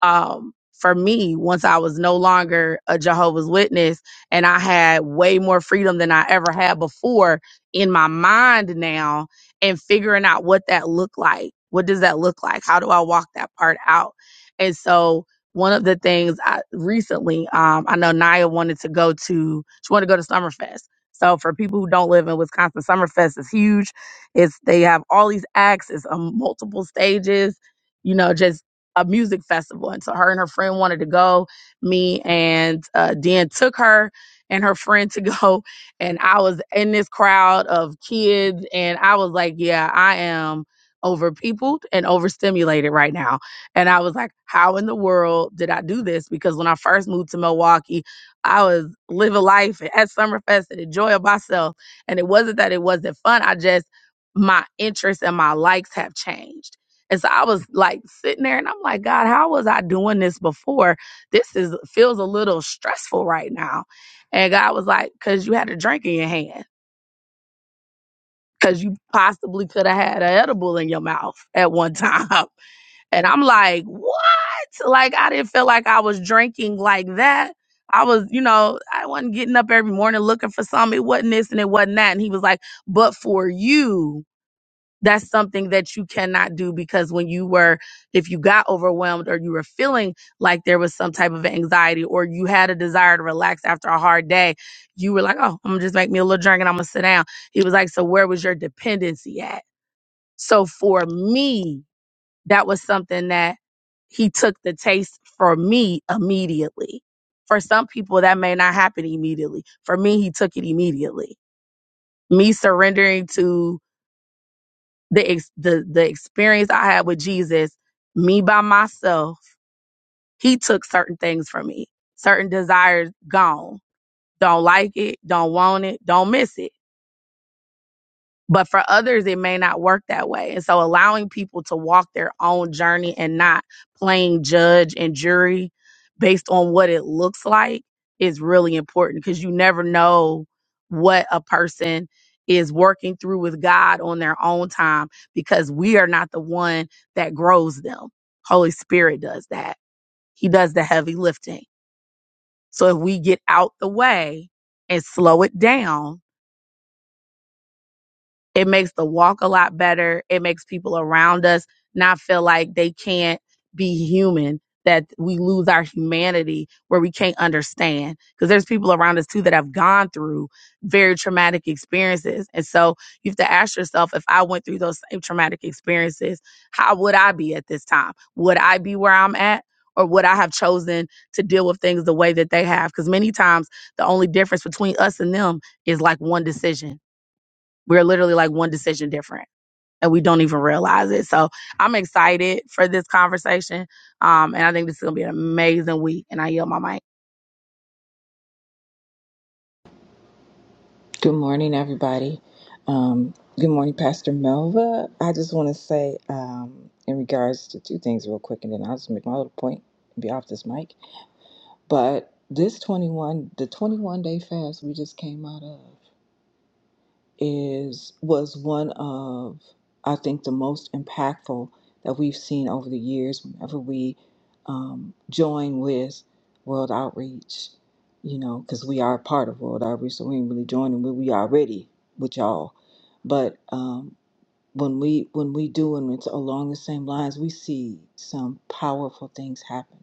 S10: um, for me, once I was no longer a Jehovah's Witness and I had way more freedom than I ever had before in my mind now and figuring out what that looked like. What does that look like? How do I walk that part out? And so one of the things I recently, um, I know Naya wanted to go to, she wanted to go to Summerfest. So for people who don't live in Wisconsin, Summerfest is huge. It's they have all these acts, it's um, multiple stages, you know, just a music festival. And so her and her friend wanted to go. Me and uh, Dan took her and her friend to go. And I was in this crowd of kids. And I was like, yeah, I am overpeopled and overstimulated right now. And I was like, how in the world did I do this? Because when I first moved to Milwaukee, I was living life at Summerfest and enjoying myself. And it wasn't that it wasn't fun. I just, my interests and my likes have changed. And so I was like sitting there and I'm like, God, how was I doing this before? This is feels a little stressful right now. And God was like, because you had a drink in your hand. Cause you possibly could have had an edible in your mouth at one time. And I'm like, what? Like I didn't feel like I was drinking like that. I was, you know, I wasn't getting up every morning looking for something. It wasn't this and it wasn't that. And he was like, but for you that's something that you cannot do because when you were if you got overwhelmed or you were feeling like there was some type of anxiety or you had a desire to relax after a hard day you were like oh i'm gonna just make me a little drink and i'm gonna sit down he was like so where was your dependency at so for me that was something that he took the taste for me immediately for some people that may not happen immediately for me he took it immediately me surrendering to the ex- the the experience I had with Jesus, me by myself, he took certain things from me. Certain desires gone. Don't like it, don't want it, don't miss it. But for others, it may not work that way. And so allowing people to walk their own journey and not playing judge and jury based on what it looks like is really important because you never know what a person is working through with God on their own time because we are not the one that grows them. Holy Spirit does that. He does the heavy lifting. So if we get out the way and slow it down, It makes the walk a lot better. It makes people around us not feel like they can't be human, that we lose our humanity where we can't understand. Because there's people around us too that have gone through very traumatic experiences. And so you have to ask yourself if I went through those same traumatic experiences, how would I be at this time? Would I be where I'm at? Or would I have chosen to deal with things the way that they have? Because many times the only difference between us and them is like one decision we're literally like one decision different and we don't even realize it. So I'm excited for this conversation. Um, and I think this is going to be an amazing week. And I yield my mic.
S11: Good morning, everybody. Um, good morning, Pastor Melva. I just want to say, um, in regards to two things, real quick, and then I'll just make my little point and be off this mic. But this 21, the 21 day fast we just came out of is was one of I think the most impactful that we've seen over the years. Whenever we um, join with World Outreach, you know, because we are a part of World Outreach, so we ain't really joining, but we already with y'all. But um, when we when we do and it's along the same lines we see some powerful things happen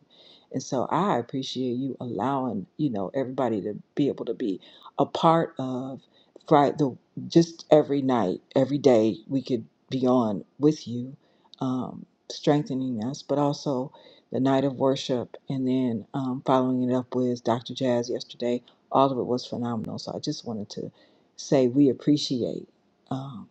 S11: and so i appreciate you allowing you know everybody to be able to be a part of Friday the just every night every day we could be on with you um strengthening us but also the night of worship and then um, following it up with dr jazz yesterday all of it was phenomenal so i just wanted to say we appreciate Um,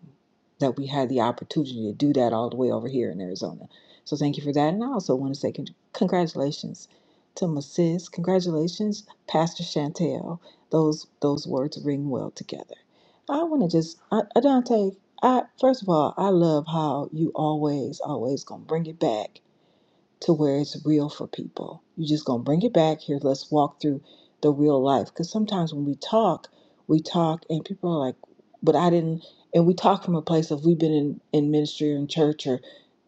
S11: that we had the opportunity to do that all the way over here in Arizona. So thank you for that. And I also want to say con- congratulations to my sis. Congratulations, Pastor Chantel. Those those words ring well together. I want to just, I, Adante, I, first of all, I love how you always, always going to bring it back to where it's real for people. You're just going to bring it back here. Let's walk through the real life. Because sometimes when we talk, we talk and people are like, but I didn't. And we talk from a place of we've been in, in ministry or in church or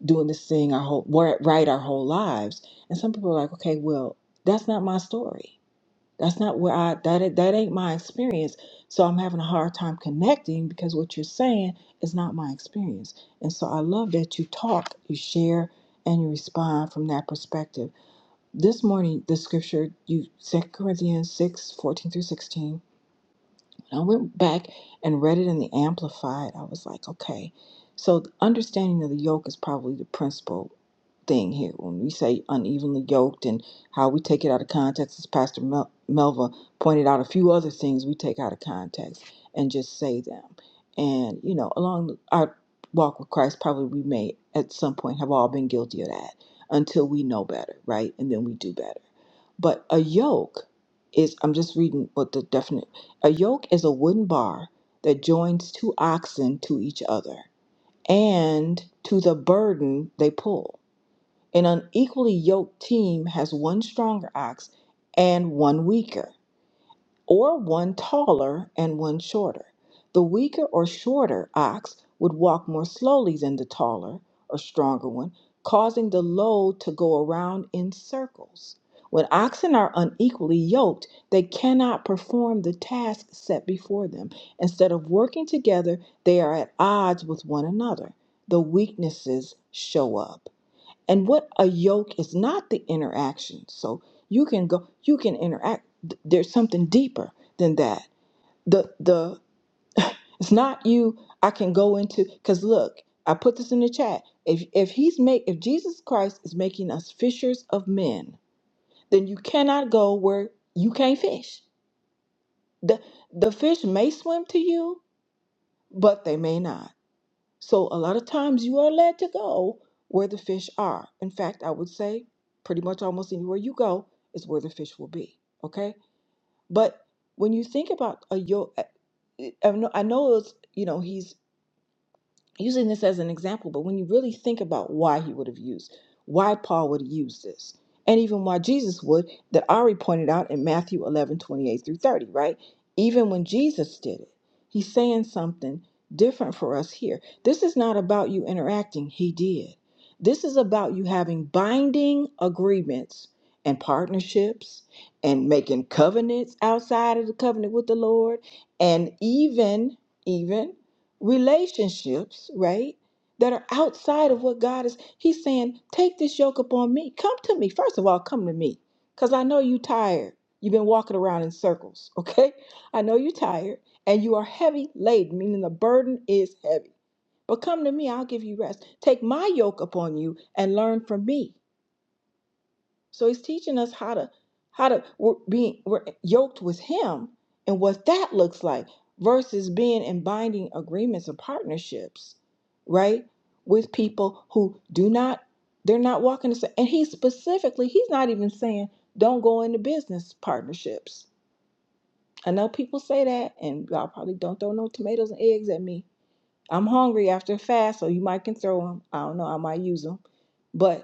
S11: doing this thing our whole, right our whole lives. And some people are like, okay, well, that's not my story that's not where I that ain't- that ain't my experience. So I'm having a hard time connecting because what you're saying is not my experience. And so I love that you talk, you share, and you respond from that perspective. This morning, the scripture you Second Corinthians 6 14 through 16 and I went back and read it in the Amplified. I was like, okay. So the understanding of the yoke is probably the principal thing here. When we say unevenly yoked and how we take it out of context, as Pastor Mel- Melva pointed out, a few other things we take out of context and just say them. And, you know, along our walk with Christ, probably we may at some point have all been guilty of that until we know better, right? And then we do better. But a yoke is, I'm just reading what the definite, a yoke is a wooden bar that joins two oxen to each other and to the burden they pull. An unequally yoked team has one stronger ox and one weaker or one taller and one shorter. The weaker or shorter ox would walk more slowly than the taller or stronger one, causing the load to go around in circles. When oxen are unequally yoked, they cannot perform the task set before them. Instead of working together, they are at odds with one another. The weaknesses show up. And what a yoke is not the interaction. So you can go, you can interact. Th- There's something deeper than that. The the it's not you. I can go into because look, I put this in the chat. If if he's make if Jesus Christ is making us fishers of men, then you cannot go where you can't fish. The the fish may swim to you, but they may not. So a lot of times you are led to go where the fish are. In fact, I would say pretty much almost anywhere you go is where the fish will be. Okay, but when you think about a yo, I I know I know it's you know he's using this as an example, but when you really think about why he would have used, why Paul would use this, and even why Jesus would, that Ari pointed out in Matthew 11 28 through 30, right? Even when Jesus did it, he's saying something different for us here. This is not about you interacting, he did. This is about you having binding agreements and partnerships and making covenants outside of the covenant with the Lord and even, even relationships, right? That are outside of what God is. He's saying, take this yoke upon me. Come to me. First of all, come to me. Because I know you tired. You've been walking around in circles, okay? I know you're tired and you are heavy laden, meaning the burden is heavy. But come to me, I'll give you rest. Take my yoke upon you and learn from me. So he's teaching us how to how to we're being we're yoked with him and what that looks like versus being in binding agreements or partnerships, right? With people who do not they're not walking the same. And he specifically, he's not even saying don't go into business partnerships. I know people say that, and y'all probably don't throw no tomatoes and eggs at me. I'm hungry after a fast, so you might can throw them. I don't know. I might use them, but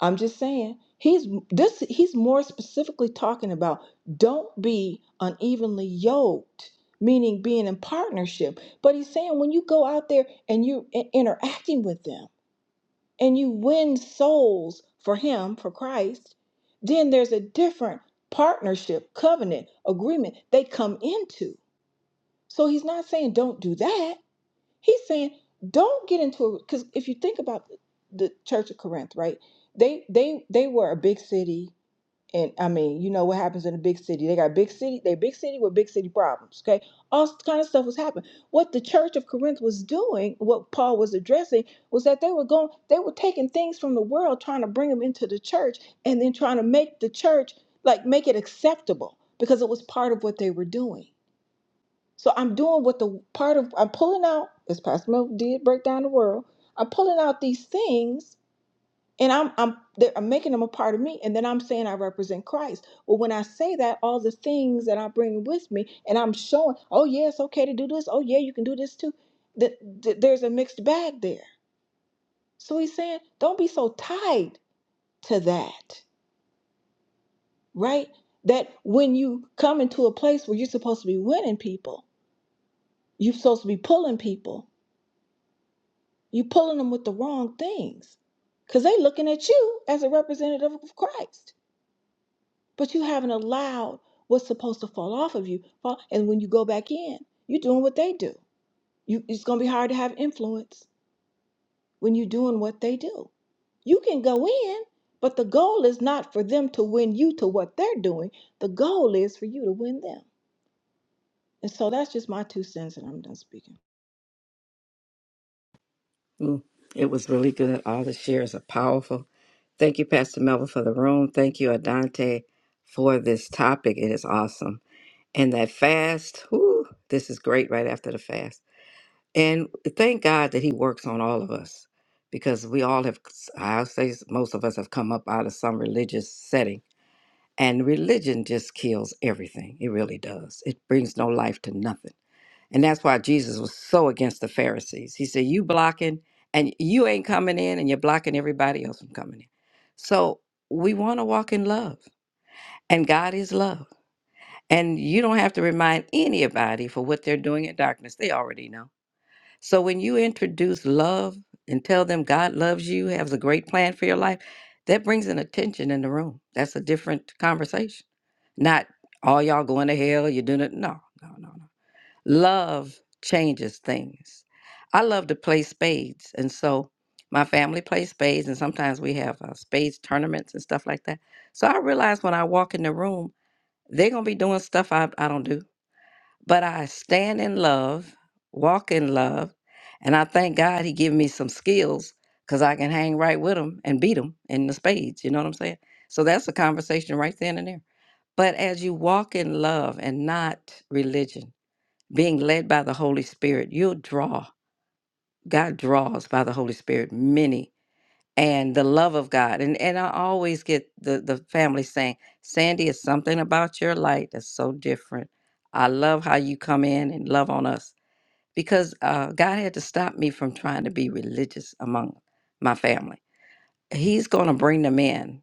S11: I'm just saying he's this he's more specifically talking about don't be unevenly yoked meaning being in partnership but he's saying when you go out there and you i- interacting with them and you win souls for him for Christ then there's a different partnership covenant agreement they come into so he's not saying don't do that He's saying, don't get into a because if you think about the Church of Corinth, right? They they they were a big city, and I mean, you know what happens in a big city? They got big city, they big city with big city problems. Okay, all kind of stuff was happening. What the Church of Corinth was doing, what Paul was addressing, was that they were going, they were taking things from the world, trying to bring them into the church, and then trying to make the church like make it acceptable because it was part of what they were doing. So I'm doing what the part of I'm pulling out, as Pastor Mel did break down the world. I'm pulling out these things and I'm I'm they're- I'm making them a part of me. And then I'm saying I represent Christ. Well, when I say that, all the things that I bring with me and I'm showing, oh yeah, it's okay to do this. Oh yeah, you can do this too. That that there's a mixed bag there. So he's saying, don't be so tied to that, right? That when you come into a place where you're supposed to be winning people, you're supposed to be pulling people You pulling them with the wrong things. Cause they looking at you as a representative of Christ. But you haven't allowed what's supposed to fall off of you. fall- And when you go back in, you're doing what they do. You it's gonna be hard to have influence when you're doing what they do. You can go in, but the goal is not for them to win you to what they're doing. The goal is for you to win them. And so that's just my two cents, and I'm done speaking.
S12: Mm, It was really good. All the shares are powerful. Thank you, Pastor Melvin, for the room. Thank you, Adante, for this topic. It is awesome. And that fast, whoo, this is great right after the fast. And thank God that He works on all of us because we all have, I'll say most of us have come up out of some religious setting. And religion just kills everything. It really does. It brings no life to nothing. And that's why Jesus was so against the Pharisees. He said, You blocking, and you ain't coming in, and you're blocking everybody else from coming in. So we want to walk in love, and God is love. And you don't have to remind anybody for what they're doing in darkness. They already know. So when you introduce love and tell them God loves you, has a great plan for your life, that brings an attention in the room. That's a different conversation. Not all y'all going to hell, you're doing it. No, no, no, no. Love changes things. I love to play spades. And so my family plays spades, and sometimes we have uh, spades tournaments and stuff like that. So I realize when I walk in the room, they're going to be doing stuff I, I don't do. But I stand in love, walk in love, and I thank God He gave me some skills because I can hang right with them and beat them in the spades. You know what I'm saying? So that's a conversation right then and there. But as you walk in love and not religion, being led by the Holy Spirit, you'll draw. God draws by the Holy Spirit many and the love of God. And and I always get the the family saying, Sandy, it's something about your light that's so different. I love how you come in and love on us because uh, God had to stop me from trying to be religious among my family. He's going to bring them in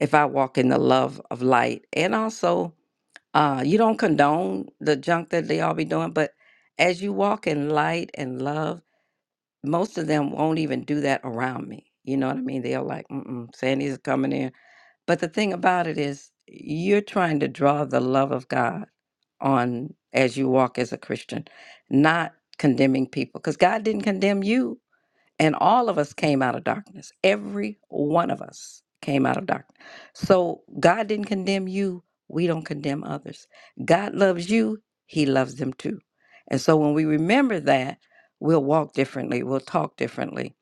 S12: if I walk in the love of light. And also, uh, you don't condone the junk that they all be doing, but as you walk in light and love, most of them won't even do that around me. You know what I mean? They're like, mm-mm, Sandy's coming in. But the thing about it is, you're trying to draw the love of God on as you walk as a Christian, not condemning people, because God didn't condemn you and all of us came out of darkness. Every one of us came out of darkness. So God didn't condemn you. We don't condemn others. God loves you. He loves them too. And so when we remember that, we'll walk differently. We'll talk differently.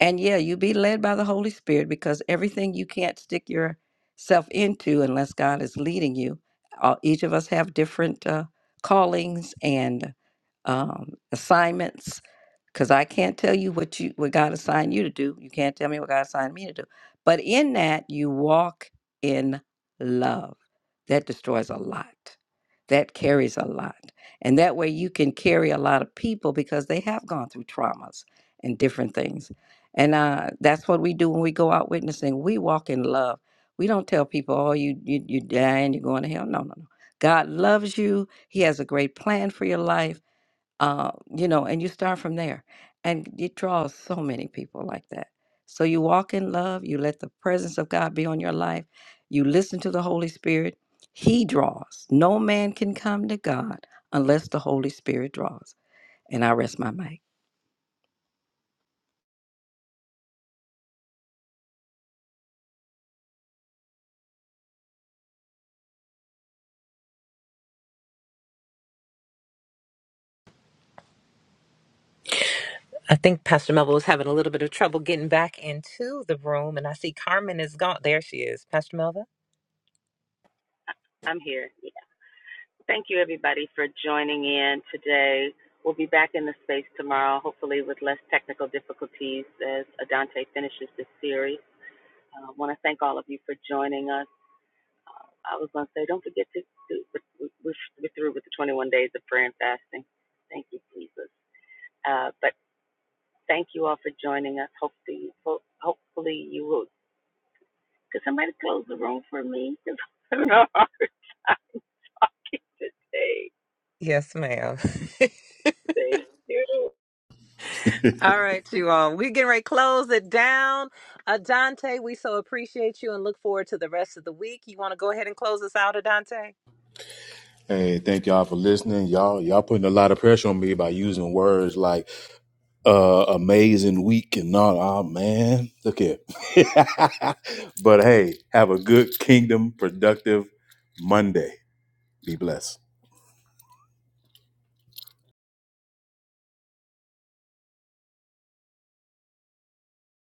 S12: And yeah, you be led by the Holy Spirit because everything you can't stick yourself into unless God is leading you. Uh, each of us have different uh, callings and um, assignments because I can't tell you what you what God assigned you to do. You can't tell me what God assigned me to do. But in that, you walk in love. That destroys a lot. That carries a lot. And that way you can carry a lot of people because they have gone through traumas and different things. And uh, that's what we do when we go out witnessing. We walk in love. We don't tell people, oh, you, you, you're dying, you're going to hell. No, no, no. God loves you. He has a great plan for your life uh, you know, and you start from there. And it draws so many people like that. So you walk in love, you let the presence of God be on your life, you listen to the Holy Spirit. He draws. No man can come to God unless the Holy Spirit draws. And I rest my mic.
S9: I think Pastor Melville was having a little bit of trouble getting back into the room, and I see Carmen is gone. There she is, Pastor Melville.
S1: I'm here. Yeah. Thank you, everybody, for joining in today. We'll be back in the space tomorrow, hopefully with less technical difficulties as Adante finishes this series. I uh, want to thank all of you for joining us. I was going to say, don't forget to, to we're, we're through with the 21 days of prayer and fasting. Thank you, Jesus. Uh, but thank you all for joining us. Hopefully, ho- hopefully you will. Could somebody close the room for me? No. today.
S9: Yes, ma'am.
S1: Thank you.
S9: All right, you all. We're getting ready to close it down. Adante, we so appreciate you and look forward to the rest of the week. You want to go ahead and close us out, Adante?
S5: hey thank y'all for listening y'all y'all putting a lot of pressure on me by using words like uh amazing week and not ah man look here but hey have a good kingdom productive monday be blessed